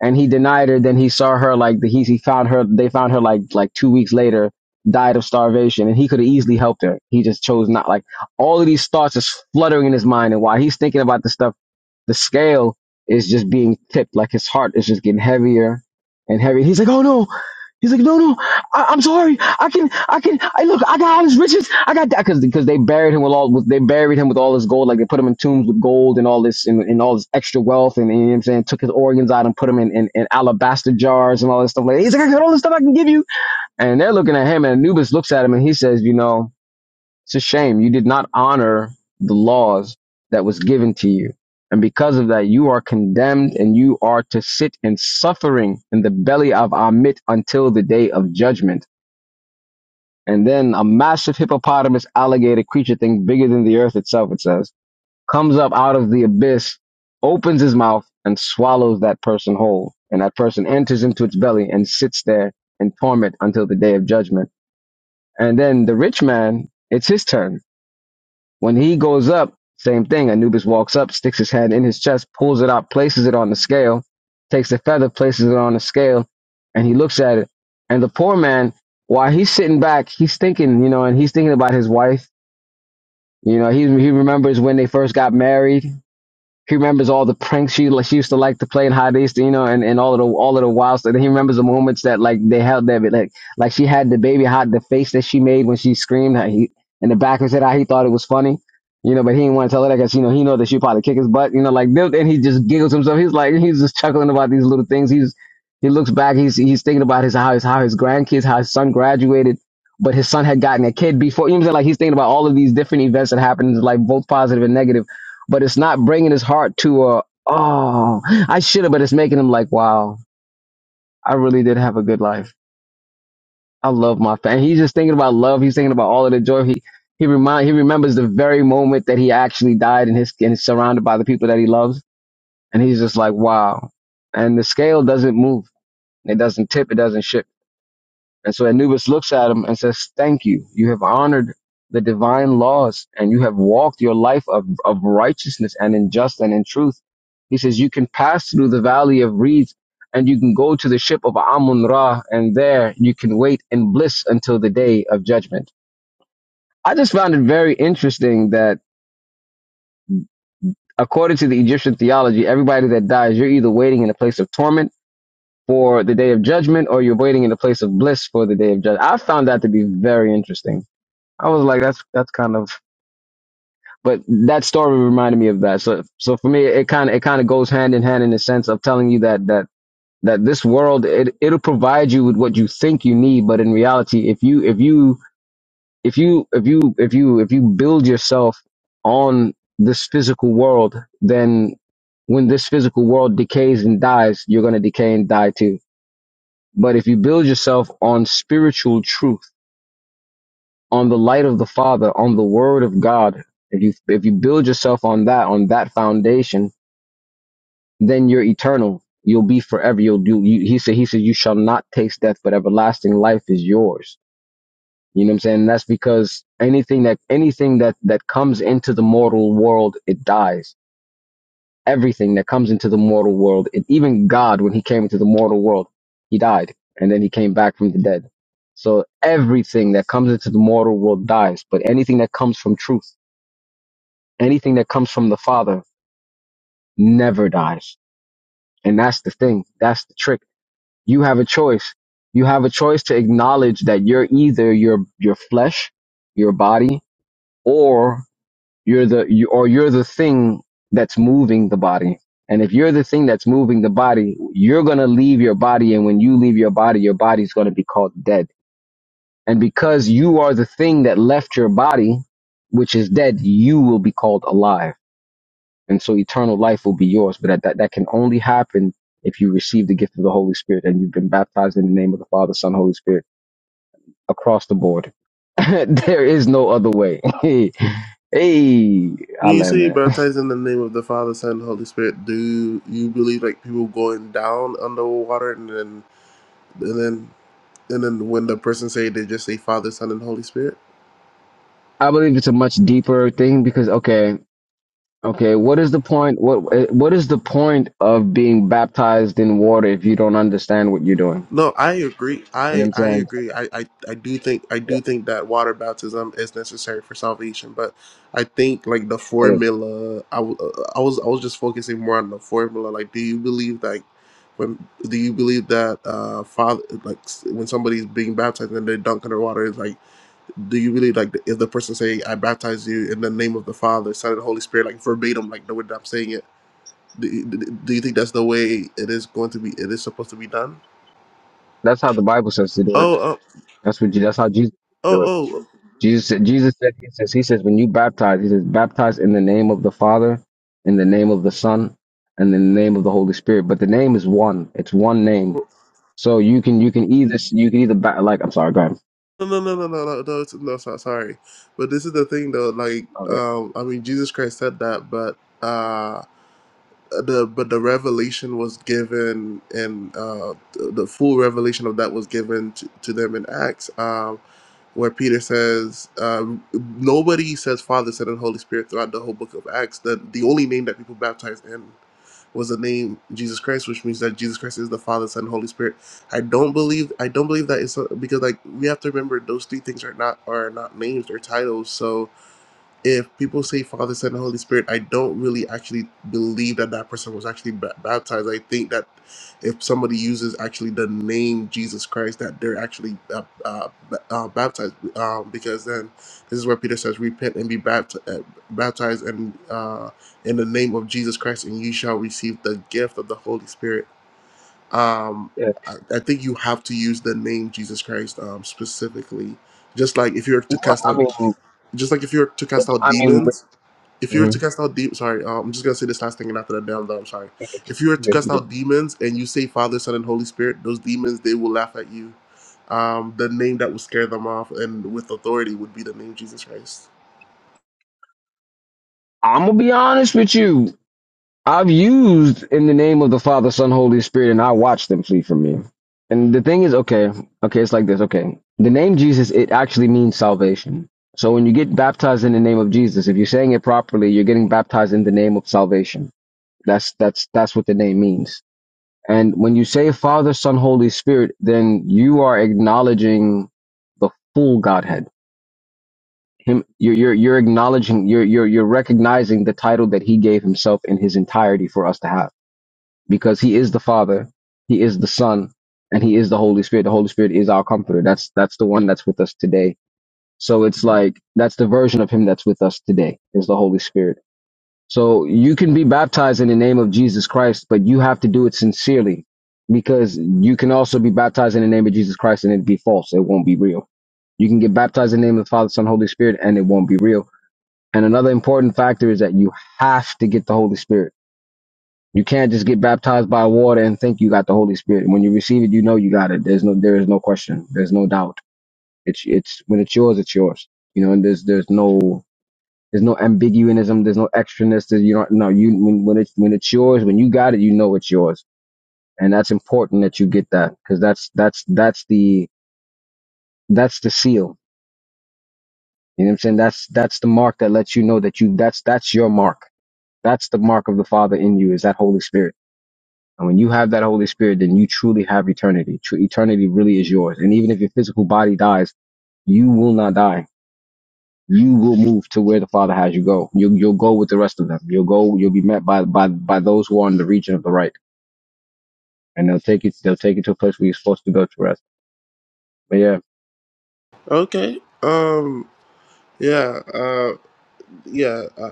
Speaker 3: and he denied her. Then he saw her like the, he he found her. They found her like like two weeks later, died of starvation, and he could have easily helped her. He just chose not. Like all of these thoughts is fluttering in his mind, and while he's thinking about this stuff, the scale is just being tipped. Like his heart is just getting heavier and heavier. He's like, oh no. He's like, no, no. I, I'm sorry. I can, I can, I look, I got all his riches. I got that because because they buried him with all with, they buried him with all this gold. Like they put him in tombs with gold and all this and, and all this extra wealth and, and, you know what I'm saying took his organs out and put them in, in, in alabaster jars and all this stuff like He's like, I got all this stuff I can give you. And they're looking at him and Anubis looks at him and he says, you know, it's a shame you did not honor the laws that was given to you. And because of that, you are condemned and you are to sit in suffering in the belly of Amit until the day of judgment. And then a massive hippopotamus alligator creature thing bigger than the earth itself, it says, comes up out of the abyss, opens his mouth, and swallows that person whole. And that person enters into its belly and sits there in torment until the day of judgment. And then the rich man, it's his turn when he goes up, same thing. Anubis walks up, sticks his head in his chest, pulls it out, places it on the scale, takes the feather, places it on the scale, and he looks at it. And the poor man, while he's sitting back, he's thinking, you know, and he's thinking about his wife. You know, he he remembers when they first got married. He remembers all the pranks she, like, she used to like to play in Hot East, you know, and, and all of the all of the wild stuff. He remembers the moments that like they held that like like she had the baby hot the face that she made when she screamed. How he in the back of his head, how he thought it was funny, you know, but he didn't want to tell her that because you know he know that she probably kick his butt, you know, like and he just giggles himself. He's like he's just chuckling about these little things. He's he looks back, he's he's thinking about his how his how his grandkids, how his son graduated, but his son had gotten a kid before. You know, what I'm like he's thinking about all of these different events that happened, like both positive and negative but it's not bringing his heart to a oh I should have, but it's making him like wow I really did have a good life. I love my family. He's just thinking about love. He's thinking about all of the joy. He he remind he remembers the very moment that he actually died and his and is surrounded by the people that he loves, and he's just like wow. And the scale doesn't move. It doesn't tip. It doesn't shift. And so Anubis looks at him and says, Thank you. You have honored the divine laws and you have walked your life of, of righteousness and in just and in truth. He says, You can pass through the valley of reeds and you can go to the ship of Amun Ra, and there you can wait in bliss until the day of judgment. I just found it very interesting that according to the Egyptian theology, everybody that dies, you're either waiting in a place of torment for the day of judgment or you're waiting in a place of bliss for the day of judgment. I found that to be very interesting I was like, that's that's kind of, but that story reminded me of that. So so for me, it kind of it kind of goes hand in hand in the sense of telling you that that that this world it it'll provide you with what you think you need, but in reality, if you if you if you if you if you if you build yourself on this physical world, then when this physical world decays and dies, you're gonna decay and die too. But if you build yourself on spiritual truth on the light of the Father, on the Word of God. If you if you build yourself on that on that foundation, then you're eternal. You'll be forever. You'll do. You, he said. He said, "You shall not taste death, but everlasting life is yours." You know what I'm saying? That's because anything that anything that that comes into the mortal world, it dies. Everything that comes into the mortal world, it, even God, when He came into the mortal world, He died, and then He came back from the dead. So everything that comes into the mortal world dies, but anything that comes from truth anything that comes from the Father never dies. And that's the thing. That's the trick. You have a choice. You have a choice to acknowledge that you're either your your flesh, your body, or you're the you, or you're the thing that's moving the body. And if you're the thing that's moving the body, you're gonna leave your body, and when you leave your body, your body's gonna be called dead. And because you are the thing that left your body, which is dead, you will be called alive And so eternal life will be yours. But that, that, that can only happen if you receive the gift of the Holy Spirit and you've been baptized in the name of the Father, Son, Holy Spirit across the board. there is no other way. hey, hey, I
Speaker 2: when you
Speaker 3: learned
Speaker 2: say
Speaker 3: that.
Speaker 2: baptized in the name of the father son and holy spirit do you believe like people going down underwater and then and then And then when the person say they just say Father, Son, and Holy Spirit.
Speaker 3: I believe it's a much deeper thing because okay, okay, what is the point? What what is the point of being baptized in water if you don't understand what you're doing?
Speaker 2: No, I agree.
Speaker 3: You know what
Speaker 2: I
Speaker 3: I'm
Speaker 2: I
Speaker 3: saying?
Speaker 2: agree. I, I I do think I
Speaker 3: Yeah,
Speaker 2: do think that water baptism is necessary for salvation, but I think like the
Speaker 3: it is.
Speaker 2: formula. I, w- uh, I was I was just focusing more on the formula. Like, do you believe like when do you believe that uh father like s- when somebody's being baptized and they're dunked underwater is like do you believe like if the person say I baptize you in the name of the Father, Son, and Holy Spirit like verbatim like the way that I'm saying it Do you, do you think that's the way it is going to be? It is supposed to be done?
Speaker 3: That's how the Bible says to do it.
Speaker 2: Oh, oh,
Speaker 3: That's what. Je- That's how Jesus do it.
Speaker 2: oh, oh.
Speaker 3: Jesus said, Jesus said, he says, he says, when you baptize, he says, baptize in the name of the Father, in the name of the Son, and in the name of the Holy Spirit. But the name is one. It's one name.
Speaker 2: Well,
Speaker 3: So you can you can either you can either ba- like I'm sorry, go ahead.
Speaker 2: No, no, no, no, no, no, no, it's- no. so- Sorry, but this is the thing, though. Like,
Speaker 3: Okay.
Speaker 2: um, I mean, Jesus Christ said that, but uh, the but the revelation was given, and uh, the the full revelation of that was given to, to them in Acts, um, where Peter says, uh, nobody says Father, Son, and Holy Spirit throughout the whole book of Acts. That the only name that people baptize in. was the name Jesus Christ, which means that Jesus Christ is the Father, Son, Holy Spirit. I don't believe I don't believe that it's because like we have to remember those three things are not are not names, they're titles. So if people say Father, Son, and Holy Spirit, I don't really actually believe that that person was actually ba- baptized. I think that if somebody uses actually the name Jesus Christ, that they're actually uh, uh, ba- uh, baptized. Um, because then this is where Peter says, "Repent and be bapt- uh, baptized, and uh, in the name of Jesus Christ, and you shall receive the gift of the Holy Spirit." Um,
Speaker 3: Yeah.
Speaker 2: I, I think you have to use the name Jesus Christ um, specifically. Just like if you were to
Speaker 3: Well,
Speaker 2: cast
Speaker 3: I
Speaker 2: out
Speaker 3: mean,
Speaker 2: just like if you were to cast out
Speaker 3: I mean,
Speaker 2: demons, if you were to cast out demons, sorry, uh, I'm just gonna say this last thing and after that, down, I'm sorry. If you were to cast
Speaker 3: mhm.
Speaker 2: out demons and you say Father, Son, and Holy Spirit, those demons they will laugh at you. Um, the name that would scare them off and with authority would be the name Jesus Christ.
Speaker 3: I'm gonna be honest with you. I've used in the name of the Father, Son, Holy Spirit, and I watched them flee from me. And the thing is, okay, okay, it's like this, okay. The name Jesus, it actually means salvation. So when you get baptized in the name of Jesus, if you're saying it properly, you're getting baptized in the name of salvation. That's that's that's what the name means. And when you say Father, Son, Holy Spirit, then you are acknowledging the full Godhead. Him, you're you're, you're acknowledging, you're you're you're recognizing the title that He gave Himself in His entirety for us to have because he is the father he is the son and he is the holy spirit the holy spirit is our comforter that's that's the one that's with us today so it's like that's the version of him that's with us today is the holy spirit so you can be baptized in the name of jesus christ but you have to do it sincerely because you can also be baptized in the name of jesus christ and it be false it won't be real you can get baptized in the name of the father son holy spirit and it won't be real and another important factor is that you have to get the holy spirit you can't just get baptized by water and think you got the Holy Spirit. When you receive it, you know you got it. There's no there is no question. There's no doubt. It's it's when it's yours, it's yours. You know, and there's there's no there's no ambiguism. There's no extraness. There's, you don't no you when when it's when it's yours, when you got it, you know it's yours. And that's important that you get that because that's that's that's the that's the seal. You know what I'm saying? That's that's the mark that lets you know that you that's that's your mark. That's the mark of the Father in you is that Holy Spirit And when you have that Holy Spirit, then you truly have eternity. Tru- Eternity really is yours. And even if your physical body dies, you will not die. You will move to where the Father has you go. You'll, you'll go with the rest of them. You'll go, you'll be met by, by, by those who are in the region of the right. And they'll take you, they'll take you to a place where you're supposed to go to rest. But yeah.
Speaker 2: Okay. Um. Yeah. Uh. Yeah. uh,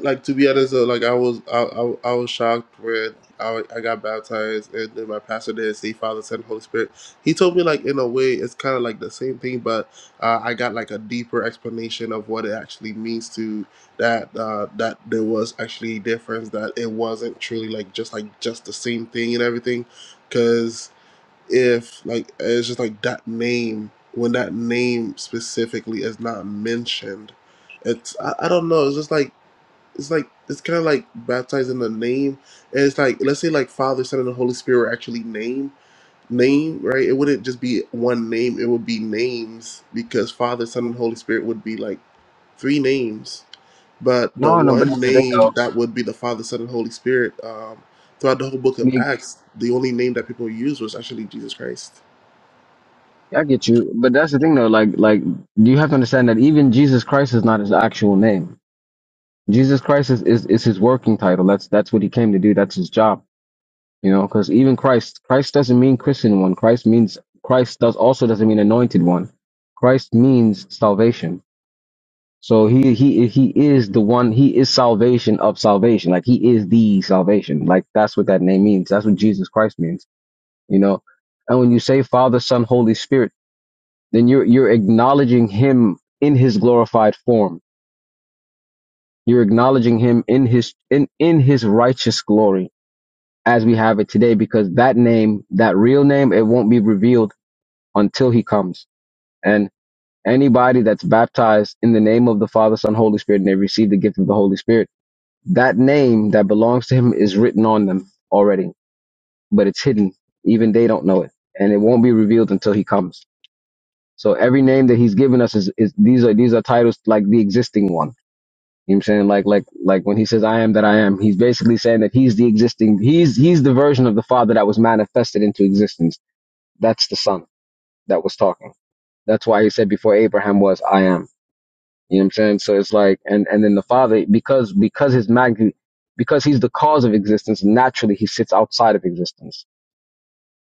Speaker 2: like to be honest though, like I was I, I, I was shocked when I, I got baptized and then my pastor did say Father Son Holy Spirit. He told me like in a way it's kind of like the same thing, but uh, I got like a deeper explanation of what it actually means to that uh, that there was actually difference that it wasn't truly like just like just the same thing and everything, because if like it's just like that name when that name specifically is not mentioned it's I, I don't know it's just like it's like it's kind of like baptized in the name and it's like let's say like father son and the holy spirit were actually name name right it wouldn't just be one name it would be names because father son and holy spirit would be like three names but the
Speaker 3: No, no, but
Speaker 2: one
Speaker 3: that's the thing though.
Speaker 2: name that would be the father son and holy spirit um throughout the whole book
Speaker 3: I
Speaker 2: of
Speaker 3: mean,
Speaker 2: acts the only name that people used was actually jesus christ
Speaker 3: I get you. But that's the thing though. Like, like, you have to understand that even Jesus Christ is not his actual name. Jesus Christ is, is, is his working title. That's, that's what he came to do. That's his job You know, because even Christ, Christ doesn't mean Christian one. Christ means Christ does also doesn't mean anointed one. Christ means salvation. So he he he is the one. He is salvation of salvation. Like he is the salvation. Like that's what that name means. That's what Jesus Christ means. You know, and when you say Father, Son, Holy Spirit, then you're you're acknowledging Him in His glorified form. You're acknowledging Him in His in in His righteous glory as we have it today, because that name, that real name, it won't be revealed until he comes. And anybody that's baptized in the name of the Father, Son, Holy Spirit, and they receive the gift of the Holy Spirit, that name that belongs to him is written on them already, but it's hidden. Even they don't know it. And it won't be revealed until he comes. So every name that he's given us is, is these are these are titles like the existing one. You know what I'm saying? Like like like when he says I am that I am, he's basically saying that he's the existing he's he's the version of the Father that was manifested into existence. That's the Son that was talking. That's why he said before Abraham was, I am. You know what I'm saying? So it's like, and and then the Father, because because his magnitude, because he's the cause of existence, naturally he sits outside of existence.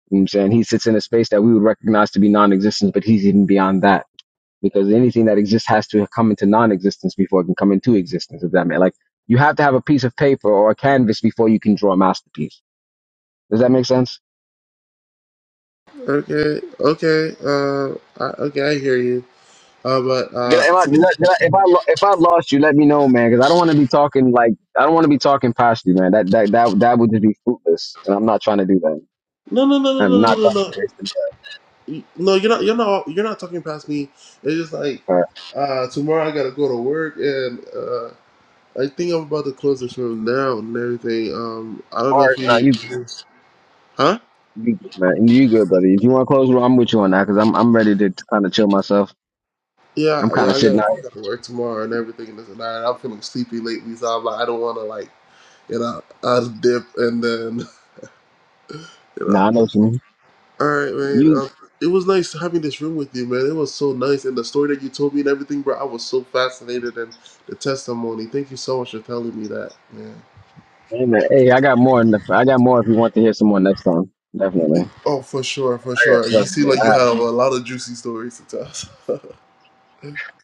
Speaker 3: You know what I'm saying? He sits in a space that we would recognize to be non-existence, but he's even beyond that because anything that exists has to come into non-existence before it can come into existence. If that makes like you have to have a piece of paper or a canvas before you can draw a masterpiece. Does that make sense?
Speaker 2: okay okay uh I, okay i hear you uh but
Speaker 3: Did
Speaker 2: uh
Speaker 3: I, am I, did I, did I, if I lo- if I lost you, let me know, man, because I don't want to be talking like I don't want to be talking past you, man. That that that that would just be fruitless, and I'm not trying to do that.
Speaker 2: no no no no
Speaker 3: I'm
Speaker 2: no
Speaker 3: not
Speaker 2: no no
Speaker 3: trying
Speaker 2: no
Speaker 3: to waste it.
Speaker 2: No, you're not. You're not. You're not talking past me. It's just like
Speaker 3: All right,
Speaker 2: uh, tomorrow I gotta go to work, and uh, I think I'm about to close this room down and everything. Um, I don't
Speaker 3: all
Speaker 2: know if
Speaker 3: right, now
Speaker 2: you,
Speaker 3: you good.
Speaker 2: huh?
Speaker 3: you good, man, you good, buddy. If you want to close, the room, I'm with you on that, because I'm I'm ready to kind of chill myself.
Speaker 2: Yeah,
Speaker 3: I'm
Speaker 2: yeah.
Speaker 3: kind of
Speaker 2: I
Speaker 3: sitting
Speaker 2: gotta,
Speaker 3: out.
Speaker 2: I gotta work tomorrow and everything and this and that. And I'm feeling sleepy lately, so I'm like, I don't want to like, you know, I'll dip and then, you know.
Speaker 3: Nah, I know what you mean.
Speaker 2: All right, man.
Speaker 3: You,
Speaker 2: Um, it was nice having this room with you, man. It was so nice, and the story that you told me and everything, bro. I was so fascinated and the testimony. Thank you so much for telling me that, man.
Speaker 3: hey, man, hey, I got more. In the, I got more if you want to hear some more next time. Definitely.
Speaker 2: Oh, for sure, for
Speaker 3: I
Speaker 2: sure. You see,
Speaker 3: got,
Speaker 2: like you have a lot of juicy stories to tell.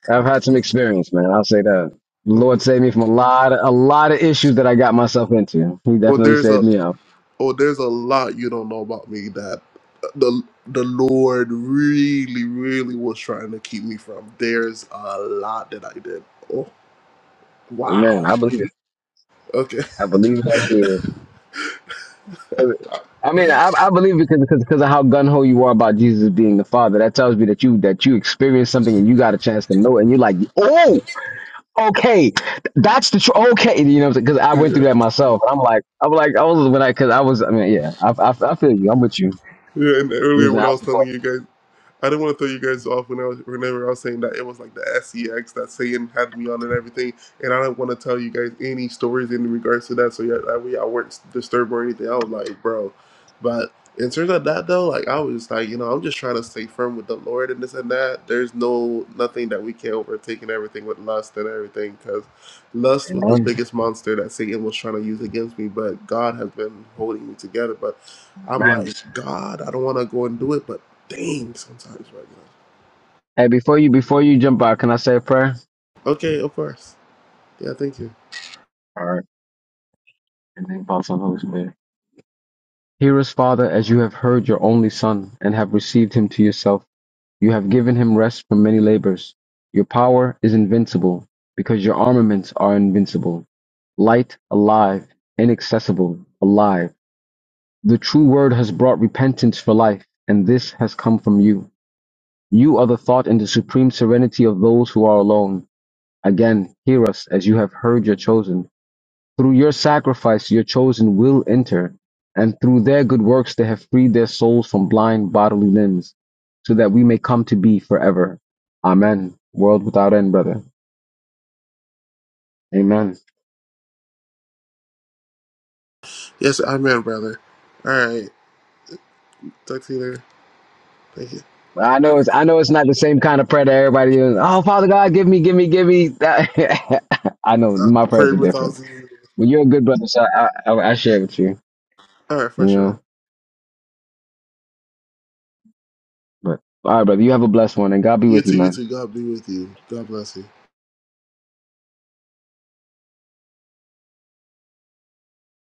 Speaker 3: I've had some experience, man. I'll say that. The
Speaker 2: hmm
Speaker 3: Lord saved me from a lot of, a lot of issues that I got myself into. He
Speaker 2: Well,
Speaker 3: definitely
Speaker 2: there's a
Speaker 3: saved me out.
Speaker 2: oh, there's a lot you don't know about me that uh, the the Lord really, really was trying to keep me from. There's a lot that I did. Oh,
Speaker 3: Amen.
Speaker 2: wow.
Speaker 3: I believe it.
Speaker 2: Okay.
Speaker 3: I believe it. I
Speaker 2: yeah.
Speaker 3: believe it. 'Cause- I mean, I, I believe it because because because of how gun ho you are about Jesus being the Father. That tells me that you that you experienced something and you got a chance to know it, and you're like, oh, okay, that's the tr- okay. You know, because I went through that myself. I'm like, I'm like, I was when I because I was. I mean, yeah, I, I, I feel you. I'm with you.
Speaker 2: yeah. And earlier
Speaker 3: Using
Speaker 2: when I
Speaker 3: alpha
Speaker 2: was telling
Speaker 3: support.
Speaker 2: you guys. I didn't want to throw you guys off when I was, whenever I was saying that it was like the SEX that Satan had me on and everything, and I didn't want to tell you guys any stories in regards to that, so yeah, that way I weren't disturbed or anything. I was like, bro, but in terms of that though, like I was like, you know, I'm just trying to stay firm with the Lord and this and that. There's no nothing that we can not overtake and everything with lust and everything, because lust was the
Speaker 3: you.
Speaker 2: biggest monster that Satan was trying to use against me, but God has been holding me together, but. I'm like,
Speaker 3: Amen.
Speaker 2: God, I don't want to go and do it, but Dang, sometimes, right now.
Speaker 3: Hey, before you before you jump out, can I say a prayer?
Speaker 2: Okay, of course. Yeah, thank you.
Speaker 3: All right. And then Father, Son, Holy Spirit. Hear us, Father, as you have heard your only Son and have received him to yourself. You have given him rest from many labors. Your power is invincible because your armaments are invincible. Light, alive, inaccessible, alive. The true word has brought repentance for life, and this has come from you. You are the thought and the supreme serenity of those who are alone. Again, hear us as you have heard your chosen. Through your sacrifice your chosen will enter, and through their good works they have freed their souls from blind bodily limbs, so that we may come to be forever. Amen. World without end, brother. Amen.
Speaker 2: Yes, amen, brother. All right. Talk to you later. Thank you.
Speaker 3: Well, I know it's I know it's not the same kind of prayer that everybody is. Oh, Father God, give me, give me, give me. I know
Speaker 2: Uh,
Speaker 3: my
Speaker 2: pray
Speaker 3: prayers are
Speaker 2: with all.
Speaker 3: different. But you're a good brother, so I, I, I share with you.
Speaker 2: All right, for
Speaker 3: You
Speaker 2: sure.
Speaker 3: know. But all right, brother, you have a blessed one, and God be
Speaker 2: You
Speaker 3: with you,
Speaker 2: too, you
Speaker 3: man.
Speaker 2: too. God be with you. God bless you.